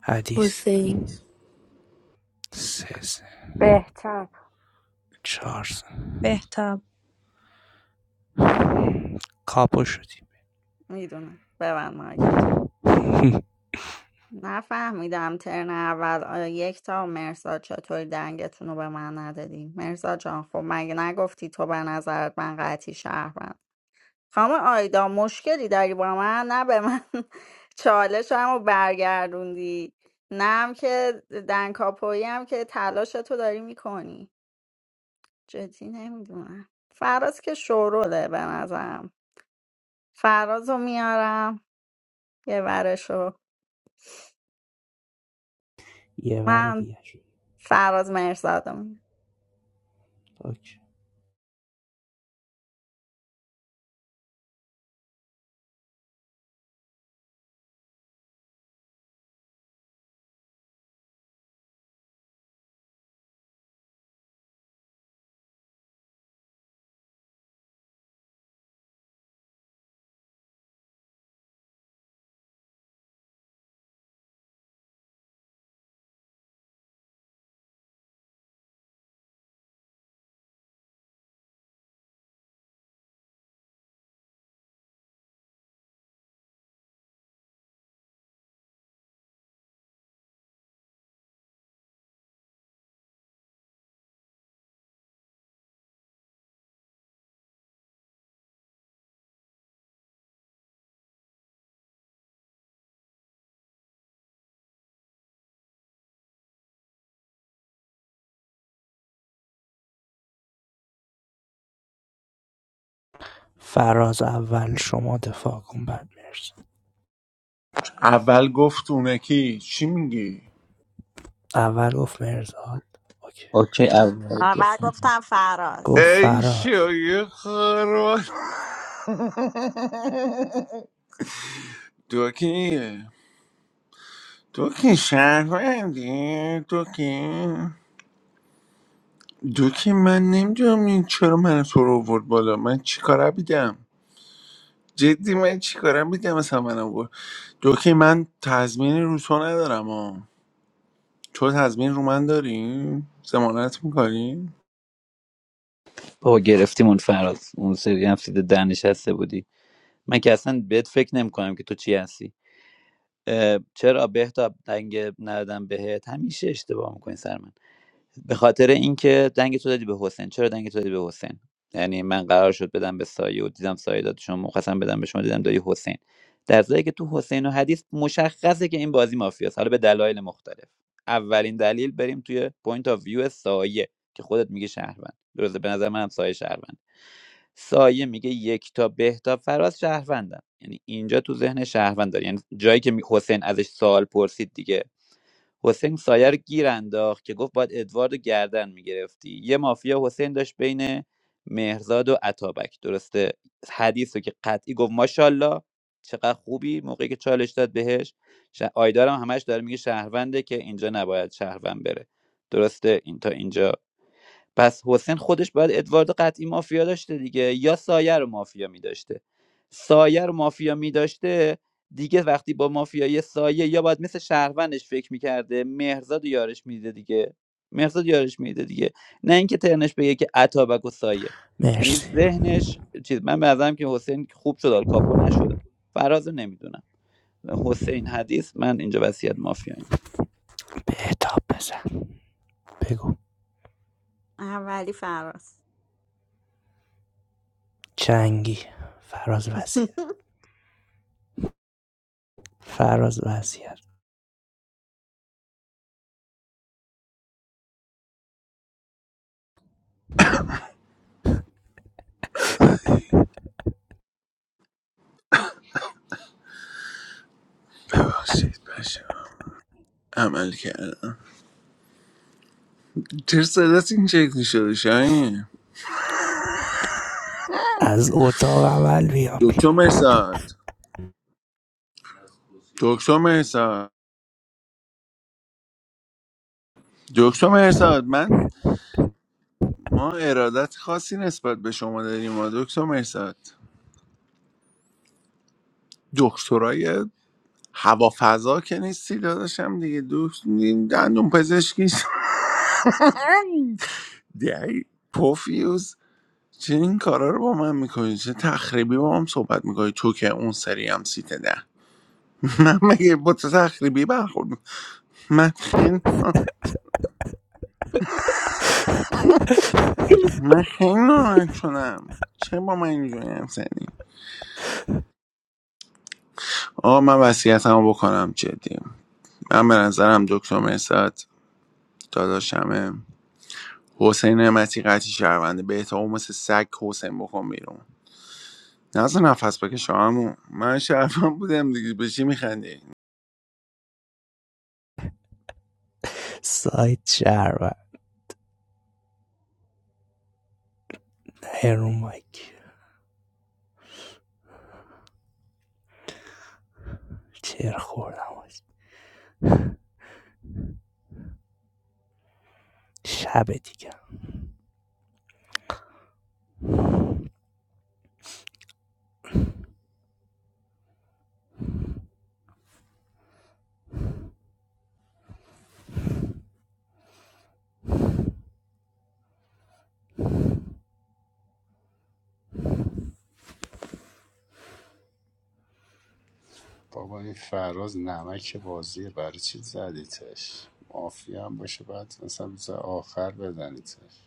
Speaker 11: حدیث
Speaker 5: حسین
Speaker 11: سه سه
Speaker 3: بهتاب
Speaker 11: چهار سه
Speaker 2: بهتاب
Speaker 11: کابو شدیم
Speaker 6: میدونه ببند مایکت نفهمیدم ترن اول آیا یک تا مرزا چطوری دنگتون رو به من ندادی مرزا جان خب مگه نگفتی تو به نظرت من قطعی شهروند خانم آیدا مشکلی داری با من نه به من چالشم رو برگردوندی نه هم که دنکاپویی هم که تلاش تو داری میکنی جدی نمیدونم فراز که شوروله به نظرم فراز رو میارم یه ورشو
Speaker 11: یه ور
Speaker 6: من
Speaker 11: دیگه شد
Speaker 6: فراز مرزادمون
Speaker 11: فراز اول شما دفاع کن بعد مرسی
Speaker 13: اول گفت اونه کی چی میگی
Speaker 11: اول گفت مرزاد اوکی
Speaker 9: اوکی اول
Speaker 6: اول
Speaker 9: گفتم
Speaker 6: گفتم فراز
Speaker 11: گفت
Speaker 13: ای
Speaker 11: فراز
Speaker 13: شوی خروار تو کی تو کی شهروندی تو کی دوکی من نمیدونم این چرا من تو رو آورد بالا من چیکاره بیدم جدی من چیکاره بیدم مثلا من آورد دوکی من تضمین رو تو ندارم ها تو تضمین رو من داریم زمانت میکنیم
Speaker 9: بابا گرفتیم اون فراز اون سری هم سید ده نشسته بودی من که اصلا بهت فکر نمی کنم که تو چی هستی اه، چرا بهتاب دنگ ندادم بهت همیشه اشتباه میکنی سر من به خاطر اینکه دنگ تو دادی به حسین چرا دنگ تو دادی به حسین یعنی من قرار شد بدم به سایه و دیدم سایه داد شما مخواستم بدم به شما دیدم دادی حسین در صورتی که تو حسین و حدیث مشخصه که این بازی مافیاست حالا به دلایل مختلف اولین دلیل بریم توی پوینت آف ویو سایه که خودت میگه شهروند درسته به نظر منم سایه شهروند سایه میگه یک تا به تا فراز شهروندن یعنی اینجا تو ذهن شهروند داری یعنی جایی که می- حسین ازش سوال پرسید دیگه حسین سایه رو گیر انداخت که گفت باید ادوارد رو گردن میگرفتی یه مافیا حسین داشت بین مهرزاد و عطابک درسته حدیث رو که قطعی گفت ماشاءالله چقدر خوبی موقعی که چالش داد بهش ش... آیدارم همش داره میگه شهرونده که اینجا نباید شهروند بره درسته این تا اینجا پس حسین خودش باید ادوارد قطعی مافیا داشته دیگه یا سایه رو مافیا میداشته سایه رو مافیا میداشته دیگه وقتی با مافیای سایه یا باید مثل شهروندش فکر میکرده مهرزاد و یارش میده دیگه مهرزاد یارش میده دیگه نه اینکه ترنش بگه که اتابک و سایه یعنی
Speaker 11: مرسی
Speaker 9: ذهنش چیز من به نظرم که حسین خوب شد آل کاپو نشد فراز نمیدونم حسین حدیث من اینجا وصیت مافیاییم
Speaker 11: بهتاب بزن بگو
Speaker 6: اولی فراز
Speaker 11: چنگی فراز وزیر فراز وزیر
Speaker 13: ببخشید بشه عمل کردم چرا صدات این شکلی شده شاید
Speaker 11: از اتاق عمل بیام
Speaker 13: دکتر
Speaker 11: بیرون
Speaker 13: مرساد دکتر مرساد دکتر مرساد من ما ارادت خاصی نسبت به شما داریم ما دکتر مرساد دکترای هوافضا که نیستی داداشم دیگه دوست نیم دندون پزشکی دی پوفیوز چه این کارا رو با من میکنی چه تخریبی با هم صحبت میکنی تو که اون سری هم سیت ده من مگه با تو تخریبی برخورد می- من خیلی من خیلی ناراحت شدم چه با من اینجوری هم سنی آقا من وصیتمو بکنم جدی من به نظرم دکتر مرسد داداشمه حسین نعمتی قطعی شهرونده به احتمال مثل سگ حسین بکن بیرون نزد نفس بکش شامو من شرفم بودم دیگه به چی میخندی
Speaker 11: سایت شهر نه رو مایک چر خوردم شب دیگه
Speaker 15: بابا این فراز نمک بازیه برای چی زدیتش مافی هم باشه بعد مثلا روز آخر بزنیتش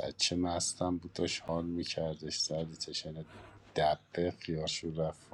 Speaker 15: بچه مستم بود داشت حال میکردش زدیتش یعنی دبه خیارش رو رفت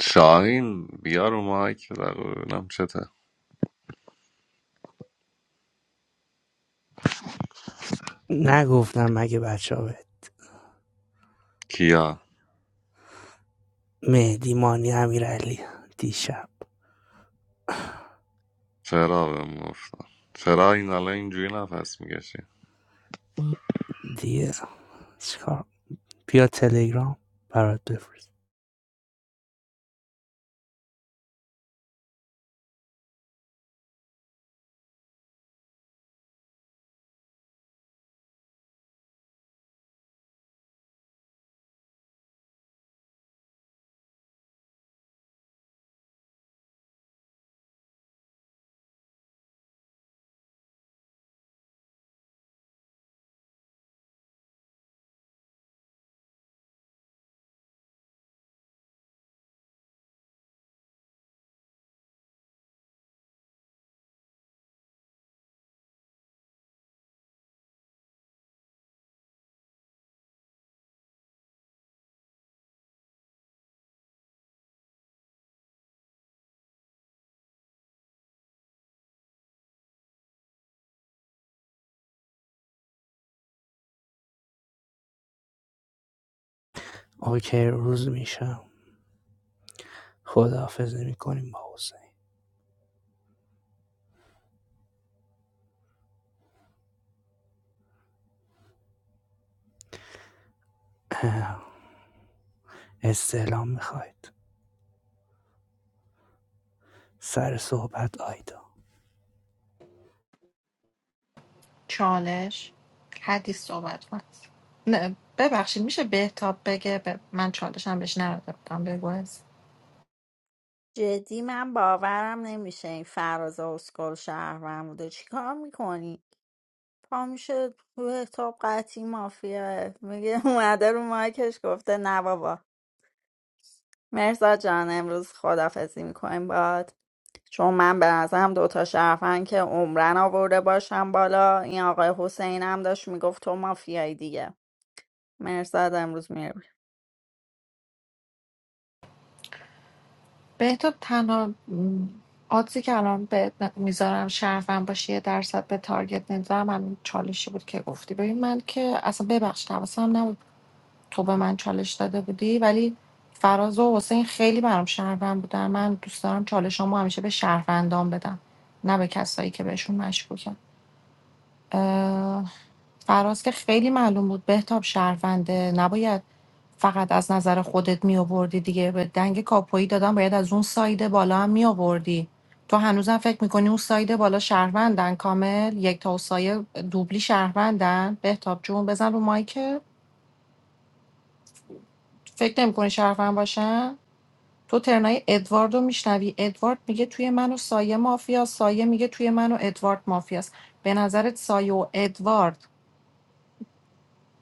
Speaker 20: شاهین بیا رو مایک یه دقیقه ببینم چته
Speaker 11: نگفتم مگه بچه ها بهت
Speaker 20: کیا
Speaker 11: مهدی مانی امیرعلی دیشب
Speaker 20: فرا بهم گفتن فرا این الان اینجوری نفس میکشه
Speaker 11: دیگه چیکار بیا تلگرام برات بفرست اوکی روز میشم خداحافظ نمی کنیم با حسین اه، استعلام میخواید سر صحبت آیدا
Speaker 19: چالش حدیث صحبت کن نه ببخشید میشه بهتاب بگه ب... من چالشم بهش نداده بودم بگو
Speaker 6: جدی من باورم نمیشه این فراز اسکل شهرم بوده چیکار میکنی؟ پا میشه تو تاب قطعی مافیا میگه اومده رو مایکش گفته نه بابا مرزا جان امروز خدافزی میکنیم باد چون من به نظرم دوتا شرفن که عمرن آورده باشم بالا این آقای حسین هم داشت میگفت تو مافیایی دیگه مرزاد امروز میره
Speaker 19: بهتاب تنها م، آدزی که الان به میذارم شرفم باشه یه درصد به تارگت نمیذارم همین چالشی بود که گفتی ببین من که اصلا ببخشید حواسم نبود تو به من چالش داده بودی ولی فراز و حسین خیلی برام شهروند بودن من دوست دارم چالشامو همیشه به شهروندان بدم نه به کسایی که بهشون مشکوکم اه، فراز که خیلی معلوم بود بهتاب شهرونده نباید فقط از نظر خودت می آوردی دیگه به دنگ کاپویی دادم باید از اون ساید بالا هم می آوردی تو هنوزم فکر میکنی اون ساید بالا شهروندن کامل یک تا و سایه دوبلی شهروندن بهتاب جون بزن رو مایک فکر نمیکنی شهروند باشن تو ترنای ادوارد رو میشنوی ادوارد میگه توی من و سایه مافیا سایه میگه توی من و ادوارد مافیاست به نظرت سایه و ادوارد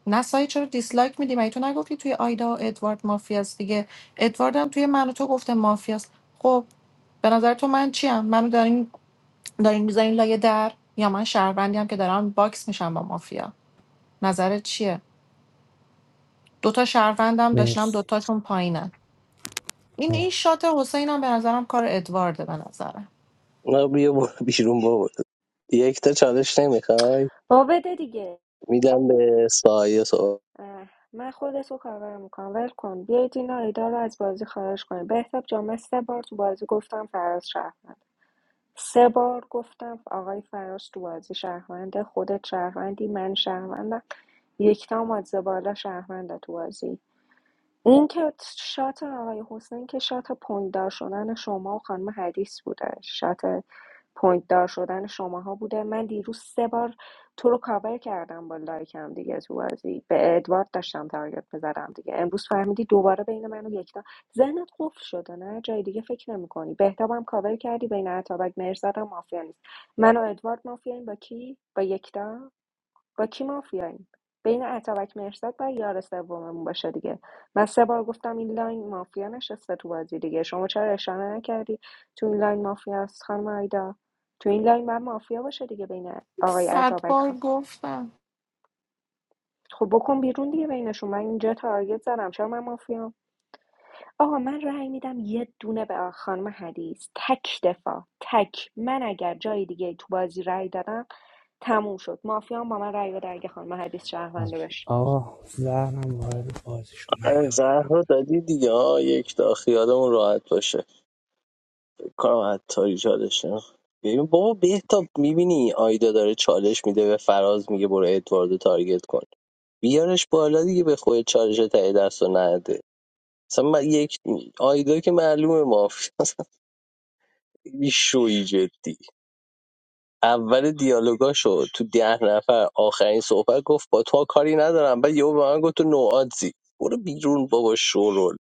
Speaker 19: نه سعید چرا دیسلایک میدی مگه تو نگفتی توی آیدا و ادوارد مافیاست دیگه ادوارد هم توی من و تو گفته مافیاست خب به نظر تو من چیم منو دارین دارین میذارین لایه در یا من شهروندی هم که دارم باکس میشم با مافیا نظرت چیه دوتا شهروندم داشتم
Speaker 11: مرسی
Speaker 19: دوتاشون پایینن این این
Speaker 11: مرسی
Speaker 19: شات حسینم به نظرم کار ادوارده به نظرم
Speaker 1: نه بیا برو بیرون بابا یک تا چالش نمیخوای
Speaker 3: با بده دیگه
Speaker 1: میدم به سایه سو
Speaker 3: اه، من خود سو کاور میکنم ول کن بیایید این آیدا رو از بازی خارج کنیم به حساب جامعه سه بار تو بازی گفتم فراز شهروند سه بار گفتم آقای فراز تو بازی شهرونده خودت شهروندی من شهروندم یکتا مادزه بالا شهرونده تو بازی این که شات آقای حسین که شات پوینتدار شدن شما و خانم حدیث بوده شات پوینتدار شدن شماها بوده من دیروز سه بار تو رو کاور کردم با لایکم دیگه تو بازی به ادوارد داشتم تارگت بزنم دیگه امروز فهمیدی دوباره بین من و یکتا ذهنت قفل شده نه جای دیگه فکر نمی‌کنی بهتابم کاور کردی بین عطابک مرزادم مافیا نیست من و ادوارد مافیاییم با کی با یکتا با کی مافیاییم بین اتابک مرزاد باید یار سوممون باشه دیگه من سه بار گفتم این لاین مافیا نشسته تو بازی دیگه شما چرا اشاره نکردی تو این لاین مافیا است خانم آیدا تو این لاین من مافیا باشه دیگه بین آقای
Speaker 19: صد
Speaker 3: اتابک
Speaker 19: بار
Speaker 3: خان
Speaker 19: گفتم
Speaker 3: خب بکن بیرون دیگه بینشون من اینجا تارگت زدم چرا من مافیام آقا من رأی میدم یه دونه به آ- خانم حدیث تک دفاع تک من اگر جای دیگه تو بازی رأی دادم تموم شد مافیام با من رأی بده اگه خانم حدیث شهرونده
Speaker 11: اوکی
Speaker 3: بشه
Speaker 11: آقا زهرم وارد بازیشون من
Speaker 1: آره،
Speaker 11: یادم
Speaker 1: زهر رو دادی دیگه ها یک تا خیالمون راحت باشه فکر کنم حتی چالش نه. ببین بابا بهتاب میبینی آیدا داره چالش میده به فراز میگه برو ادواردو تارگت کن بیارش بالا دیگه به خود چالش تایی دست و نده مثلا من یک آیدا که معلومه مافیا خیلی شوی جدی اول دیالوگاشو تو ده نفر آخرین صحبت گفت با تو کاری ندارم بعد یهو به من گفت تو نوادزی برو بیرون بابا شورول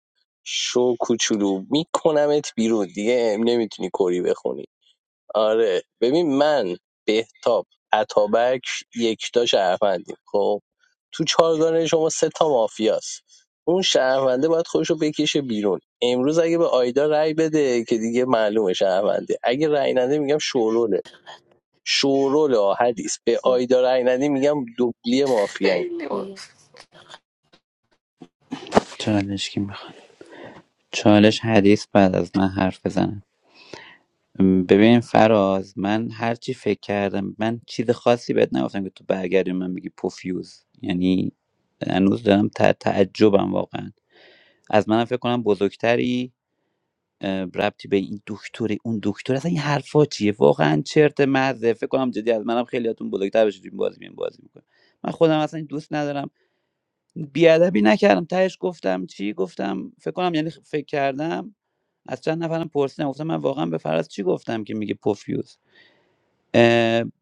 Speaker 1: شو کوچولو میکنمت بیرون دیگه نمیتونی کری بخونی آره ببین من بهتاب اتابک یکتا شهروندیم خب تو چهارگانه شما سه تا مافیاست اون شهرونده باید خودشو بکشه بیرون امروز اگه به آیدا رأی بده که دیگه معلومه شهرونده اگه رأی نده میگم شوروله شورول آهدیس به آیدا رأی نده میگم دوبلی مافیایی
Speaker 19: خیلی بود.
Speaker 9: چالش کی میخواد چالش حدیث بعد از من حرف بزنه ببین فراز من هرچی فکر کردم من چیز خاصی بهت نگفتم که تو برگردی به من میگی پوفیوز یعنی هنوز دارم تع- تعجبم واقعا از منم فکر کنم بزرگتری اه، ربطی به این دکتری اون دکتر اصلا این حرفا چیه واقعا چرت مزه فکر کنم جدی از منم خیلیاتون بزرگتر بشید این بازی این بازی میکنه من خودم اصلا این دوست ندارم بیادبی نکردم تهش گفتم چی گفتم فکر کنم یعنی فکر کردم از چند نفرم پرسیدم گفتم من واقعا به فراز چی گفتم که میگه پوفیوز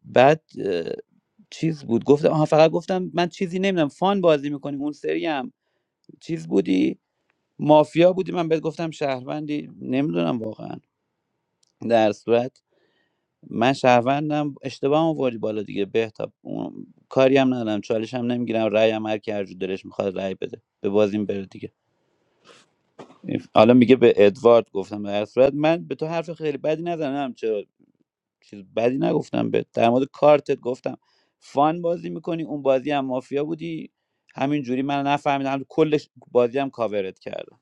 Speaker 9: بعد اه، چیز بود گفتم آها فقط گفتم من چیزی نمیدونم فان بازی میکنیم اون سری هم چیز بودی مافیا بودی من بهت گفتم شهروندی نمیدونم واقعا در صورت من شهروندم اشتباه آوردی بالا دیگه بهتاب اون کاری هم ندارم چالش هم نمیگیرم رأی هم هر کی هر جور دلش میخواد رأی بده به بازیم بره دیگه حالا میگه به ادوارد گفتم در صورت من به تو حرف خیلی بدی نزنم چرا چیز بدی نگفتم به در مورد کارتت گفتم فان بازی میکنی اون بازی هم مافیا بودی همین جوری من نفهمیدم کلش بازی هم کاورت کردم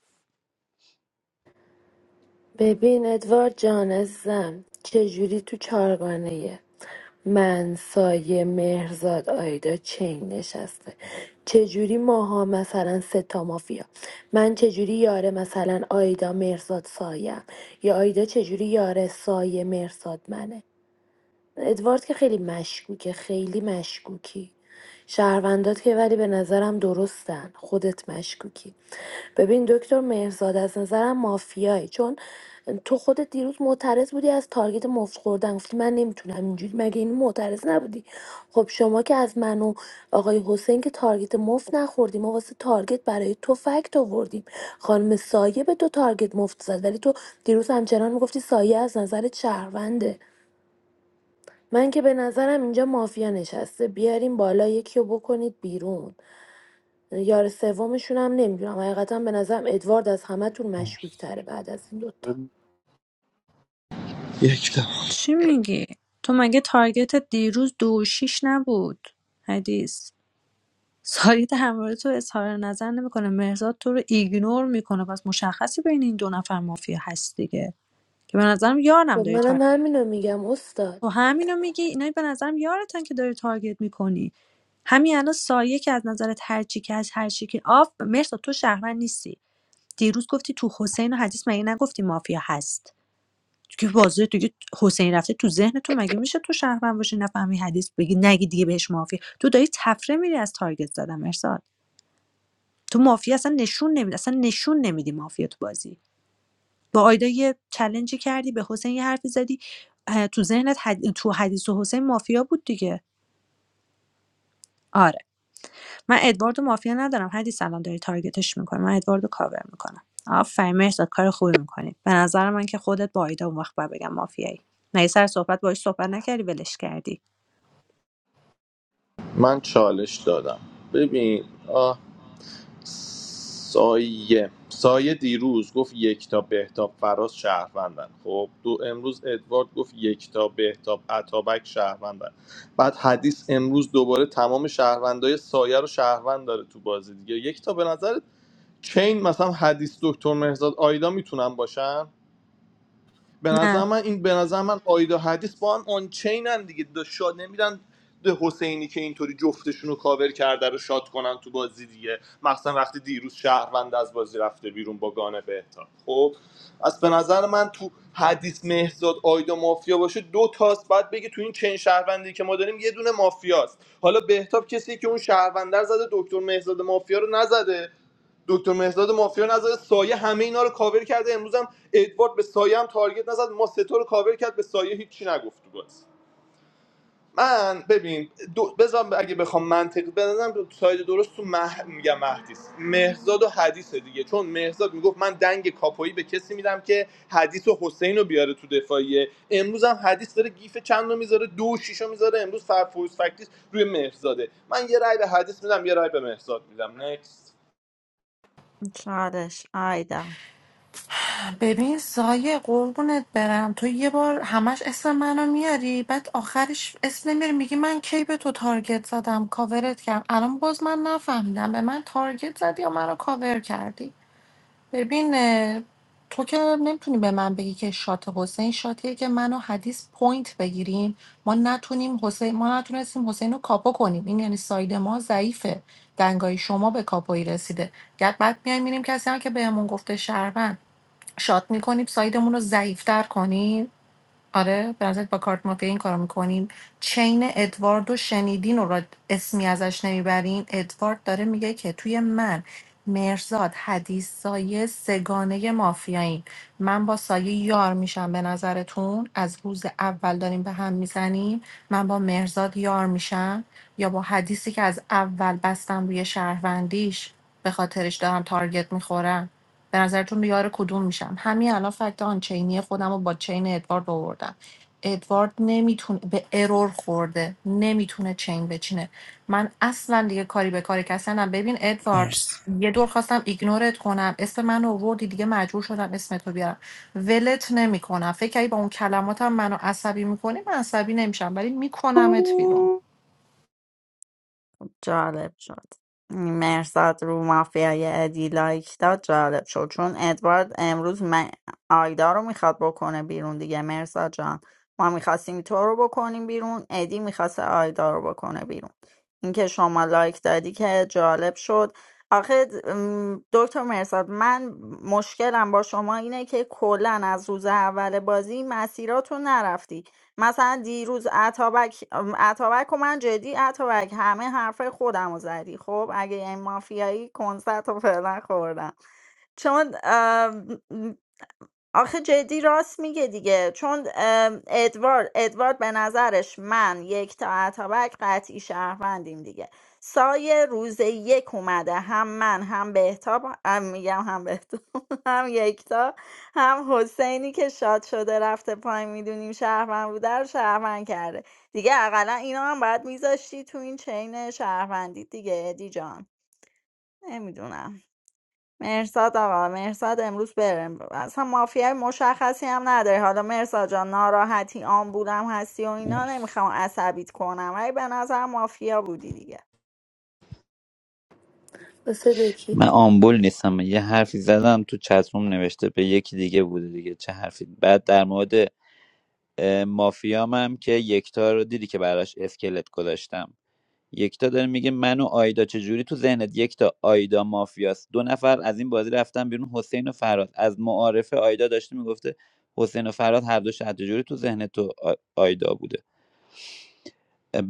Speaker 5: ببین ادوارد جان عزیزم چجوری تو چهارگانه من سایه مهرزاد آیدا چین نشسته چجوری ماها مثلا ستا مافیا من چجوری یاره مثلا آیدا مهرزاد سایم یا آیدا چجوری یاره سایه مهرزاد منه ادوارد که خیلی مشکوکه خیلی مشکوکی شهروندات که ولی به نظرم درستن خودت مشکوکی ببین دکتر مهرزاد از نظرم مافیایی چون تو خودت دیروز معترض بودی از تارگت مفت خوردن گفتی من نمیتونم اینجوری مگه این معترض نبودی خب شما که از من و آقای حسین که تارگت مفت نخوردیم ما واسه تارگت برای تو فکت آوردیم خانم سایه به تو تارگت مفت زد ولی تو دیروز همچنان میگفتی سایه از نظرت شهرونده من که به نظرم اینجا مافیا نشسته بیاریم بالا یکی رو بکنید بیرون یار سومشون هم نمیدونم حقیقتا به نظرم ادوارد از همهتون مشکوک
Speaker 11: مرسی
Speaker 5: تره بعد از این دوتا
Speaker 8: یک تا
Speaker 2: چی میگی تو مگه تارگت دیروز دو و شیش نبود حدیث ساری در مورد تو اظهار نظر نمیکنه مرزاد تو رو ایگنور میکنه پس مشخصی بین این دو نفر مافیا هست دیگه که به نظرم
Speaker 5: خب
Speaker 2: یارم داری
Speaker 5: منم همینو میگم استاد
Speaker 2: تو همینو میگی اینا به نظرم یارتن که داری تارگت میکنی همین الان سایه که از نظرت هرچی که از هرچی که آف مرسا تو شهروند نیستی دیروز گفتی تو حسین و حدیث مگه نگفتی مافیا هست تو که واضحه دیگه حسین رفته تو ذهن تو مگه میشه تو شهروند باشی نفهمی حدیث بگی نگی دیگه بهش مافیا تو داری تفره میری از تارگت زدن مرساد تو مافیا اصلا نشون نمیدی اصلا نشون نمیدی مافیا تو بازی با آیدا یه چلنجی کردی به حسین یه حرفی زدی اه، تو ذهنت حد... تو حدیث و حسین مافیا بود دیگه آره من ادواردو مافیا ندارم حدیث الان داری تارگتش می‌کنی من ادواردو کاور می‌کنم آفرین مهرداد کار خوبی میکنی. به نظر من که خودت با آیدا اون وقت باید بگم مافیایی مگه سر صحبت باهاش صحبت نکردی ولش کردی
Speaker 8: من چالش دادم ببین آه سایه سایه دیروز گفت یک تا بهتاب فراز شهروندن خب دو امروز ادوارد گفت یک تا بهتاب اتابک شهروندن بعد حدیث امروز دوباره تمام شهروندای سایه رو شهروند داره تو بازی دیگه یک تا به نظر چین مثلا حدیث دکتر مهرزاد آیدا میتونن باشن به نظر
Speaker 2: نه
Speaker 8: من این به نظر من آیدا حدیث با هم آن چینن دیگه شاد نمیرن ده حسینی که اینطوری جفتشون رو کاور کرده رو شاد کنن تو بازی دیگه مثلا وقتی دیروز شهروند از بازی رفته بیرون با گانه بهتاب خب از به نظر من تو حدیث مهرزاد آیدا مافیا باشه دو تاست بعد بگه تو این چین شهروندی که ما داریم یه دونه مافیاست حالا بهتاب کسی که اون شهروندر زده دکتر مهرزاد مافیا رو نزده دکتر مهداد مافیا نزد سایه همه اینا رو کاور کرده امروز هم ادوارد به سایه هم تارگت نزد ما ستا رو کاور کرد به سایه هیچی نگفت تو بازی من ببین دو بذار اگه بخوام منطقی بزنم ساید درست تو مه... میگم مهدیس مهزاد و حدیث دیگه چون مهزاد میگفت من دنگ کاپایی به کسی میدم که حدیث و حسین رو بیاره تو دفاعیه امروز هم حدیث داره گیف چند رو میذاره دو و شیش رو میذاره امروز فرفوز فکتیس روی مهزاده من یه رای به حدیث میدم یه رای به مهزاد میدم نکست
Speaker 6: چالش آیدا
Speaker 19: ببین سایه قربونت برم تو یه بار همش اسم منو میاری بعد آخرش اسم نمیاری میگی من کی به تو تارگت زدم کاورت کردم الان باز من نفهمیدم به من تارگت زدی یا منو کاور کردی ببین اه، تو که نمیتونی به من بگی که شات حسین شاتیه که منو حدیث پوینت بگیریم ما نتونیم حسین ما نتونستیم حسین رو کاپو کنیم این یعنی ساید ما ضعیفه دنگای شما به کاپوی رسیده گرد بعد میایم میریم کسی هم که بهمون گفته شهروند شات میکنیم سایدمون رو ضعیفتر کنیم آره به نظرت با کارت مافیا این کارو میکنیم چین ادوارد و شنیدین رو را اسمی ازش نمیبرین ادوارد داره میگه که توی من مرزاد حدیث سایه سگانه مافیایی من با سایه یار میشم به نظرتون از روز اول داریم به هم میزنیم من با مرزاد یار میشم یا با حدیثی که از اول بستم روی شهروندیش به خاطرش دارم تارگت میخورم به نظرتون یار کدوم میشم همین الان فکت آنچینی خودم رو با چین ادوارد آوردم ادوارد نمیتونه به ارور خورده نمیتونه چین بچینه من اصلا دیگه کاری به کار کسی ندارم. ببین ادوارد
Speaker 11: مرسی
Speaker 19: یه دور خواستم ایگنورت کنم اسم من رو آوردی دیگه مجبور شدم اسم تو بیارم ولت نمیکنم فکر کردی با اون کلماتم منو عصبی میکنی من عصبی نمیشم ولی میکنمت بیرون
Speaker 6: جالب شد مرزاد رو مافیای ادی لایک داد جالب شد چون ادوارد امروز من آیدا رو میخواد بکنه بیرون دیگه مرزاد جان ما میخواستیم تو رو بکنیم بیرون ادی میخواست آیدا رو بکنه بیرون اینکه شما لایک دادی که جالب شد آخه م، دکتر مرزاد من مشکلم با شما اینه که کلا از روز اول بازی مسیراتو نرفتی مثلا دیروز اتابک ام، اتابک و من جدی اتابک همه حرفای خودم رو زدی خب اگه این مافیایی کنسرت رو فعلا خوردم چون آخه جدی راست میگه دیگه چون ام، ادوارد ادوارد به نظرش من یک تا اتابک قطعی شهروندیم دیگه سایه روز یک اومده هم من هم بهتاب هم میگم هم بهتاب هم یکتا هم حسینی که شاد شده رفته پایین میدونیم شهروند بوده رو شهروند کرده دیگه اقلا اینا هم باید میذاشتی تو این چین شهروندی دیگه ادی جان نمیدونم مرساد آقا مرساد امروز بره اصلا مافیای مشخصی هم نداره حالا مرساد جان ناراحتی آن بودم هستی و اینا
Speaker 11: مرسی
Speaker 6: نمیخوام عصبیت کنم ولی به نظر مافیا بودی دیگه
Speaker 5: واسه دوکی
Speaker 9: من آمبول نیستم یه حرفی زدم تو چتروم نوشته به یکی دیگه بوده دیگه چه حرفی بعد در مورد اه، مافیام هم که یکتا رو دیدی که براش اسکلت گذاشتم یکتا داره میگه من و آیدا چجوری تو ذهنت یکتا آیدا مافیاست دو نفر از این بازی رفتن بیرون حسین و فراد از معارفه آیدا داشته میگفته حسین و فراد هر دو شهر چجوری تو ذهن تو آ- آیدا بوده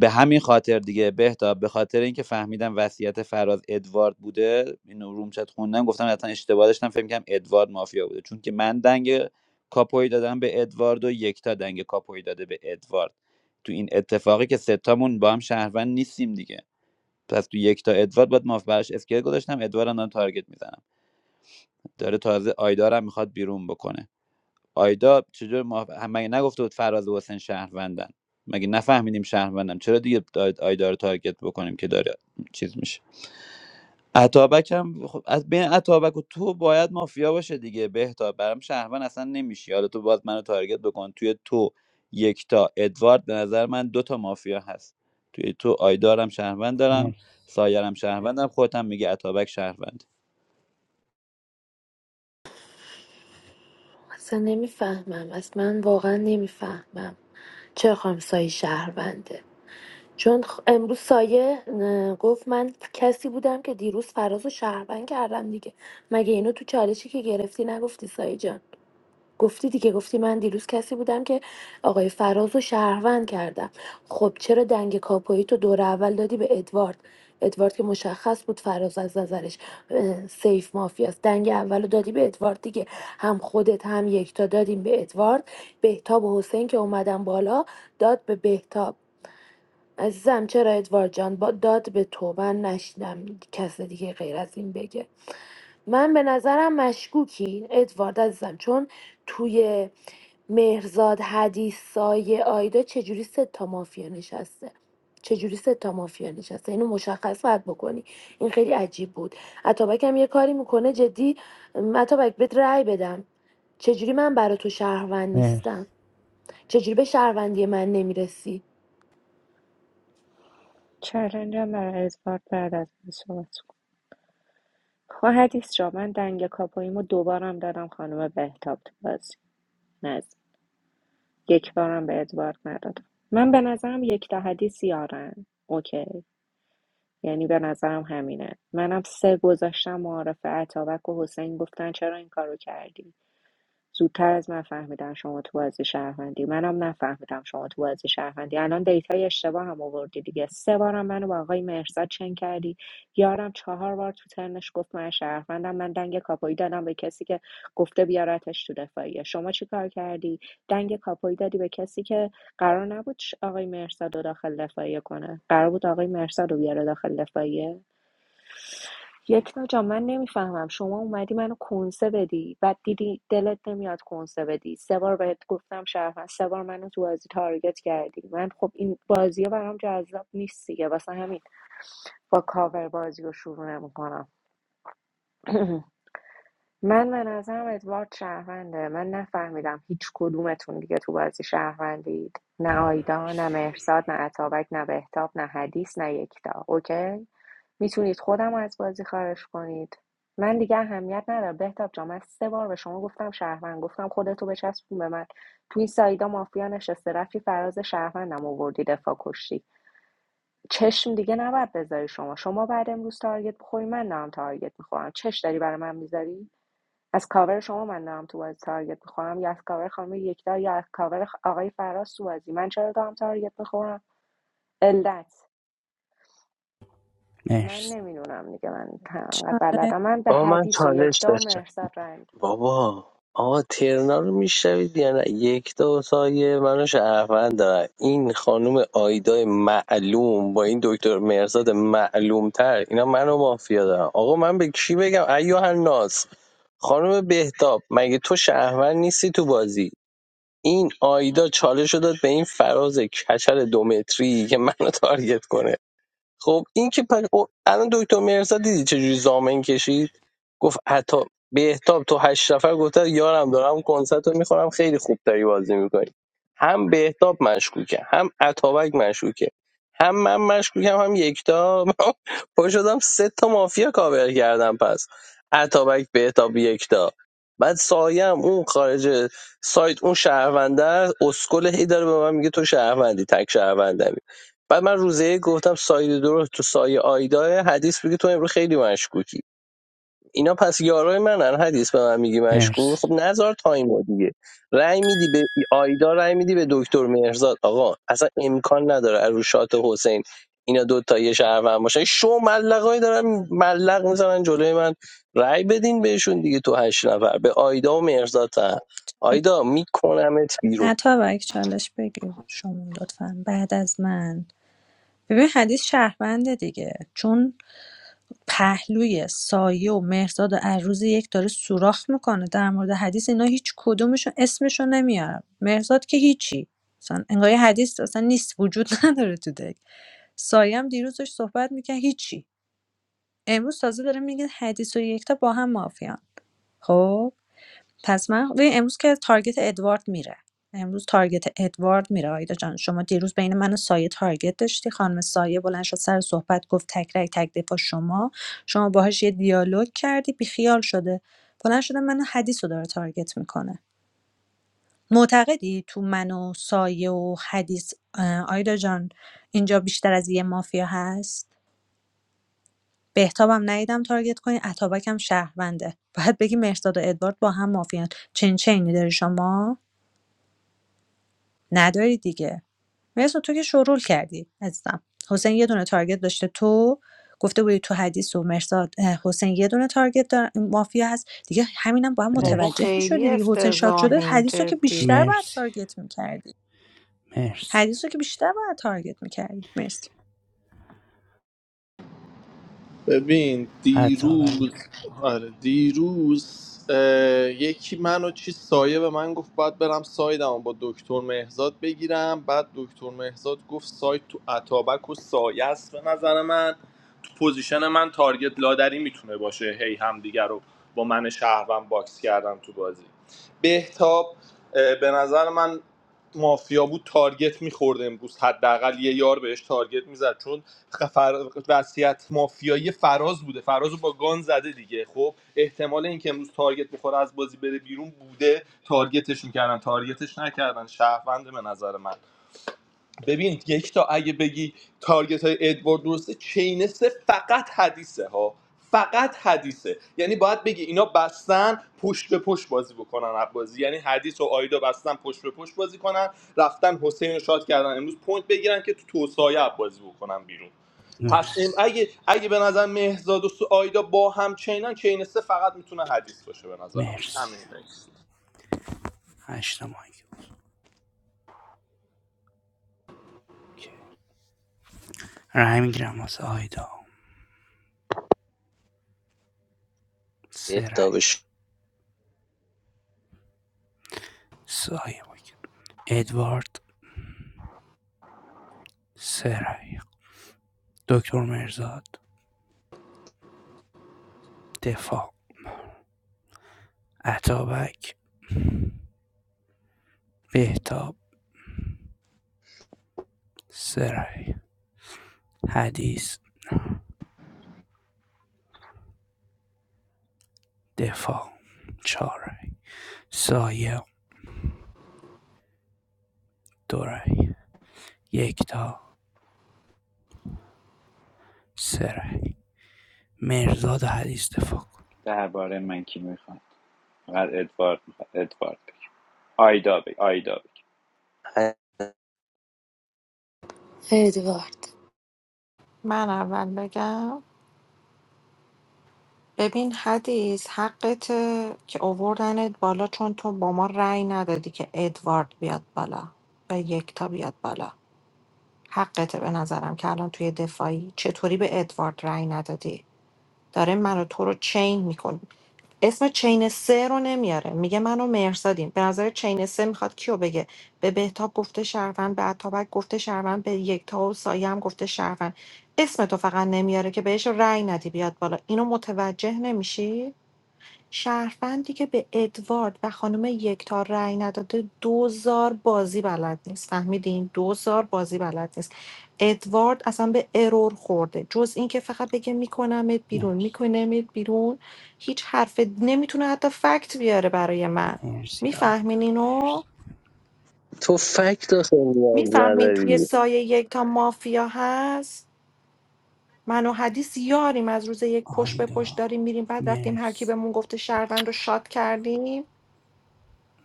Speaker 9: به همین خاطر دیگه بهتاب به خاطر اینکه فهمیدم وصیت فراد ادوارد بوده اینو روم چت خوندم گفتم حتما اشتباه داشتم فکر کنم ادوارد مافیا بوده چون که من دنگ کاپوی دادم به ادوارد و یکتا دنگ کاپوی داده به ادوارد تو این اتفاقی که ستامون با هم شهروند نیستیم دیگه پس تو یک تا ادوارد باید ماف براش اسکیل گذاشتم ادوارد هم دارم تارگت میزنم داره تازه آیدا رو هم میخواد بیرون بکنه آیدا چجور ماف... هم- مگه نگفته بود فراز و حسین شهروندن مگه نفهمیدیم شهروندم چرا دیگه آی- آیدا رو تارگت بکنیم که داره چیز میشه اتابک هم خب از بین اتابک و تو باید مافیا باشه دیگه بهتا برام شهروند اصلا نمیشی حالا تو باز منو تارگت بکن توی تو یکتا ادوارد به نظر من دوتا مافیا هست توی تو آیدارم شهروند دارم سایرم شهروندم خودت هم میگه اتابک شهروند
Speaker 5: اصلا نمیفهمم اصلا من واقعا نمیفهمم چه خواهم سایه شهرونده چون خ- امروز سایه اه، گفت من کسی بودم که دیروز فراز و شهروند کردم دیگه مگه اینو تو چالشی که گرفتی نگفتی سایه جان گفتی دیگه گفتی من دیروز کسی بودم که آقای فراز رو شهروند کردم خب چرا دنگ کاپویی تو دور اول دادی به ادوارد ادوارد که مشخص بود فراز از نظرش اه، سیف مافیاست دنگ اول رو دادی به ادوارد دیگه هم خودت هم یکتا دادیم به ادوارد بهتاب و حسین که اومدن بالا داد به بهتاب عزیزم چرا ادوارد جان با داد به تو من نشیدم کس دیگه غیر از این بگه من به نظرم مشکوکی ادوارد عزیزم چون توی مهرزاد حدیث سایه آیدا چجوری سه تا مافیا نشسته چجوری سه تا مافیا نشسته اینو مشخص باید بکنی این خیلی عجیب بود اتابک هم یه کاری میکنه جدی م، اتابک بهت رأی بدم چجوری من برا تو شهروند نیستم
Speaker 11: مرسی
Speaker 5: چجوری به شهروندی من نمیرسی
Speaker 3: چالنجم برای ادوارد بعد از من صحبت کن خب حدیث جا من دنگ کاپویمو دوبارم دادم خانم بهتاب تو بازی نه یک بارم به ادوارد ندادم من به نظرم یک تا حدیث یارن اوکی یعنی به نظرم همینه منم سه گذاشتم معارف عطابک و حسین گفتن چرا این کارو کردی زودتر از من فهمیدن شما تو بازی شهروندی منم نفهمیدم شما تو بازی شهروندی الان دیتای اشتباه هم آوردی دیگه سه بارم منو با آقای مهرزاد چنگ کردی یارم چهار بار تو ترنش گفت من شهروندم من دنگ کاپایی دادم به کسی که گفته بیارتش تو دفاعیه شما چی کار کردی دنگ کاپایی دادی به کسی که قرار نبود آقای مهرزاد رو داخل دفاعیه کنه قرار بود آقای مهرزاد رو بیاره داخل دفاعیه یک ناجا من نمیفهمم شما اومدی منو کنسه بدی بعد دیدی دلت نمیاد کنسه بدی سه بار بهت گفتم شرفن سه بار منو تو بازی تارگت کردی من خب این بازی برام جذاب نیست دیگه واسه همین با کاور بازی رو شروع نمیکنم من به نظرم ادوارد شهرونده من نفهمیدم هیچ کدومتون دیگه تو بازی شهروندید نه آیدا نه مهرزاد نه عطابک نه بهتاب نه حدیث نه یکتا اوکی میتونید خودمو از بازی خارج کنید من دیگه اهمیت نداره بهتاب جان من سه بار به شما گفتم شهروند گفتم خودتو بچسبون به من تو این سایدا مافیا نشسته رفتی فراز شهروندم آوردی دفاع کشتی چشم دیگه نباید بذاری شما شما بعد امروز تارگت بخوری من دارم تارگت میخورم چش داری برای من میذاری از کاور شما من دارم تو بازی تارگت میخورم یا از کاور خانم یکتا یا از کاور آقای فراز تو بازی من چرا دارم تارگت میخورم علت من
Speaker 11: مرسی
Speaker 3: نمیدونم دیگه من انقدر
Speaker 2: چاله
Speaker 3: بلدم من به
Speaker 1: با من
Speaker 3: حدیث و
Speaker 1: چالش
Speaker 3: یکتا و
Speaker 1: داشت
Speaker 3: مرزاد رنگ
Speaker 1: بابا آقا ترنا رو میشنوید یا نه یک دو سایه منو شهروند دارن این خانم آیدای معلوم با این دکتر مرزاد معلوم تر اینا منو مافیا دارن آقا من به کی بگم ایوه ناز خانم بهتاب مگه تو شهروند نیستی تو بازی این آیدا چالش رو داد به این فراز کچل دومتری که منو تارگت کنه خب این که پر... او- الان دکتر مرزا دیدی چجوری زامن کشید گفت حتی بهتاب تو هشت نفر گفته یارم دارم کنسرت رو میخورم خیلی خوب داری بازی میکنی هم بهتاب مشکوکه هم اتابک مشکوکه هم من مشکوکم هم یکتا من پا شدم سه تا مافیا کاور کردم پس اتابک بهتاب یکتا بعد سایم اون خارج سایت اون شهرونده است، اسکل هی داره به من میگه تو شهروندی تک شهروندمی بعد من روزه یک گفتم ساید درست تو سایه آیدا حدیث بگی تو امروز خیلی مشکوکی اینا پس یارای منن حدیث به من میگی مشکوک
Speaker 11: مرسی
Speaker 1: خب نزار تایمو دیگه رأی میدی به آیدا رأی میدی به دکتر مهرزاد آقا اصلا امکان نداره از رو حسین اینا دو تا یه شهروند باشن شو ملقای دارن ملق میزنن جلوی من رأی بدین بهشون دیگه تو هشت نفر به آیدا و مهرزاد هم. آیدا میکنمت بیرون
Speaker 2: اتابک چالش بگیر شما لطفا بعد از من ببین حدیث شهرونده دیگه چون پهلوی سایه و مهرزاد و عروض یک داره سوراخ میکنه در مورد حدیث اینا هیچ کدومشون اسمشون نمیارم مهرزاد که هیچی مثلا انگار یه حدیث اصلا نیست وجود نداره تو دک سایه هم دیروز داشت صحبت میکرد هیچی امروز تازه داره میگه حدیث و یکتا با هم مافیان خب پس من ببین امروز که تارگت ادوارد میره امروز تارگت ادوارد میره آیدا جان شما دیروز بین من و سایه تارگت داشتی خانم سایه بلند شد سر صحبت گفت تک رگ تک دفاع شما شما باهاش یه دیالوگ کردی بیخیال شده بلند شده منو حدیث رو داره تارگت میکنه معتقدی تو من و سایه و حدیث اه، آیدا جان اینجا بیشتر از یه مافیا هست بهتابم ندیدم تارگت کنی اتابکم شهرونده باید بگی مهرداد و ادوارد با هم مافیان چین چینی داری شما نداری دیگه مثل تو که شورول کردی عزیزم حسین یه دونه تارگت داشته تو گفته بودی تو حدیث و مرزاد حسین یه دونه تارگت دار- مافیا هست دیگه همینم با هم
Speaker 19: بابا
Speaker 2: متوجه
Speaker 11: مرسی
Speaker 19: خیلی
Speaker 2: میشدی دیگه حسین شاد شده
Speaker 19: افتضاحین
Speaker 2: حدیث رو که
Speaker 19: جدی
Speaker 2: بیشتر باید
Speaker 11: مرسی
Speaker 2: تارگت می‌کردی.
Speaker 11: مرسی
Speaker 2: حدیث رو که بیشتر باید تارگت می‌کردی. مرسی
Speaker 8: ببین
Speaker 11: عطابک
Speaker 8: دیروز آره دیروز اه، یکی منو چی سایه به من گفت باید برم سایدمو با دکتر مهزاد بگیرم بعد دکتر مهزاد گفت ساید تو اتابک و سایه است به نظر من تو پوزیشن من تارگت لادری میتونه باشه هی همدیگه رو با من شهروند باکس کردم تو بازی بهتاب اه، به نظر من مافیا بود تارگت میخورد امروز حداقل یه یار بهش تارگت میزد چون فر... وصیت مافیایی فراز بوده فرازو با گان زده دیگه خب احتمال اینکه امروز تارگت بخوره از بازی بره بیرون بوده تارگتش میکردن تارگتش نکردن شهروند به نظر من ببین یک تا اگه بگی تارگت های ادوارد درسته چینسه فقط حدیثه ها فقط حدیثه یعنی باید بگی اینا بستن پشت به پشت بازی بکنن هر بازی یعنی حدیث و آیدا بستن پشت به پشت بازی کنن رفتن حسین رو شاد کردن امروز پوینت بگیرن که تو توسایه بازی بکنن بیرون پس ام
Speaker 11: مرسی
Speaker 8: اگه اگه به نظر مهزاد و سو آیدا با هم چینن چین سه فقط میتونه حدیث باشه به نظر من
Speaker 11: مرسی
Speaker 8: همین نکست.
Speaker 11: هشتا مایک اوکی رای میگیرم واسه آیدا سه
Speaker 1: اهدا
Speaker 11: رای
Speaker 1: بشو.
Speaker 11: سایه مایک ادوارد سه رای دکتر مرزاد دفاع عطابک بهتاب سه رای حدیث دفاع چهار رای سایه دو رای یک سره مرزاد حدیث دفاع کن
Speaker 9: بعد ادوارد آیدا بی آیدا بی.
Speaker 5: ادوارد
Speaker 19: من اول بگم ببین حدیث حقته که آوردنت بالا چون تو با ما رأی ندادی که ادوارد بیاد بالا و یکتا بیاد بالا حقته به نظرم که الان توی دفاعی چطوری به ادوارد رأی ندادی داره منو تو رو چین میکنه اسم چین سه رو نمیاره میگه منو مرسادیم به نظر چین سه میخواد کیو بگه به بهتاب گفته شهروند به اتابک گفته شهروند به یکتا و سایه هم گفته شهروند اسم تو فقط نمیاره که بهش رأی ندی بیاد بالا اینو متوجه نمیشی شهروندی که به ادوارد و خانم یکتا رأی نداده دوزار بازی بلد نیست فهمیدین دوزار بازی بلد نیست ادوارد اصلا به ارور خورده جز اینکه فقط بگه میکنمت بیرون
Speaker 11: مرسی
Speaker 19: میکنمت بیرون هیچ حرف نمیتونه حتی فکت بیاره برای من
Speaker 11: مرسی آیدا
Speaker 19: میفهمین اینو
Speaker 11: مرسی
Speaker 1: تو فکت آخه نیاز
Speaker 19: میفهمین توی
Speaker 1: نداری
Speaker 19: سایه یکتا مافیا هست من و حدیث یاریم از روز یک پشت به پشت
Speaker 11: آیدا
Speaker 19: داریم میریم بعد رفتیم هر کی
Speaker 11: مرسی
Speaker 19: بهمون گفته شهروند رو شاد کردیم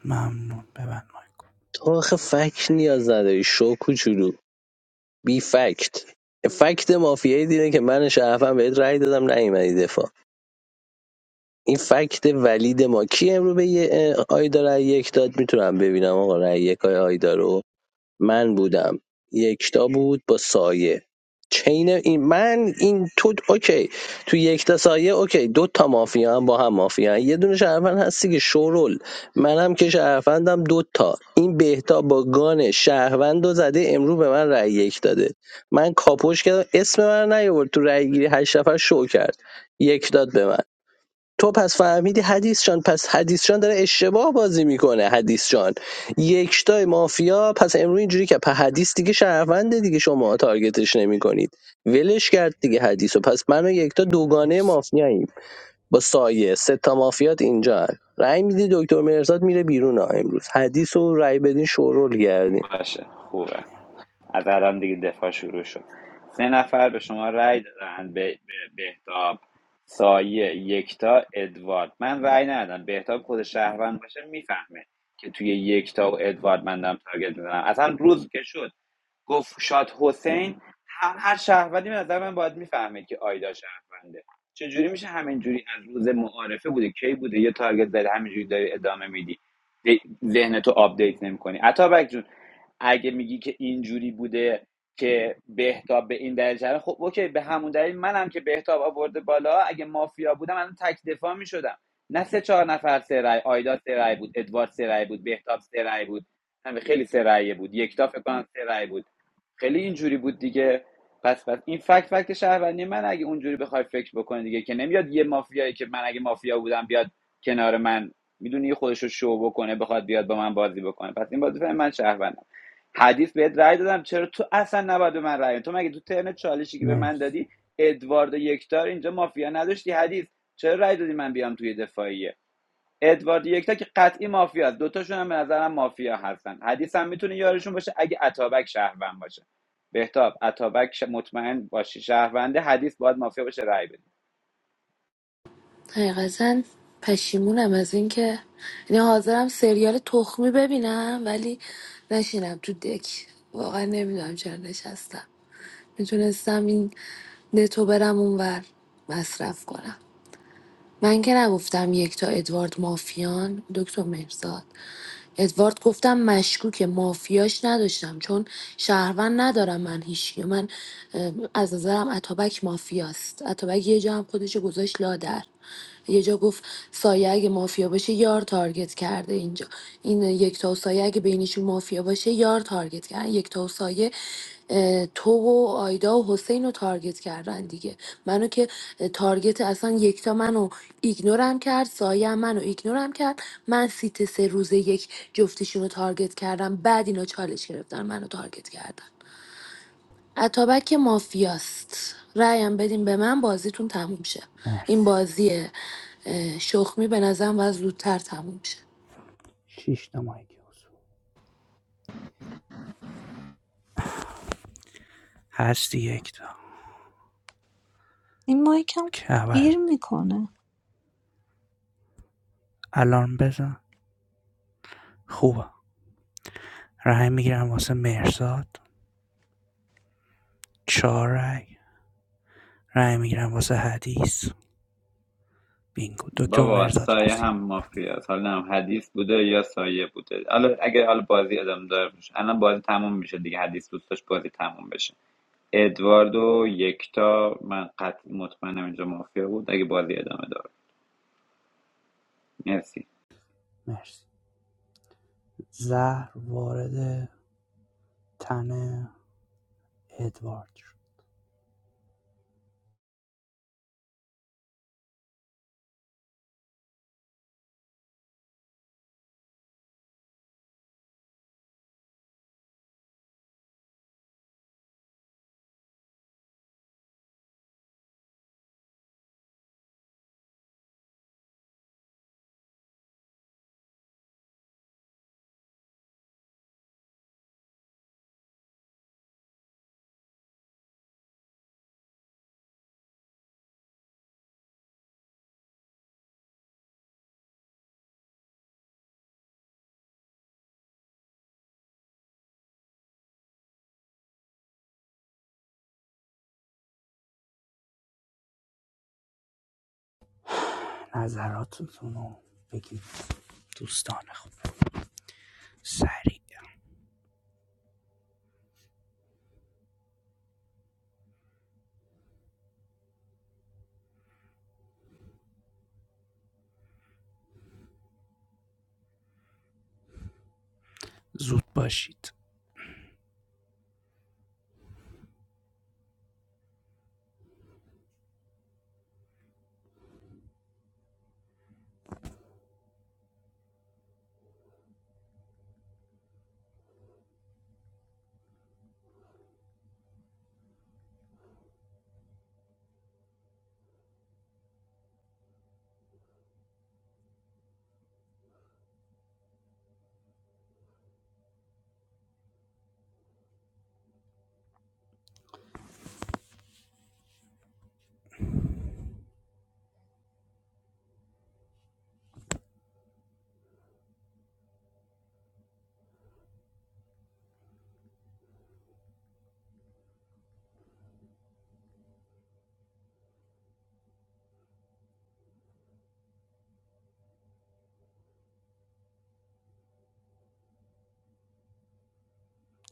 Speaker 11: ممنون ببند مایکو
Speaker 1: تو آخه فکت نیاز نداری شو کوچولو بی فکت فکت مافیایی دیره که من شرفم بهت رأی دادم نیومدی دفاع این فکت ولید ما کی امرو به یه اه، آیدا رأی یک داد میتونم ببینم آقا رأی یک های آیدا رو من بودم یکتا بود با سایه چین این من این تو اوکی تو یکتا سایه اوکی دو تا مافیا هم با هم مافیا هم. یه دونه شهروند هستی که شورول منم که شهروندم دو تا این بهتا با گان شهروند و زده امرو به من رأی یک داده من کاپوش کردم اسم من رو نیاورد تو رأی گیری هشت نفر شو کرد یک داد به من تو پس فهمیدی حدیث جان پس حدیث جان داره اشتباه بازی میکنه حدیث جان یکتای مافیا پس امروز اینجوری که په حدیث دیگه شهرونده دیگه شما تارگتش نمیکنید ولش کرد دیگه حدیث و پس من و یکتا دوگانه
Speaker 11: مرسی
Speaker 1: مافیاییم با سایه سه تا مافیات اینجا هن. رأی میدی دکتر مرزاد میره بیرون ها امروز حدیث و رأی بدین شورول کردین
Speaker 9: باشه خوبه از الان دیگه دفاع شروع شد سه نفر به شما رأی دادن به به- بهتاب سایه یکتا ادوارد من رأی ندادم بهتاب خود شهروند باشه میفهمه که توی یکتا و ادوارد من دارم تارگت میزنم اصلا روز که شد گفت شاد حسین هر شهروندی به نظر من باید میفهمه که آیدا شهرونده چجوری میشه همینجوری از روز معارفه بوده کی بوده یه تارگت زده همینجوری داری ادامه میدی ذهنتو آپدیت نمیکنی عطابک جون اگه میگی که اینجوری بوده که بهتاب به این درجه رو، خب اوکی به همون دلیل منم که بهتاب آورده بالا اگه مافیا بودم الان تک دفاع میشدم نه سه چهار نفر سه رای آیدا سه رای بود ادوارد سه رای بود بهتاب سه رای بود همه خیلی سه رایه بود یکتا فکر کنم سه رای بود خیلی اینجوری بود دیگه پس پس این فکت فکت شهروندی من اگه اونجوری بخوای فکر بکنی دیگه که نمیاد یه مافیایی که من اگه مافیا بودم بیاد کنار من میدونی خودش رو شو بکنه بخواد بیاد با من بازی بکنه پس این بازی فهم من شهروندم حدیث بهت رأی دادم چرا تو اصلا نباید به من رأی بدی؟ تو مگه تو ترن چالشی که به من
Speaker 11: مرسی
Speaker 9: دادی ادوارد یکتار اینجا مافیا نداشتی حدیث چرا رأی دادی من بیام توی دفاعیه ادوارد یکتا که قطعی مافیا است دوتاشون هم به نظرم مافیا هستن حدیث هم میتونه یارشون باشه اگه اتابک شهروند باشه بهتاب اتابک ش- مطمئن باشی شهرونده حدیث باید مافیا باشه رای بده
Speaker 5: حقیقتا پشیمونم از اینکه یعنی حاضرم سریال تخمی ببینم ولی نشینم تو دک واقعا نمیدونم چرا نشستم میتونستم این نتو برم اونور مصرف کنم من که نگفتم یک تا ادوارد مافیان دکتر مهرزاد ادوارد گفتم مشکوکه مافیاش نداشتم چون شهروند ندارم من هیچی من اه، از نظرم اتابک مافیاست اتابک یه جا هم خودشو گذاشت لادر یه جا گفت سایه اگه مافیا باشه یار تارگت کرده اینجا این یکتا و سایه اگه بینشون مافیا باشه یار تارگت کرده یکتا و سایه تو و آیدا و حسین رو تارگت کردن دیگه منو که اه، تارگت اصلا یکتا منو ایگنورم کرد سایه هم منو ایگنورم کرد من سیت سه روز یک جفتشون رو تارگت کردم بعد اینا چالش گرفتن منو تارگت کردن اتابک که مافیاست رأیم بدین به من بازیتون تموم شه این
Speaker 11: مرسی
Speaker 5: بازی اه، شخمی به نظرم و زودتر تموم شه
Speaker 11: شش تا مایک هستی یک تا
Speaker 2: این مایکم
Speaker 11: که
Speaker 2: گیر
Speaker 11: اول
Speaker 2: میکنه
Speaker 11: الان بزن خوبه رای میگیرم واسه مرزاد چهار رای رای میگیرم واسه حدیث بینگو دکتر
Speaker 9: بابا
Speaker 11: مرزاد
Speaker 9: سایه
Speaker 11: وسیع
Speaker 9: هم مافیا است حالا نم حدیث بوده یا سایه بوده حالا اگه حالا بازی ادامه داره باشه الان بازی تموم میشه دیگه حدیث دوست داشت بازی تموم بشه ادوارد و یکتا من قطعی مطمئنم اینجا مافیا بود اگه بازی ادامه داره مرسی
Speaker 11: مرسی زهر وارد تن ادوارد نظراتتون رو بگید دوستان خوب سریع زود باشید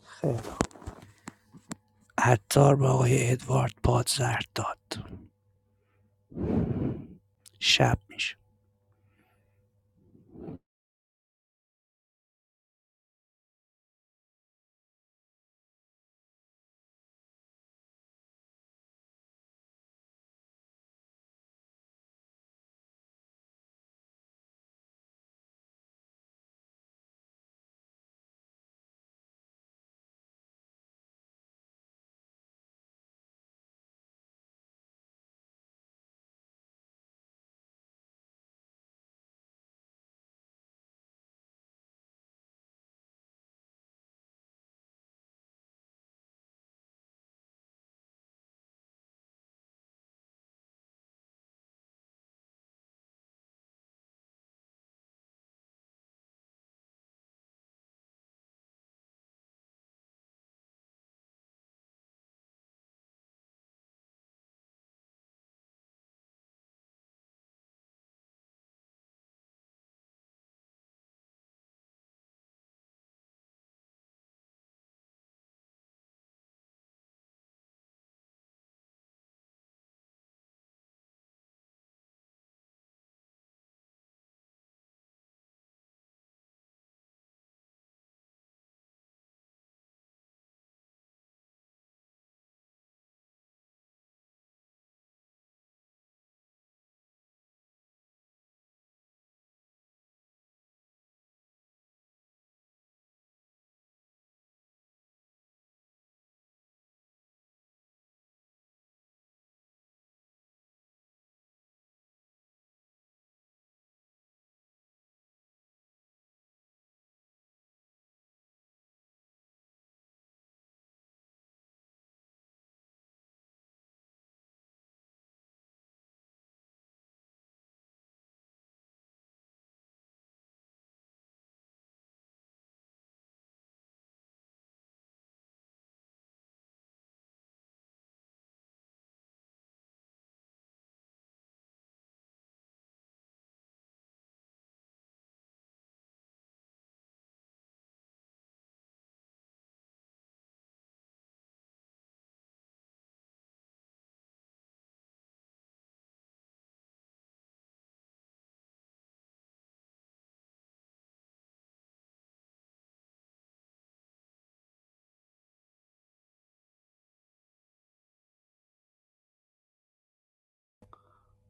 Speaker 11: خیلی عطار به آقای ادوارد پادزر داد شب میشه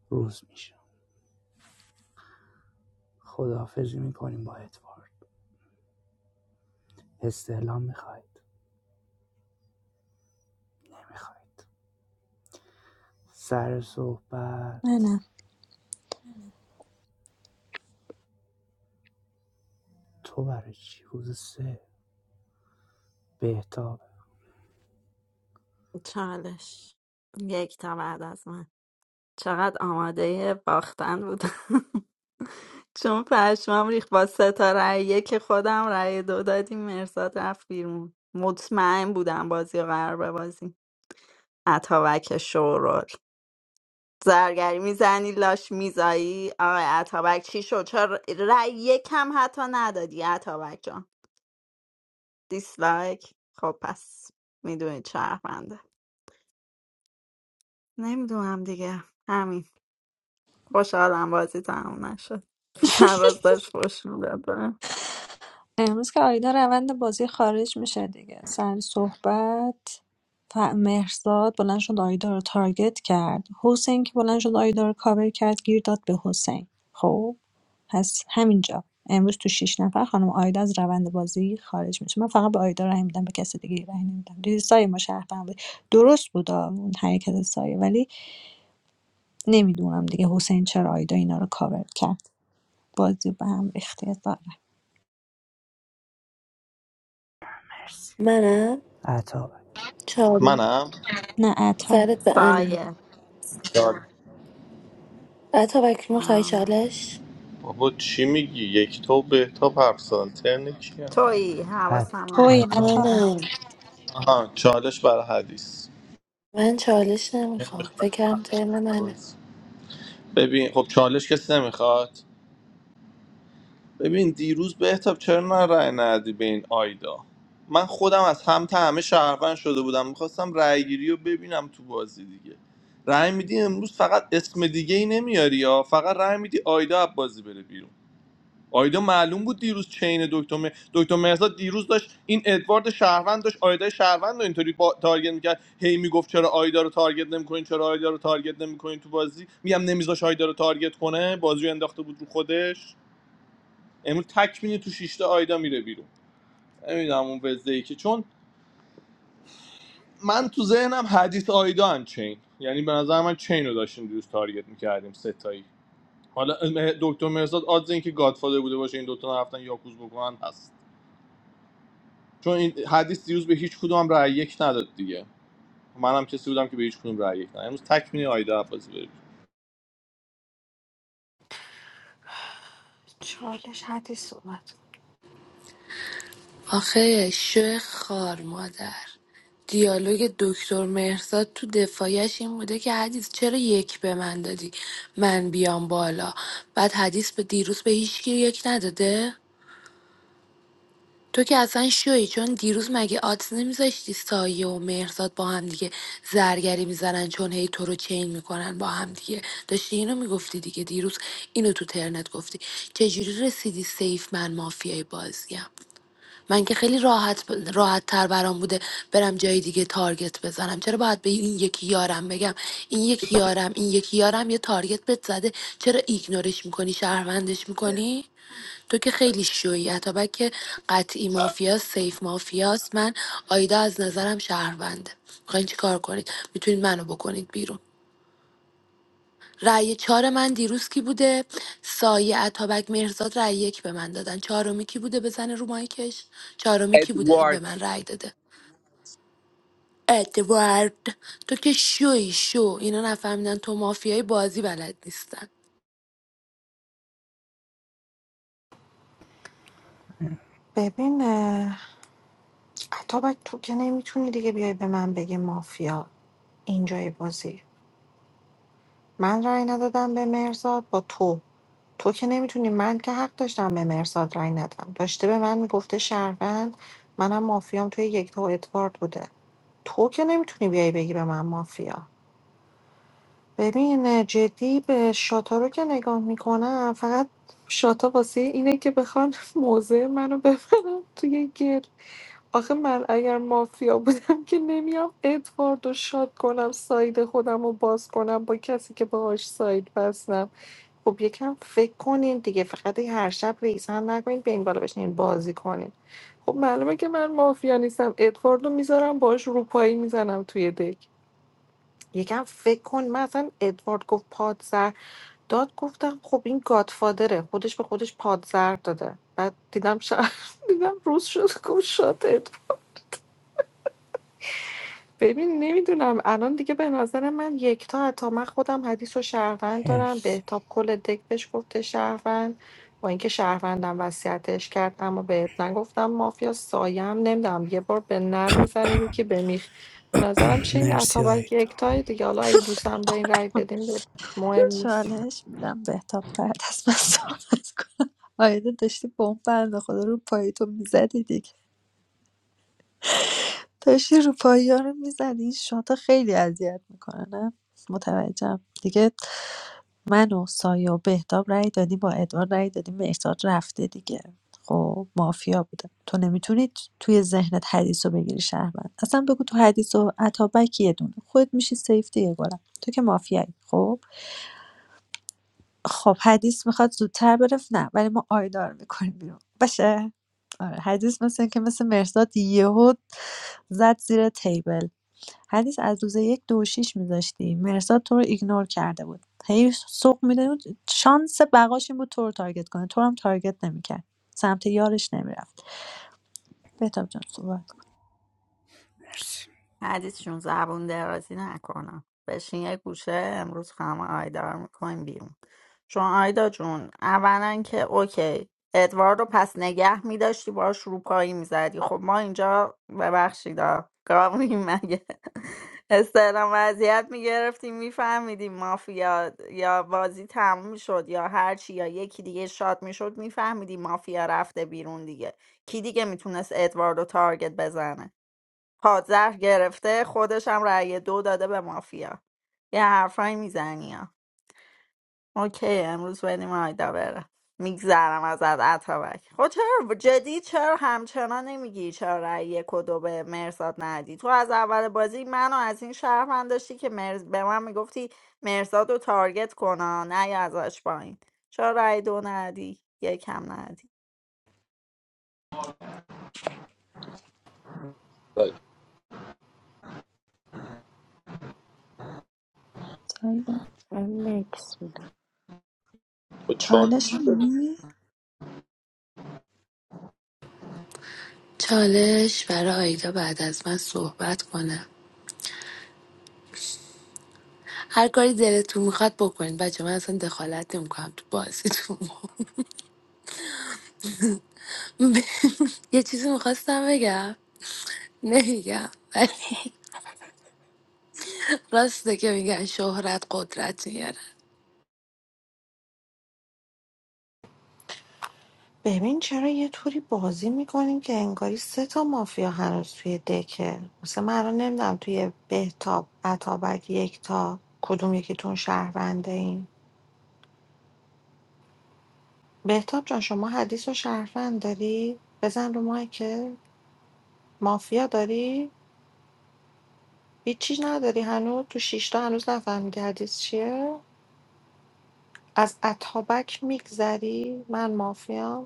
Speaker 11: روز میشه خداحافظی میکنیم با ادوارد استعلام میخواید نمیخواید سر
Speaker 2: نه
Speaker 11: صحبت
Speaker 2: نه
Speaker 11: تو برای چی روز سه بهتاب
Speaker 6: چالش یک تا بعد از من چقدر آماده باختن بودم چون پشمام ریخت با سه تا رأی یک خودم رأی دو دادیم مرزاد رفت بیرون مطمئن بودم بازی و قرار بازی اتابک شورول زرگری میزنی لاش میزایی آقای عطابک چی شد چرا رأی یکم حتی ندادی عطابک جان دیسلایک خب پس میدونی شهرونده نمیدونم دیگه همین خوشحالم بازی تموم نشد من راستش خوش میدادم
Speaker 2: امروز که آیدا روند بازی خارج میشه دیگه سر صحبت ف- مهرزاد بلند شد آیدا رو تارگت کرد حسین که بلند شد آیدا رو کاور کرد گیر داد به حسین خب پس همینجا امروز تو شیش نفر خانم آیدا از روند بازی خارج میشه من فقط به آیدا رای میدم به کسی دیگه رای نمیدم دیدی سایه ما شهروند بود درست بود آه، اون حرکت سایه ولی نمیدونم دیگه حسین چرا آیدا اینا رو کاور کرد بازی به هم ریخته ظاهراً.
Speaker 11: مرسی
Speaker 5: منم
Speaker 11: عطا
Speaker 5: چاری
Speaker 8: منم
Speaker 2: نه عطا
Speaker 5: سرت به انم
Speaker 6: سایه
Speaker 8: چال-
Speaker 5: اتابک میخوای
Speaker 6: ممنون.
Speaker 5: چالش
Speaker 8: بابا چی میگی یک تو به تا پرسان ترن کیه
Speaker 6: تویی حواسم هست.
Speaker 2: توی
Speaker 11: عطا
Speaker 2: عطا
Speaker 5: منم
Speaker 8: آها چالش برای حدیث
Speaker 5: من چالش نمیخوام
Speaker 8: نمی‌خواد.
Speaker 5: فکرم ترم منه
Speaker 8: ببین خب چالش کسی نمیخواد ببین دیروز بهتاب چرا نه رأی ندی به این آیدا من خودم از هم تا همه شهروند شده بودم میخواستم رأی گیری رو ببینم تو بازی دیگه رأی میدی امروز فقط اسم دیگه ای نمیاری یا فقط رأی میدی آیدا از بازی بره بیرون آیدا معلوم بود دیروز چین دکتر م... دکتر مهرزاد دیروز داشت این ادوارد شهروند داشت آیدا شهروند رو اینطوری با... تارگت میکرد هی میگفت چرا آیدا رو تارگت نمیکنین چرا آیدا رو تارگت نمیکنین تو بازی میگم نمیذاش آیدا رو تارگت کنه بازی رو انداخته بود رو خودش امروز تک تو شیشته آیدا میره بیرون نمیدونم اون وزده که چون من تو ذهنم حدیث آیدا هم چین یعنی به نظر من چین رو داشتیم دوست تارگت میکردیم ستایی حالا دکتر مرزاد آدز این که گادفادر بوده باشه این دوتا رفتن یاکوز بکنن هست چون این حدیث دیروز به هیچ کدوم رأی یک نداد دیگه منم کسی بودم که به هیچ کدوم رأی یک نداد امروز تک آیدا عباسی بره
Speaker 19: چالش حدی صحبت کن.
Speaker 5: آخه شو خار مادر دیالوگ دکتر مهرزاد تو دفاعیش این بوده که حدیث چرا یک به من دادی من بیام بالا بعد حدیث به دیروز به هیچ کی یک نداده تو که اصلا شوی چون دیروز مگه آدز نمیذاشتی سایه و مهرزاد با هم دیگه زرگری میزنن چون هی تو رو چین میکنن با هم دیگه داشتی اینو میگفتی دیگه دیروز اینو تو ترنت گفتی چجوری رسیدی سیف من مافیای بازیم من که خیلی راحت راحت تر برام بوده برم جای دیگه تارگت بزنم چرا باید به این یکی یارم بگم این یکی یارم این یکی یارم یه تارگت بهت زده چرا ایگنورش میکنی شهروندش میکنی تو که خیلی شویی اتابک که قطعی مافیاست سیف مافیاست من آیدا از نظرم شهرونده میخواین چی کار کنید میتونید منو بکنید بیرون رأی چهار من دیروز کی بوده سایه اتابک مهرزاد رأی یک به من دادن چهارمی کی بوده بزنه رو مایکش چهارمی کی بوده به من رأی داده ادوارد تو که شوی شو اینا نفهمیدن تو مافیای بازی بلد نیستن
Speaker 19: ببین اه، اتابک تو که نمیتونی دیگه بیای به من بگی مافیا اینجای بازی من رأی ندادم به مرزاد با تو تو که نمیتونی من که حق داشتم به مرزاد رأی ندم داشته به من میگفته شهروند منم مافیام توی یک تا ادوارد بوده تو که نمیتونی بیای بگی به من مافیا ببین جدی به شاتا رو که نگاه میکنم فقط شاتا واسه اینه که بخوان موضع منو ببرن توی گل آخه من اگر مافیا بودم که نمیام ادوارد رو شاد کنم ساید خودم رو باز کنم با کسی که باهاش ساید بستم خب یکم فکر کنین دیگه فقط این هر شب ریز هم نکنین به این بالا بشین بازی کنین خب معلومه که من مافیا نیستم ادوارد رو میذارم باهاش روپایی میزنم توی دک یکم فکر کن من اصلا ادوارد گفت پادزر داد گفتم خب این گادفادره خودش به خودش پادزر داده بعد دیدم شد دیدم روز شد گفت شد ببین نمیدونم الان دیگه به نظر من یکتا حتی من خودم حدیث و شهروند دارم
Speaker 11: مرسی
Speaker 19: بهتاب کل دک بهش گفته شهروند با اینکه شهروندم وصیتش کرد اما بهت نگفتم مافیا سایم نمیدونم یه بار به نر میزنه یکی به میخ به نظرم چه این
Speaker 11: مرسی
Speaker 19: عطابک
Speaker 11: آیتا
Speaker 19: یکتای دیگه حالا اگه
Speaker 11: مرسی
Speaker 19: دوستم دارین رای بدین مهم نیست
Speaker 2: چالش میدم بهتاب بعد از من صحبت کنم آیده داشتی با اون بنده خدا رو پایی تو میزدی دیگه داشتی رو پایی ها رو میزدی این شاتا خیلی اذیت میکنه نه متوجهم دیگه من و سایه و بهتاب رأی دادی با ادوار رأی دادی مهرداد رفته دیگه خب مافیا بوده تو نمیتونی توی ذهنت حدیث رو بگیری شهروند اصلا بگو تو حدیث و عطابک یه دونه خود میشی سیف دیگه گلم تو که مافیایی خب خب حدیث میخواد زودتر بره نه ولی ما آیدا رو میکنیم بیرون باشه آره حدیث مثل که مثل مرزاد یهو زد زیر تیبل حدیث از روز یک دو و شیش میذاشتی مرزاد تو رو ایگنور کرده بود هی سوق میده بود شانس بقاش این بود تو رو تارگت کنه تو رو هم تارگت نمیکرد سمت یارش نمیرفت بهتاب جان صحبت کن
Speaker 11: مرسی
Speaker 6: حدیثشون زبون درازی نکنم بشین یه گوشه امروز همه آیدا رو میکنیم بیرون چون آیدا جون اولا که اوکی ادوار رو پس نگه میداشتی باش روپایی میزدی خب ما اینجا ببخشید آ، گاویم مگه استعلام وضعیت میگرفتیم میفهمیدیم مافیا یا بازی تموم میشد یا هرچی یا یکی دیگه شاد میشد میفهمیدیم مافیا رفته بیرون دیگه کی دیگه میتونست ادوارد رو تارگت بزنه پادزهر گرفته خودش هم رأی دو داده به مافیا یه حرفایی میزنی ها اوکی امروز بریم آیدا بره میگذرم از اتابک خب چرا جدی چرا همچنان نمیگی چرا رأی یک و دو به مرزاد ندی تو از اول بازی منو از این شرف من داشتی که مرز... به من میگفتی مرزاد رو تارگت کنا نه یا ازش پایین چرا رأی دو ندی یکم ندی
Speaker 8: بیرون.
Speaker 2: سایده
Speaker 3: من نکس
Speaker 8: خود
Speaker 2: چالش نمیدونی
Speaker 5: چالش برای آیدا بعد از من صحبت کنم هر کاری دلتون میخواد بکنید بچه من اصلا دخالت نمیکنم تو بازیتون یه چیزی میخواستم بگم نمیگم ولی راسته که میگن شهرت قدرت میاره
Speaker 19: ببین چرا یه طوری بازی میکنیم که انگاری سه تا مافیا هنوز توی دکه مثلا من الان نمیدونم توی بهتاب عطابک یکتا کدوم یکیتون شهرونده این بهتاب جان شما حدیث و شهروند داری بزن رو مایکه مافیا داری هیچی نداری هنوز تو شیشتا هنوز نفهمیدی حدیث چیه از عطابک میگذری من مافیام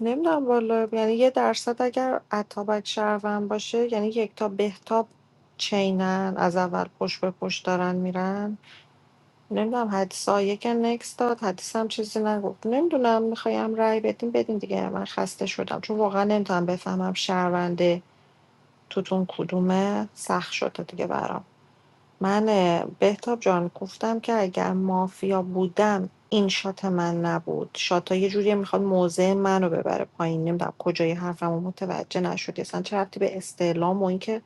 Speaker 19: نمیدونم والا یعنی یه درصد اگر اتابک شهروند باشه یعنی یک یکتا بهتاب چینن از اول پشت به پشت دارن میرن نمیدونم حدیثا یک نکس داد حدیث هم چیزی نگفت نمیدونم میخوایم رأی بدین بدین دیگه من خسته شدم چون واقعا نمیتونم بفهمم شهرونده توتون کدومه سخت شده دیگه برام من اه، بهتاب جان گفتم که اگر مافیا بودم این شات من نبود شات یه جوری میخواد موضع منو ببره پایین نمیدونم کجای حرفمو متوجه نشدی اصلا چه ربطی به استعلام و اینکه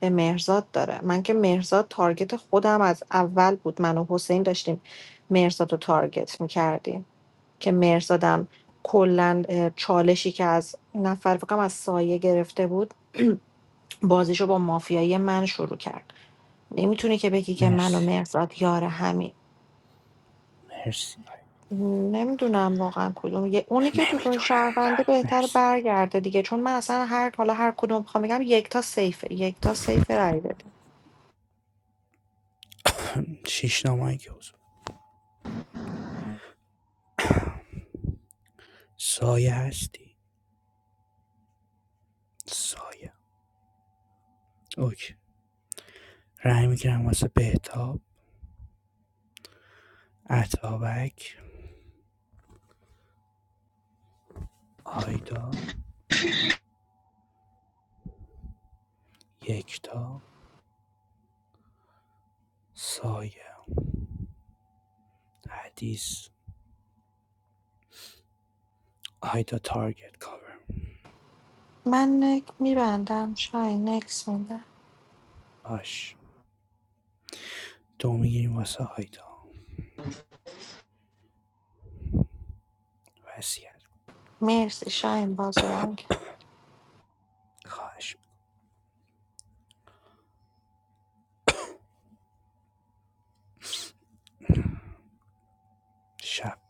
Speaker 19: به مهرزاد داره من که مهرزاد تارگت خودم از اول بود من و حسین داشتیم مهرزاد رو تارگت میکردیم که مهرزادم کلا اه، چالشی که از نفر فکرم از سایه گرفته بود بازیشو با مافیایی من شروع کرد نمیتونی که بگی که من و
Speaker 11: مرسی
Speaker 19: مهرزاد یار همین
Speaker 11: مرسی
Speaker 19: نمیدونم واقعا کدوم یه- اونی که تو دون
Speaker 11: نمیدونم
Speaker 19: شهرونده
Speaker 11: بله
Speaker 19: بهتر
Speaker 11: مرسی
Speaker 19: برگرده دیگه چون من اصلا هر حالا هر کدوم بخوام بگم یک تا سیفه یک تا سیفه رای بده
Speaker 11: شیش نامایی که حضور سایه هستی سایه اوکی رای میگیرم واسه بهتاب عطابک آیدا یکتا سایه حدیث آیدا تارگت کاور
Speaker 19: من نک میبندم شاین نکس میدم
Speaker 11: باش دو میگیریم واسه آیدا وصیت
Speaker 19: مرسی شاین بازی بازیران
Speaker 11: خواهش شب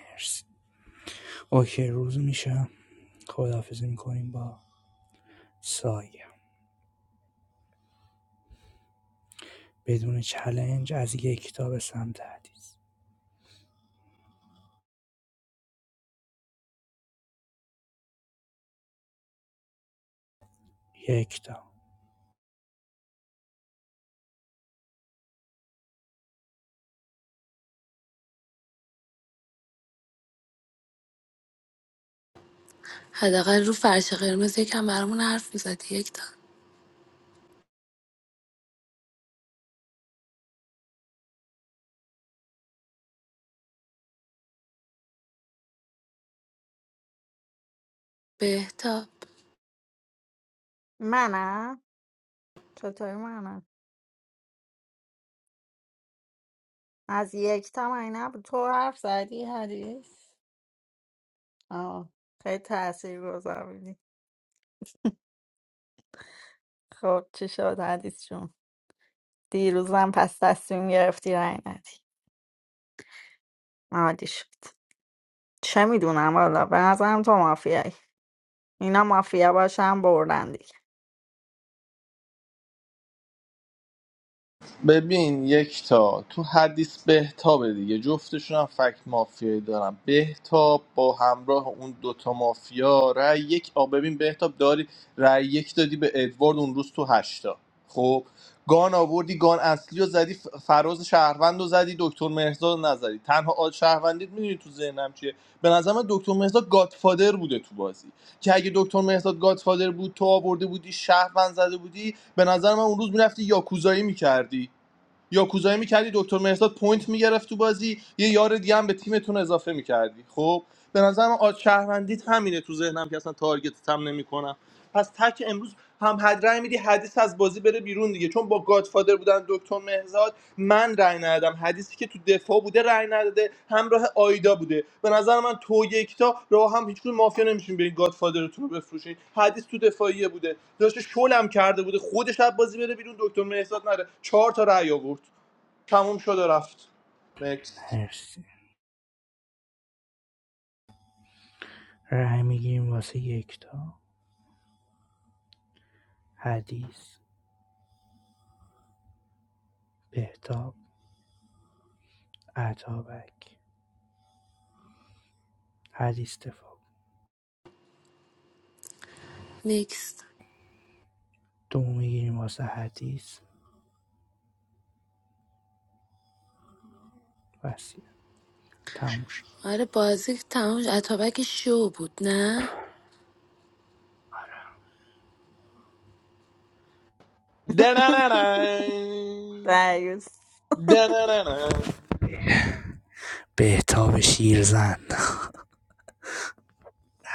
Speaker 11: مرسی اوکی روز میشه خداحافظی میکنیم با سایه بدون چلنج از یک یکتا به سمت حدیث یکتا
Speaker 5: حداقل رو فرش قرمز یکم برامون حرف میزدی یکتا بهتاب
Speaker 6: منم چطوری منم از یک تا من نبود تو حرف زدی حدیث آه خیلی تأثیر گذار بودی خب چی شد حدیث جون دیروزم پس تصمیم گرفتی رای ندی عالی شد چه میدونم والا به نظرم تو مافیایی اینا مافیا باشن بردن دیگه
Speaker 8: ببین یک تا تو حدیث بهتابه دیگه جفتشون هم فکت مافیایی دارن بهتاب با همراه اون دوتا مافیا رأی یک آ ببین بهتاب داری رأی یک دادی به ادوارد اون روز تو هشتا خب گان آوردی گان اصلی رو زدی ف- فراز شهروند رو زدی دکتر مهرزاد رو نزدی تنها آد شهروندیت میدونی تو ذهنم چیه به نظر من دکتر مهرزاد گادفادر بوده تو بازی که اگه دکتر مهرزاد گادفادر بود تو آورده بودی شهروند زده بودی به نظر من اون روز میرفتی یاکوزایی میکردی یاکوزایی میکردی دکتر مهرداد پوینت میگرفت تو بازی یه یار دیگه هم به تیمتون اضافه میکردی خب به نظرم آد شهروندیت همینه تو ذهنم که اصلا تارگتت هم نمیکنم پس تک امروز هم حد رای میدی حدیث از بازی بره بیرون دیگه چون با گادفادر بودن دکتر مهزاد من رای ندادم حدیثی که تو دفاع بوده رای نداده همراه آیدا بوده به نظر من تو یکتا راه هم هیچ کدوم مافیا نمیشین برین گادفادرتون رو بفروشین حدیث تو دفاعیه بوده داشته شلم کرده بوده خودش از بازی بره بیرون دکتر مهرزاد نره چهار تا رأی آورد تموم شد و رفت نکست
Speaker 11: مرسی رای میگیریم واسه یکتا حدیث بهتاب عطابک حدیث دفاع
Speaker 5: نیکست
Speaker 11: دوم میگیریم واسه حدیث وسیع تموم شد
Speaker 5: آره بازی تمام شد. اتابک شو بود نه
Speaker 8: دنننن.
Speaker 6: دیوز
Speaker 8: دنننن.
Speaker 11: بهتاب شیرزن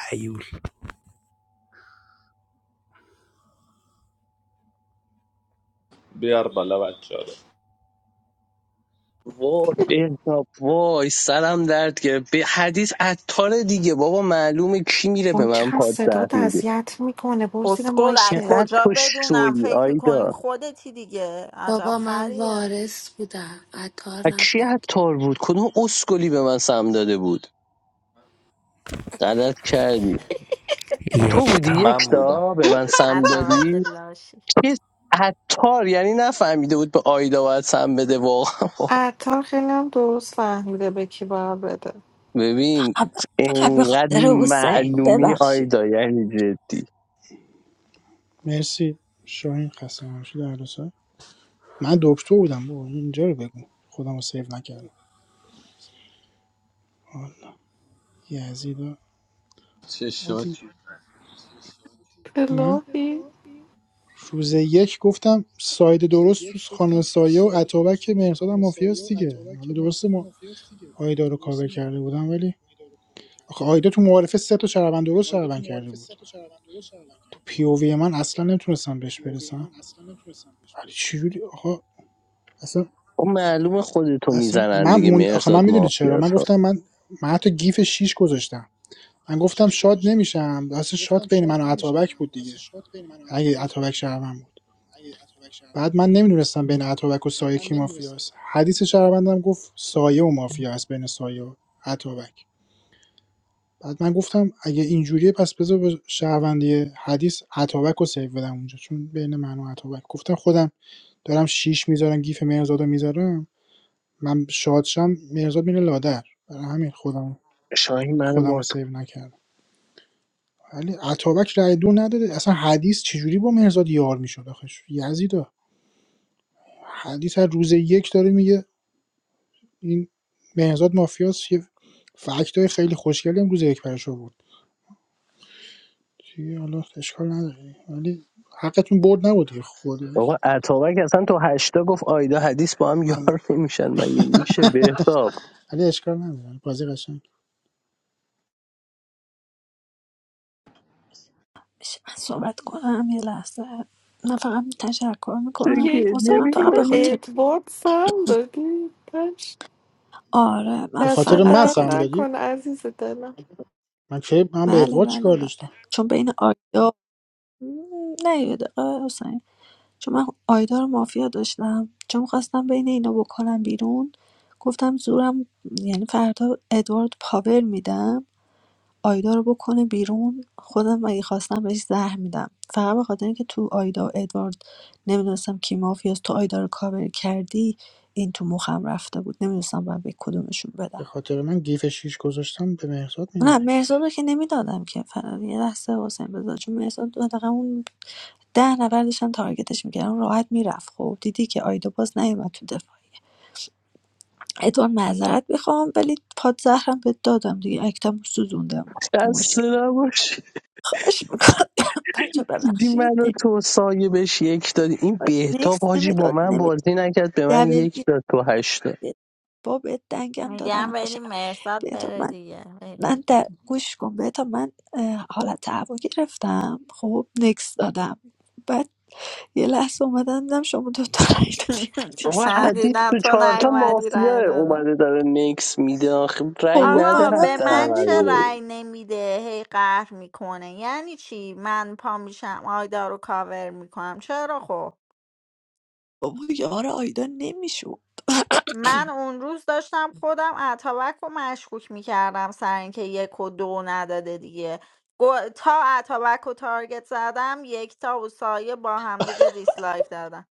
Speaker 11: حیول.
Speaker 8: بیار بالا بچه رو
Speaker 1: وای بهتاب وای سرم درد گرفت به حدیث عطار دیگه بابا معلومه کی میره به
Speaker 19: اون
Speaker 1: من
Speaker 19: چقدر صدا
Speaker 1: پادزهر میگه
Speaker 19: اذیت میکنه برو زیر
Speaker 6: اسکلک
Speaker 19: مایکه
Speaker 1: چقدر
Speaker 6: کجا
Speaker 1: تو
Speaker 6: بدونم
Speaker 1: شوی
Speaker 6: فکر میکنیم
Speaker 1: آیدا
Speaker 6: خودتی دیگه عجب
Speaker 5: بابا من
Speaker 6: خریه
Speaker 5: وارث بودم عطار
Speaker 1: و کی
Speaker 5: نبودم
Speaker 1: عطار بود کدوم اسکلی به من سم داده بود غلط کردی
Speaker 11: یک
Speaker 1: تو بودی
Speaker 11: یکتا
Speaker 1: یک
Speaker 8: من بودم
Speaker 1: تا به من سم
Speaker 6: اتوک
Speaker 1: دادی
Speaker 6: لاشی
Speaker 1: که عطار یعنی نفهمیده بود به آیدا باید سم بده واقعا
Speaker 19: عطار خیلی هم درست فهمیده به کی باید بده
Speaker 1: ببین اینقدر معلومی آیدا یعنی جدی
Speaker 12: مرسی شاهین خسته نباشی در دو سال من دکتر بودم بابا اینجا رو بگو خودم رو سیو نکردم آه، یزیدا
Speaker 8: چه
Speaker 12: آدی
Speaker 8: شاکی
Speaker 12: من
Speaker 19: الهی
Speaker 12: روز یک گفتم ساید درست تو خانم سایه و اتابک مرزاد هم مافیاست دیگه حالا درسته ما آیدا رو کاور کرده بودم ولی آخه آیدا تو معارفه سه تا شهروند درست شهروند کرده بود تو پی او وی من اصلا نمیتونستم بهش برسم ولی چجوری آقا اصلا
Speaker 1: خب معلومه خودتو
Speaker 12: اصلا
Speaker 1: میزنن
Speaker 12: من
Speaker 1: دیگه
Speaker 12: موند... آخه من
Speaker 1: مرزاد
Speaker 12: میدونی چرا من
Speaker 1: مافیاسا
Speaker 12: گفتم من من حتی گیف 6 گذاشتم من گفتم شاد نمیشم اصلا شاد بین من و عطابک بود دیگه اگه عطابک شهروند بود بعد من نمیدونستم بین عطابک و سایه کی مافیاست حدیث شهروندم گفت سایه و مافیا است بین سایه و عطابک بعد من گفتم اگه اینجوریه پس بذار به شهروندی حدیث عطابک رو سیو بدم اونجا چون بین من و عطابک گفتم خودم دارم شیش میذارم گیف مهرزاد رو میذارم من شادشم مرزاد میره لادر برای همین خودم
Speaker 1: شاهین من
Speaker 12: خودم رو
Speaker 1: با تو
Speaker 12: سیو نکردم ولی عطابک رای دو نداده اصلا حدیث چجوری با مرزاد یار میشد آخش یزیدا حدیث هر روز یک داره میگه این مرزاد مافیاس یه فکت های خیلی خوشگلی هم روز یک برش بود دیگه حالا اشکال نداره ولی حقتون برد نبود دیگه خودش
Speaker 1: بابا اتابک اصلا تو هشتا گفت آیدا حدیث با هم یار نمیشن مگه میشه بهتاب
Speaker 12: ولی اشکال نداره بازی قشنگ
Speaker 2: میشه من صحبت کنم یه لحظه من فقط تشکر
Speaker 1: چه
Speaker 2: میکنم
Speaker 19: یک
Speaker 2: واسه
Speaker 1: گریه
Speaker 19: بار
Speaker 2: من
Speaker 19: تو
Speaker 2: فقط
Speaker 19: به
Speaker 1: میکنی
Speaker 2: بخاطر
Speaker 19: ادواردز هم دادی پش
Speaker 2: آره من
Speaker 12: به
Speaker 19: دست
Speaker 12: خاطر
Speaker 2: فقط
Speaker 12: من
Speaker 2: به
Speaker 19: درد
Speaker 12: سهم
Speaker 2: خاطر
Speaker 12: دادی
Speaker 19: نکن عزیز دلم
Speaker 12: من کی من به
Speaker 2: بله
Speaker 12: ادوارد
Speaker 2: بله
Speaker 12: چیکار
Speaker 2: بله
Speaker 12: داشتم
Speaker 2: چون بین آیدا م، نه یه دقیقه حسین چون من آیدا رو مافیا داشتم چون خواستم بین اینا بکنم بیرون گفتم زورم یعنی فردا ادوارد پاور میدم آیدا رو بکنه بیرون خودم اگه خواستم بهش زهر میدم فقط به خاطر اینکه تو آیدا و ادوارد نمیدونستم کی مافیاست تو آیدا رو کاور کردی این تو مخم رفته بود نمیدونستم باید به کدومشون بدم
Speaker 12: به خاطر من گیف شیش گذاشتم به مهرزاد میدادی
Speaker 2: نه مهرزاد رو که نمیدادم که فقط یه لحظه حسین بذار چون مهرزاد حداقل اون ده نفر داشتن تارگتش میکردن راحت میرفت خب دیدی که آیدا باز نیومد تو دفاعی ادوار معذرت میخوام ولی پادزهرم به دادم دیگه اکتم سوزوندم
Speaker 1: دست
Speaker 2: مشکل
Speaker 1: نباشه
Speaker 2: خواهش میکنم بچه
Speaker 1: دیدی
Speaker 2: ببخشید
Speaker 1: من و تو سایه بهش یک دادی این
Speaker 2: نمی‌خواد.
Speaker 1: بهتاب
Speaker 2: نیکس
Speaker 1: حاجی با
Speaker 2: نمیداد
Speaker 1: من بازی نکرد به من
Speaker 2: نمیداد
Speaker 1: یک داد تو هشتا
Speaker 2: با بهت دنگم دادم
Speaker 6: میگم
Speaker 2: این
Speaker 6: بریم
Speaker 2: قشنگ
Speaker 6: مرزاد
Speaker 2: بهتا
Speaker 6: بره
Speaker 2: من
Speaker 6: دیگه بریم
Speaker 2: من
Speaker 6: دیگه.
Speaker 2: در گوش کن بهتا من اه، حالت هوا گرفتم خب نکس دادم بعد یه لحظه اومدم دیدم شما دوتا رای دادی عزیز
Speaker 1: بابا
Speaker 6: من
Speaker 2: رفت.
Speaker 1: حدیث
Speaker 6: دیدم
Speaker 1: تو
Speaker 6: تو
Speaker 1: چهارتا
Speaker 6: نیومدی رای
Speaker 1: مافیاه
Speaker 6: دادم
Speaker 1: اومده داره نکس میده آخه رنگ
Speaker 2: بابا
Speaker 1: نده
Speaker 6: آقا
Speaker 2: منم
Speaker 6: به
Speaker 1: حتی
Speaker 6: من
Speaker 1: اول
Speaker 6: چه
Speaker 2: همینو
Speaker 6: رأی
Speaker 2: بود
Speaker 6: نمیده هی قهر میکنه یعنی چی من پا میشم آیدا رو کاور میکنم چرا خب
Speaker 2: بابا یار آیدا نمیشو
Speaker 6: من اون روز داشتم خودم اتابک رو مشکوک میکردم سر اینکه یک و دو نداده دیگه گو- تا اتابک رو تارگت زدم یک تا و سایه با هم دیگه دیسلایک دادم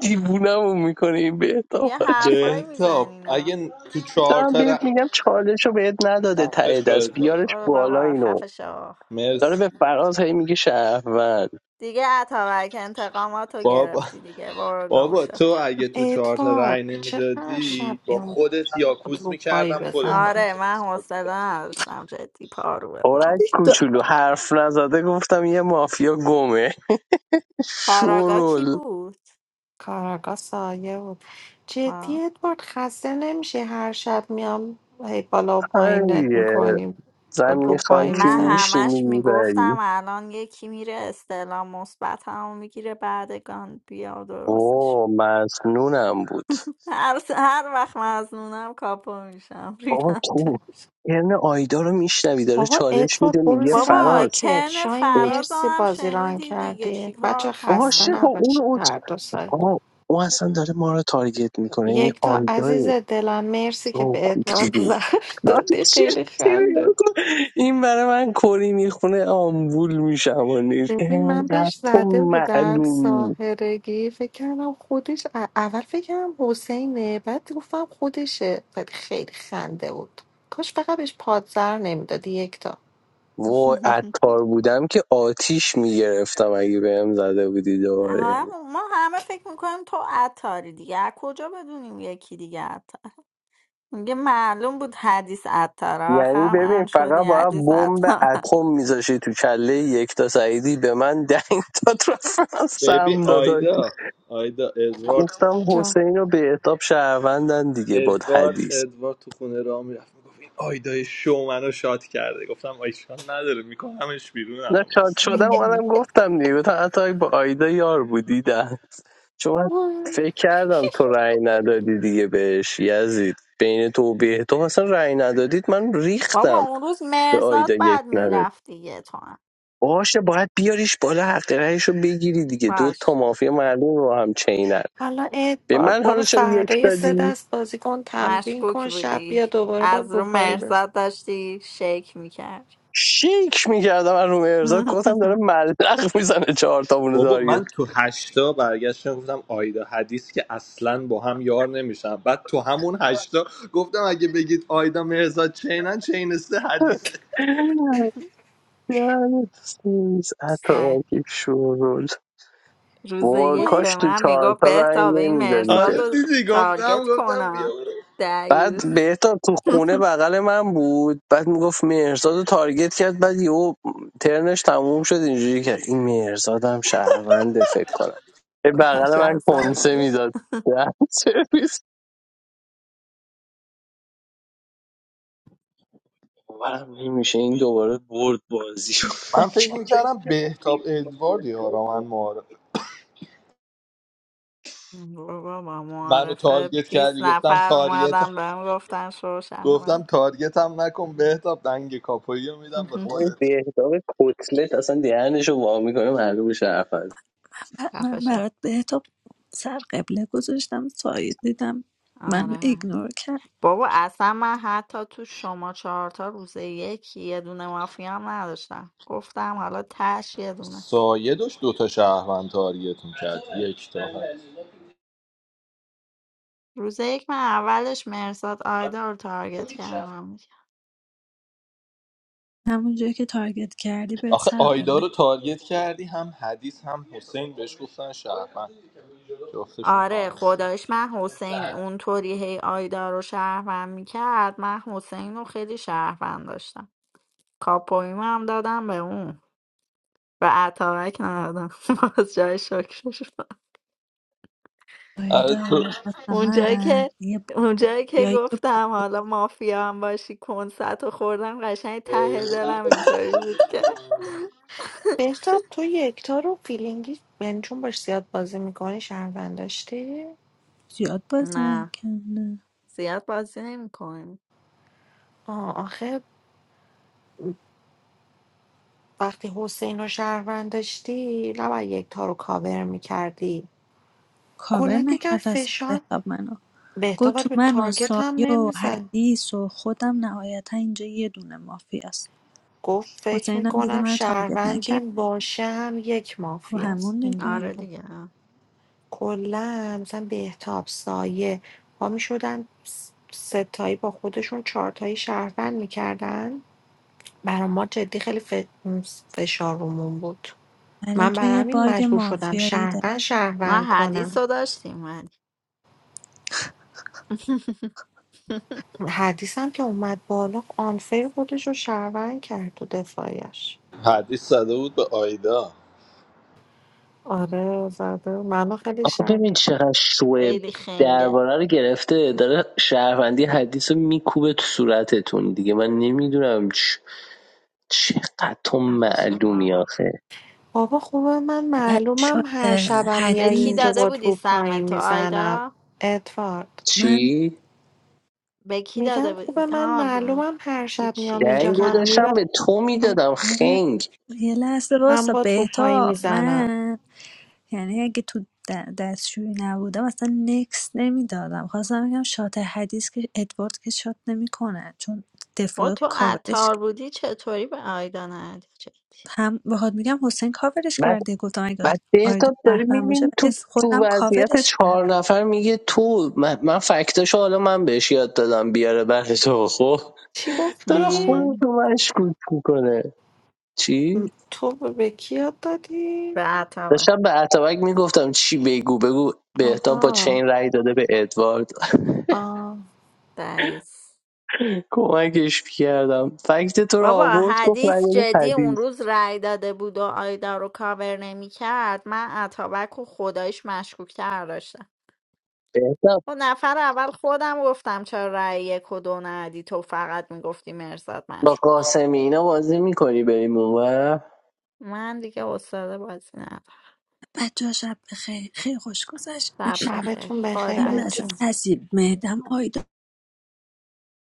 Speaker 1: دیوونمون میکنه این بهتاب
Speaker 6: یه
Speaker 1: حاجی
Speaker 6: حرفایی
Speaker 8: بهتاب
Speaker 6: میزنینا
Speaker 8: اگه تو چهار
Speaker 1: دارم
Speaker 8: تا ر...
Speaker 1: بهت میگم چالش رو بهت نداده
Speaker 8: خفه
Speaker 1: ته دست
Speaker 8: شاید باش
Speaker 1: بیارش
Speaker 6: برو
Speaker 1: بالا
Speaker 6: بابا
Speaker 1: اینو
Speaker 6: خفه شو
Speaker 1: داره به
Speaker 8: مرسی
Speaker 1: فراز هی میگه شهروند
Speaker 6: دیگه اتابک انتقامات رو
Speaker 8: بابا
Speaker 6: گرفتی دیگه برو گم
Speaker 8: بابا
Speaker 6: شو
Speaker 8: تو اگه تو چهار تا
Speaker 19: ادوارد
Speaker 8: رأی
Speaker 19: چقدر شب
Speaker 8: نمیدادی با
Speaker 19: بیام
Speaker 8: خودت یاکوز
Speaker 19: رو پایی
Speaker 8: میکردم خودت باید
Speaker 19: بزنم
Speaker 6: آره من
Speaker 8: کلاس باز
Speaker 6: حوصله
Speaker 8: بودم
Speaker 6: نداشتم جدی پارو
Speaker 1: اورک
Speaker 6: بزنم
Speaker 1: کوچولو حرف نزده گفتم یه مافیا گمه
Speaker 6: کاراگا کی
Speaker 1: شورول
Speaker 6: بود
Speaker 19: کاراگاه سایه بود جدی ادوارد خسته نمیشه هر شب میام هی بالا و پایینت
Speaker 1: هیه
Speaker 19: میکنیم رو
Speaker 1: زمین
Speaker 19: پایی
Speaker 1: خاکی
Speaker 6: من
Speaker 19: میزنیم
Speaker 1: میشینی
Speaker 6: همش میگفتم
Speaker 1: میبری
Speaker 6: الان یکی میره استعلام مثبت همو میگیره بعدگان بیا درستش
Speaker 1: اوه مزنونم بود
Speaker 6: هر, هر وقت مزنونم کاپو میشم
Speaker 1: بابا
Speaker 6: ریدم
Speaker 1: تو
Speaker 6: توش
Speaker 1: یعنی آیدا رو میشنوی داره
Speaker 19: بابا
Speaker 1: چالش میده
Speaker 19: ادوارد برو
Speaker 1: میگه
Speaker 19: زیر
Speaker 6: بابا
Speaker 1: فراز
Speaker 19: مایکت
Speaker 6: ترن
Speaker 19: شاین
Speaker 6: فرازم
Speaker 19: مرسی
Speaker 6: هم
Speaker 19: بازی ران
Speaker 6: شنیدی دیگه
Speaker 19: کردی بچه
Speaker 6: چیکار
Speaker 19: خسته
Speaker 1: عاشق
Speaker 6: کنم
Speaker 1: با
Speaker 19: نباشه
Speaker 1: اون عشق.
Speaker 19: هر دو سایه
Speaker 1: آقا اون اصلا داره ما رو تارگت میکنه این
Speaker 19: یک تا
Speaker 1: آیدا
Speaker 19: عزیز دلم مرسی که
Speaker 1: او
Speaker 19: به
Speaker 1: کوچی
Speaker 19: ادوارد
Speaker 1: بود
Speaker 19: زهر دادی
Speaker 1: چه
Speaker 19: خیلی
Speaker 1: چه نگاه
Speaker 19: خنده بود
Speaker 1: کن. این برای من کری میخونه آمبول میشم و نیز
Speaker 19: ببین من
Speaker 1: اینقدر
Speaker 19: بهش
Speaker 1: تو
Speaker 19: زده بودم
Speaker 1: معلومی
Speaker 19: ساهرگی فکر کردم خودش ا- اول فکر کردم حسینه بعد گفتم خودشه بعد خیلی خنده بود کاش فقط بهش پادزر نمیدادی یک
Speaker 1: وای عطار بودم که آتیش میگرفتم اگه بهم زده بودی دوباره یعنی
Speaker 6: هم- ما همه فکر میکنیم تو عطاری دیگه از کجا بدونیم یکی دیگه عطار میگه معلوم بود حدیث عطار
Speaker 1: یعنی
Speaker 6: آخرم
Speaker 1: ببین
Speaker 6: ان شدی
Speaker 1: فقط باید
Speaker 6: حدیث
Speaker 1: بمب
Speaker 6: عطار
Speaker 1: اتم میذاشی تو کله یک تا سعیدی به من دنگ داد رفتم
Speaker 8: ببین
Speaker 1: سم داداش
Speaker 8: آیدا آیدا ادوارد
Speaker 1: گفتم
Speaker 19: جان
Speaker 1: حسین رو به اعتاب شهروندن دیگه باد
Speaker 8: ادوارد
Speaker 1: حدیث
Speaker 8: ادوارد تو خونه راه میرفت میگفت این آیدای شو منو شاد کرده گفتم آیشان نداره میکنمش بیرون
Speaker 1: نه
Speaker 8: الان
Speaker 1: شاد
Speaker 8: وایس
Speaker 1: شدم اومدم گفتم دیگه تا حتی با آیدا یار بودی ده چون من
Speaker 19: وای.
Speaker 1: فکر کردم تو رأی ندادی دیگه بهش یزید بین تو و بهتاب اصلا رأی ندادید من
Speaker 6: بابا
Speaker 1: ریختم
Speaker 6: اون روز
Speaker 1: به
Speaker 6: مرزاد
Speaker 1: آیدا یک
Speaker 6: بعد
Speaker 1: ندادی
Speaker 6: میرفت دیگه تو هم
Speaker 1: باشه باید بیاریش بالا حق رأیش رو بگیری دیگه دو تا
Speaker 6: باش
Speaker 1: مافیا مردم رو هم چینن
Speaker 19: حالا
Speaker 1: به
Speaker 19: ادوارد
Speaker 1: من
Speaker 19: برو
Speaker 1: حالا چرا یک
Speaker 19: فردا یه سه
Speaker 1: دادی
Speaker 19: دست بازی کن تمرین
Speaker 6: مشکوک
Speaker 19: کن شب
Speaker 6: بودی
Speaker 19: بیا دوباره با
Speaker 6: از رو
Speaker 19: روپایی بزن
Speaker 6: مرزاد داشتی شیک میکرد
Speaker 1: شیک میکردم از رومه ارزاد گفتم داره ملق میزنه چهار تا مونو
Speaker 8: بابا
Speaker 1: تارگت
Speaker 8: من تو هشتا برگشتم گفتم آیدا حدیث که اصلا با هم یار نمیشن بعد تو همون هشتا گفتم اگه بگید آیدا مرزا چینن چینسته حدیثه
Speaker 1: دهنت سرویس، عطا
Speaker 6: سگ
Speaker 1: آکی شورول
Speaker 6: روز
Speaker 1: وای
Speaker 6: یک
Speaker 1: کاش
Speaker 6: به
Speaker 1: تو
Speaker 6: من میگفت
Speaker 1: چهارتا رنگ
Speaker 6: بهتاب این
Speaker 1: نمیدادی که
Speaker 6: مرزاد
Speaker 8: آره
Speaker 6: رو
Speaker 8: دیدی گفتم
Speaker 6: تارگت
Speaker 8: گفتم بیا
Speaker 6: کنم
Speaker 8: برو.
Speaker 6: دیوز
Speaker 1: بعد بهتا تو خونه بغل من بود بعد میگفت مهرزاد رو تارگت کرد بعد یهو ترنش تموم شد اینجوری کرد این مهرزاد هم شهرونده فکر کنم به بغل
Speaker 6: عجب
Speaker 1: من کنسه
Speaker 6: سگیه
Speaker 1: میداد سرویس باورم نمیشه این دوباره برد بازی شد
Speaker 8: من فکر میکردم بهتاب ادوارد یارا من معارفه
Speaker 6: بابا با
Speaker 8: منو
Speaker 6: معارفه
Speaker 8: تارگت
Speaker 6: 20
Speaker 8: کردی گفتم
Speaker 6: نفر
Speaker 8: تارگت
Speaker 6: اومدن بهم گفتن شو
Speaker 8: گفتم
Speaker 6: شهروند
Speaker 8: تارگتم نکن بهتاب دنگ کاپویی رو میدم به
Speaker 1: اون
Speaker 8: خودت
Speaker 1: بهتاب کتلت اصلا دهنشو وا میکنه معلوم شرفنده
Speaker 6: خفه
Speaker 2: من
Speaker 6: شو
Speaker 2: برات بهتا سر قبله گذاشتم سایت دیدم منو
Speaker 6: آره
Speaker 2: ایگنور کرد
Speaker 6: بابا اصلا من حتی تو شما چهارتا روز یک یه دونه مافیا هم نداشتم گفتم حالا تش یه دونه
Speaker 8: سایه داشت دوتا شهروند تارگت میکرد یک تا هم.
Speaker 6: روز یک من اولش مرزاد آیدا رو تارگت کردم دیگه.
Speaker 2: همون جایی که تارگت کردی بهت
Speaker 8: آخه
Speaker 2: سر
Speaker 8: آیدا
Speaker 2: قبله
Speaker 8: رو تارگت کردی هم حدیث هم حسین بهش گفتن شهروند جفتشون
Speaker 6: آره
Speaker 8: کار
Speaker 6: خدایش من حسین اونطوری هی آیدا رو شهروند میکرد من حسین رو خیلی شهروند داشتم کاپویمو هم دادم به اون و اتاوک ندادم باز جای شکرش
Speaker 8: آره تو
Speaker 2: آیدا واسه
Speaker 6: اونجایی که
Speaker 2: من
Speaker 6: اونجایی که
Speaker 2: یا یه
Speaker 6: گفتم
Speaker 2: بزرگ
Speaker 6: حالا مافیا هم باشی کنسرت رو خوردم قشنگ ته دلم اینطوری بود که
Speaker 19: بهتاب تو یکتا رو فیلینگی یعنی چون باش زیاد بازی میکنی شهروند داشتی
Speaker 2: زیاد بازی
Speaker 6: نه
Speaker 2: نکرده
Speaker 6: زیاد بازی نمیکنیم
Speaker 19: آه، آخه وقتی حسین رو شهروند داشتی نباید یکتا رو کاور میکردی
Speaker 2: کاور
Speaker 19: کلا یکم
Speaker 2: نکرد اصلا
Speaker 19: فشار
Speaker 2: بهتاب منو
Speaker 19: بهتاب
Speaker 2: گفت
Speaker 19: ولی
Speaker 2: تو
Speaker 19: به
Speaker 2: من و
Speaker 19: تارگت هم
Speaker 2: سایه و
Speaker 19: نمیزن
Speaker 2: حدیث و خودم نهایتا اینجا یه دونه مافیاست
Speaker 19: گفت فکر
Speaker 2: حسینم دیگه
Speaker 19: میکنم
Speaker 2: من تارگت نکرد
Speaker 19: شهروندیم باشه هم یک
Speaker 2: خب
Speaker 19: مافیاست
Speaker 2: همون دیگه
Speaker 19: اینجوری
Speaker 6: آره
Speaker 19: گفت
Speaker 6: دیگه
Speaker 19: کلا مثلا بهتاب سایه ها میشدن ستایی با خودشون چارتایی شهروند میکردن برا ما جدی خیلی ف- فشار رومون بود
Speaker 2: ولی
Speaker 19: من
Speaker 2: تو
Speaker 19: برای
Speaker 2: یه
Speaker 19: همین
Speaker 2: باگ
Speaker 19: مجبور شدم
Speaker 2: مافیایی داری
Speaker 19: شهروند
Speaker 6: ما
Speaker 19: شهروند
Speaker 6: حدیث
Speaker 19: کنم
Speaker 6: رو داشتیم ولی
Speaker 19: حدیثم که اومد بالا آنفیر خودش رو شهروند کرد تو دفاعیش
Speaker 8: حدیث زده بود به آیدا
Speaker 19: آره زده منو خیلی
Speaker 1: آخه
Speaker 19: شهر
Speaker 1: ببین چقدر شوه
Speaker 6: خیلی خنگه
Speaker 1: درباره رو گرفته داره شهروندی حدیث رو میکوبه تو صورتتون دیگه من نمیدونم چ... چقدر تو
Speaker 6: خفش
Speaker 1: معلومی
Speaker 6: بابا
Speaker 1: آخه
Speaker 19: بابا خوبه من
Speaker 2: بعد
Speaker 19: معلومم
Speaker 2: شد
Speaker 19: هر شبم
Speaker 6: به
Speaker 19: میای
Speaker 6: کی
Speaker 19: اینجا
Speaker 2: حدیث
Speaker 6: داده
Speaker 19: باد
Speaker 6: بودی
Speaker 19: رو
Speaker 6: سهم
Speaker 19: پایی
Speaker 6: تو
Speaker 19: میزنم
Speaker 6: آیدا
Speaker 19: ادوارد
Speaker 2: من
Speaker 1: چی؟
Speaker 6: به کی داده
Speaker 19: میگم خوبه
Speaker 6: بودی
Speaker 19: من
Speaker 6: ها ب-
Speaker 19: معلومم هر شب
Speaker 6: هیچی
Speaker 19: میام
Speaker 6: فکر
Speaker 19: اینجا
Speaker 1: دنگو
Speaker 19: هم
Speaker 6: کردم
Speaker 19: میبرم
Speaker 1: داشتم به تو میدادم
Speaker 2: من
Speaker 1: خنگ
Speaker 2: یه لحظه
Speaker 19: هم
Speaker 2: واسه
Speaker 19: باد رو پایی
Speaker 2: بهتاب
Speaker 19: میزنم
Speaker 2: من یعنی اگه تو د- دستشویی نبودم اصلا نکس نمیدادم خواستم بگم شات حدیث که ادوارد که شات نمیکنه چون
Speaker 6: و
Speaker 2: دفاع
Speaker 6: تو
Speaker 2: کاورش
Speaker 6: عطار بودی چطوری به آیدا ندی جدی
Speaker 2: هم بخواد میگم حسین کاورش
Speaker 1: بعد
Speaker 2: کرده گفتم اگه
Speaker 1: بعد
Speaker 2: آیدا
Speaker 1: بهتاب داری
Speaker 2: شهروند باشه
Speaker 1: میبینی
Speaker 2: ولی
Speaker 1: تو تو
Speaker 2: خودم
Speaker 1: وضعیت
Speaker 2: کاورش
Speaker 1: چهار
Speaker 2: کردم
Speaker 1: نفر میگه تو من, من فکتاشو حالا من بهش یاد دادم بیاره برای تو خب
Speaker 19: چی
Speaker 1: داره
Speaker 19: گفتی؟
Speaker 1: خودتو مشکوک میکنه چی؟
Speaker 19: م، تو به کی یاد دادی؟
Speaker 6: به اتمه
Speaker 1: داشتم به اتابک میگفتم چی بگو بگو بهتاب با
Speaker 19: آها
Speaker 1: چین رأی داده به ادوارد
Speaker 19: آه.
Speaker 6: دعیوس
Speaker 1: کمکش کردم فکت تو رو
Speaker 6: بابا
Speaker 1: آورد گفت رأی
Speaker 6: حدیث
Speaker 1: داده
Speaker 6: جدی
Speaker 1: پدی
Speaker 6: اون روز رأی داده بود و آیدا رو کاور نمیکرد من اتابک و خدایش مشکوکتر داشتم
Speaker 1: بهتاب
Speaker 6: و نفر اول خودم گفتم چرا رأی یک و دو ندی تو فقط میگفتی مرزاد
Speaker 1: با
Speaker 6: مشکوک
Speaker 1: قاسمی اینا بازی میکنی بریم اونور
Speaker 6: من دیگه استاد بازی ندارم
Speaker 2: بچه ها شب بخیر خیلی خوش گذشت
Speaker 6: شب بخیر
Speaker 19: شبتون بخیر
Speaker 2: این وسط
Speaker 19: بچه
Speaker 6: خداحافظ
Speaker 2: هستی مهدم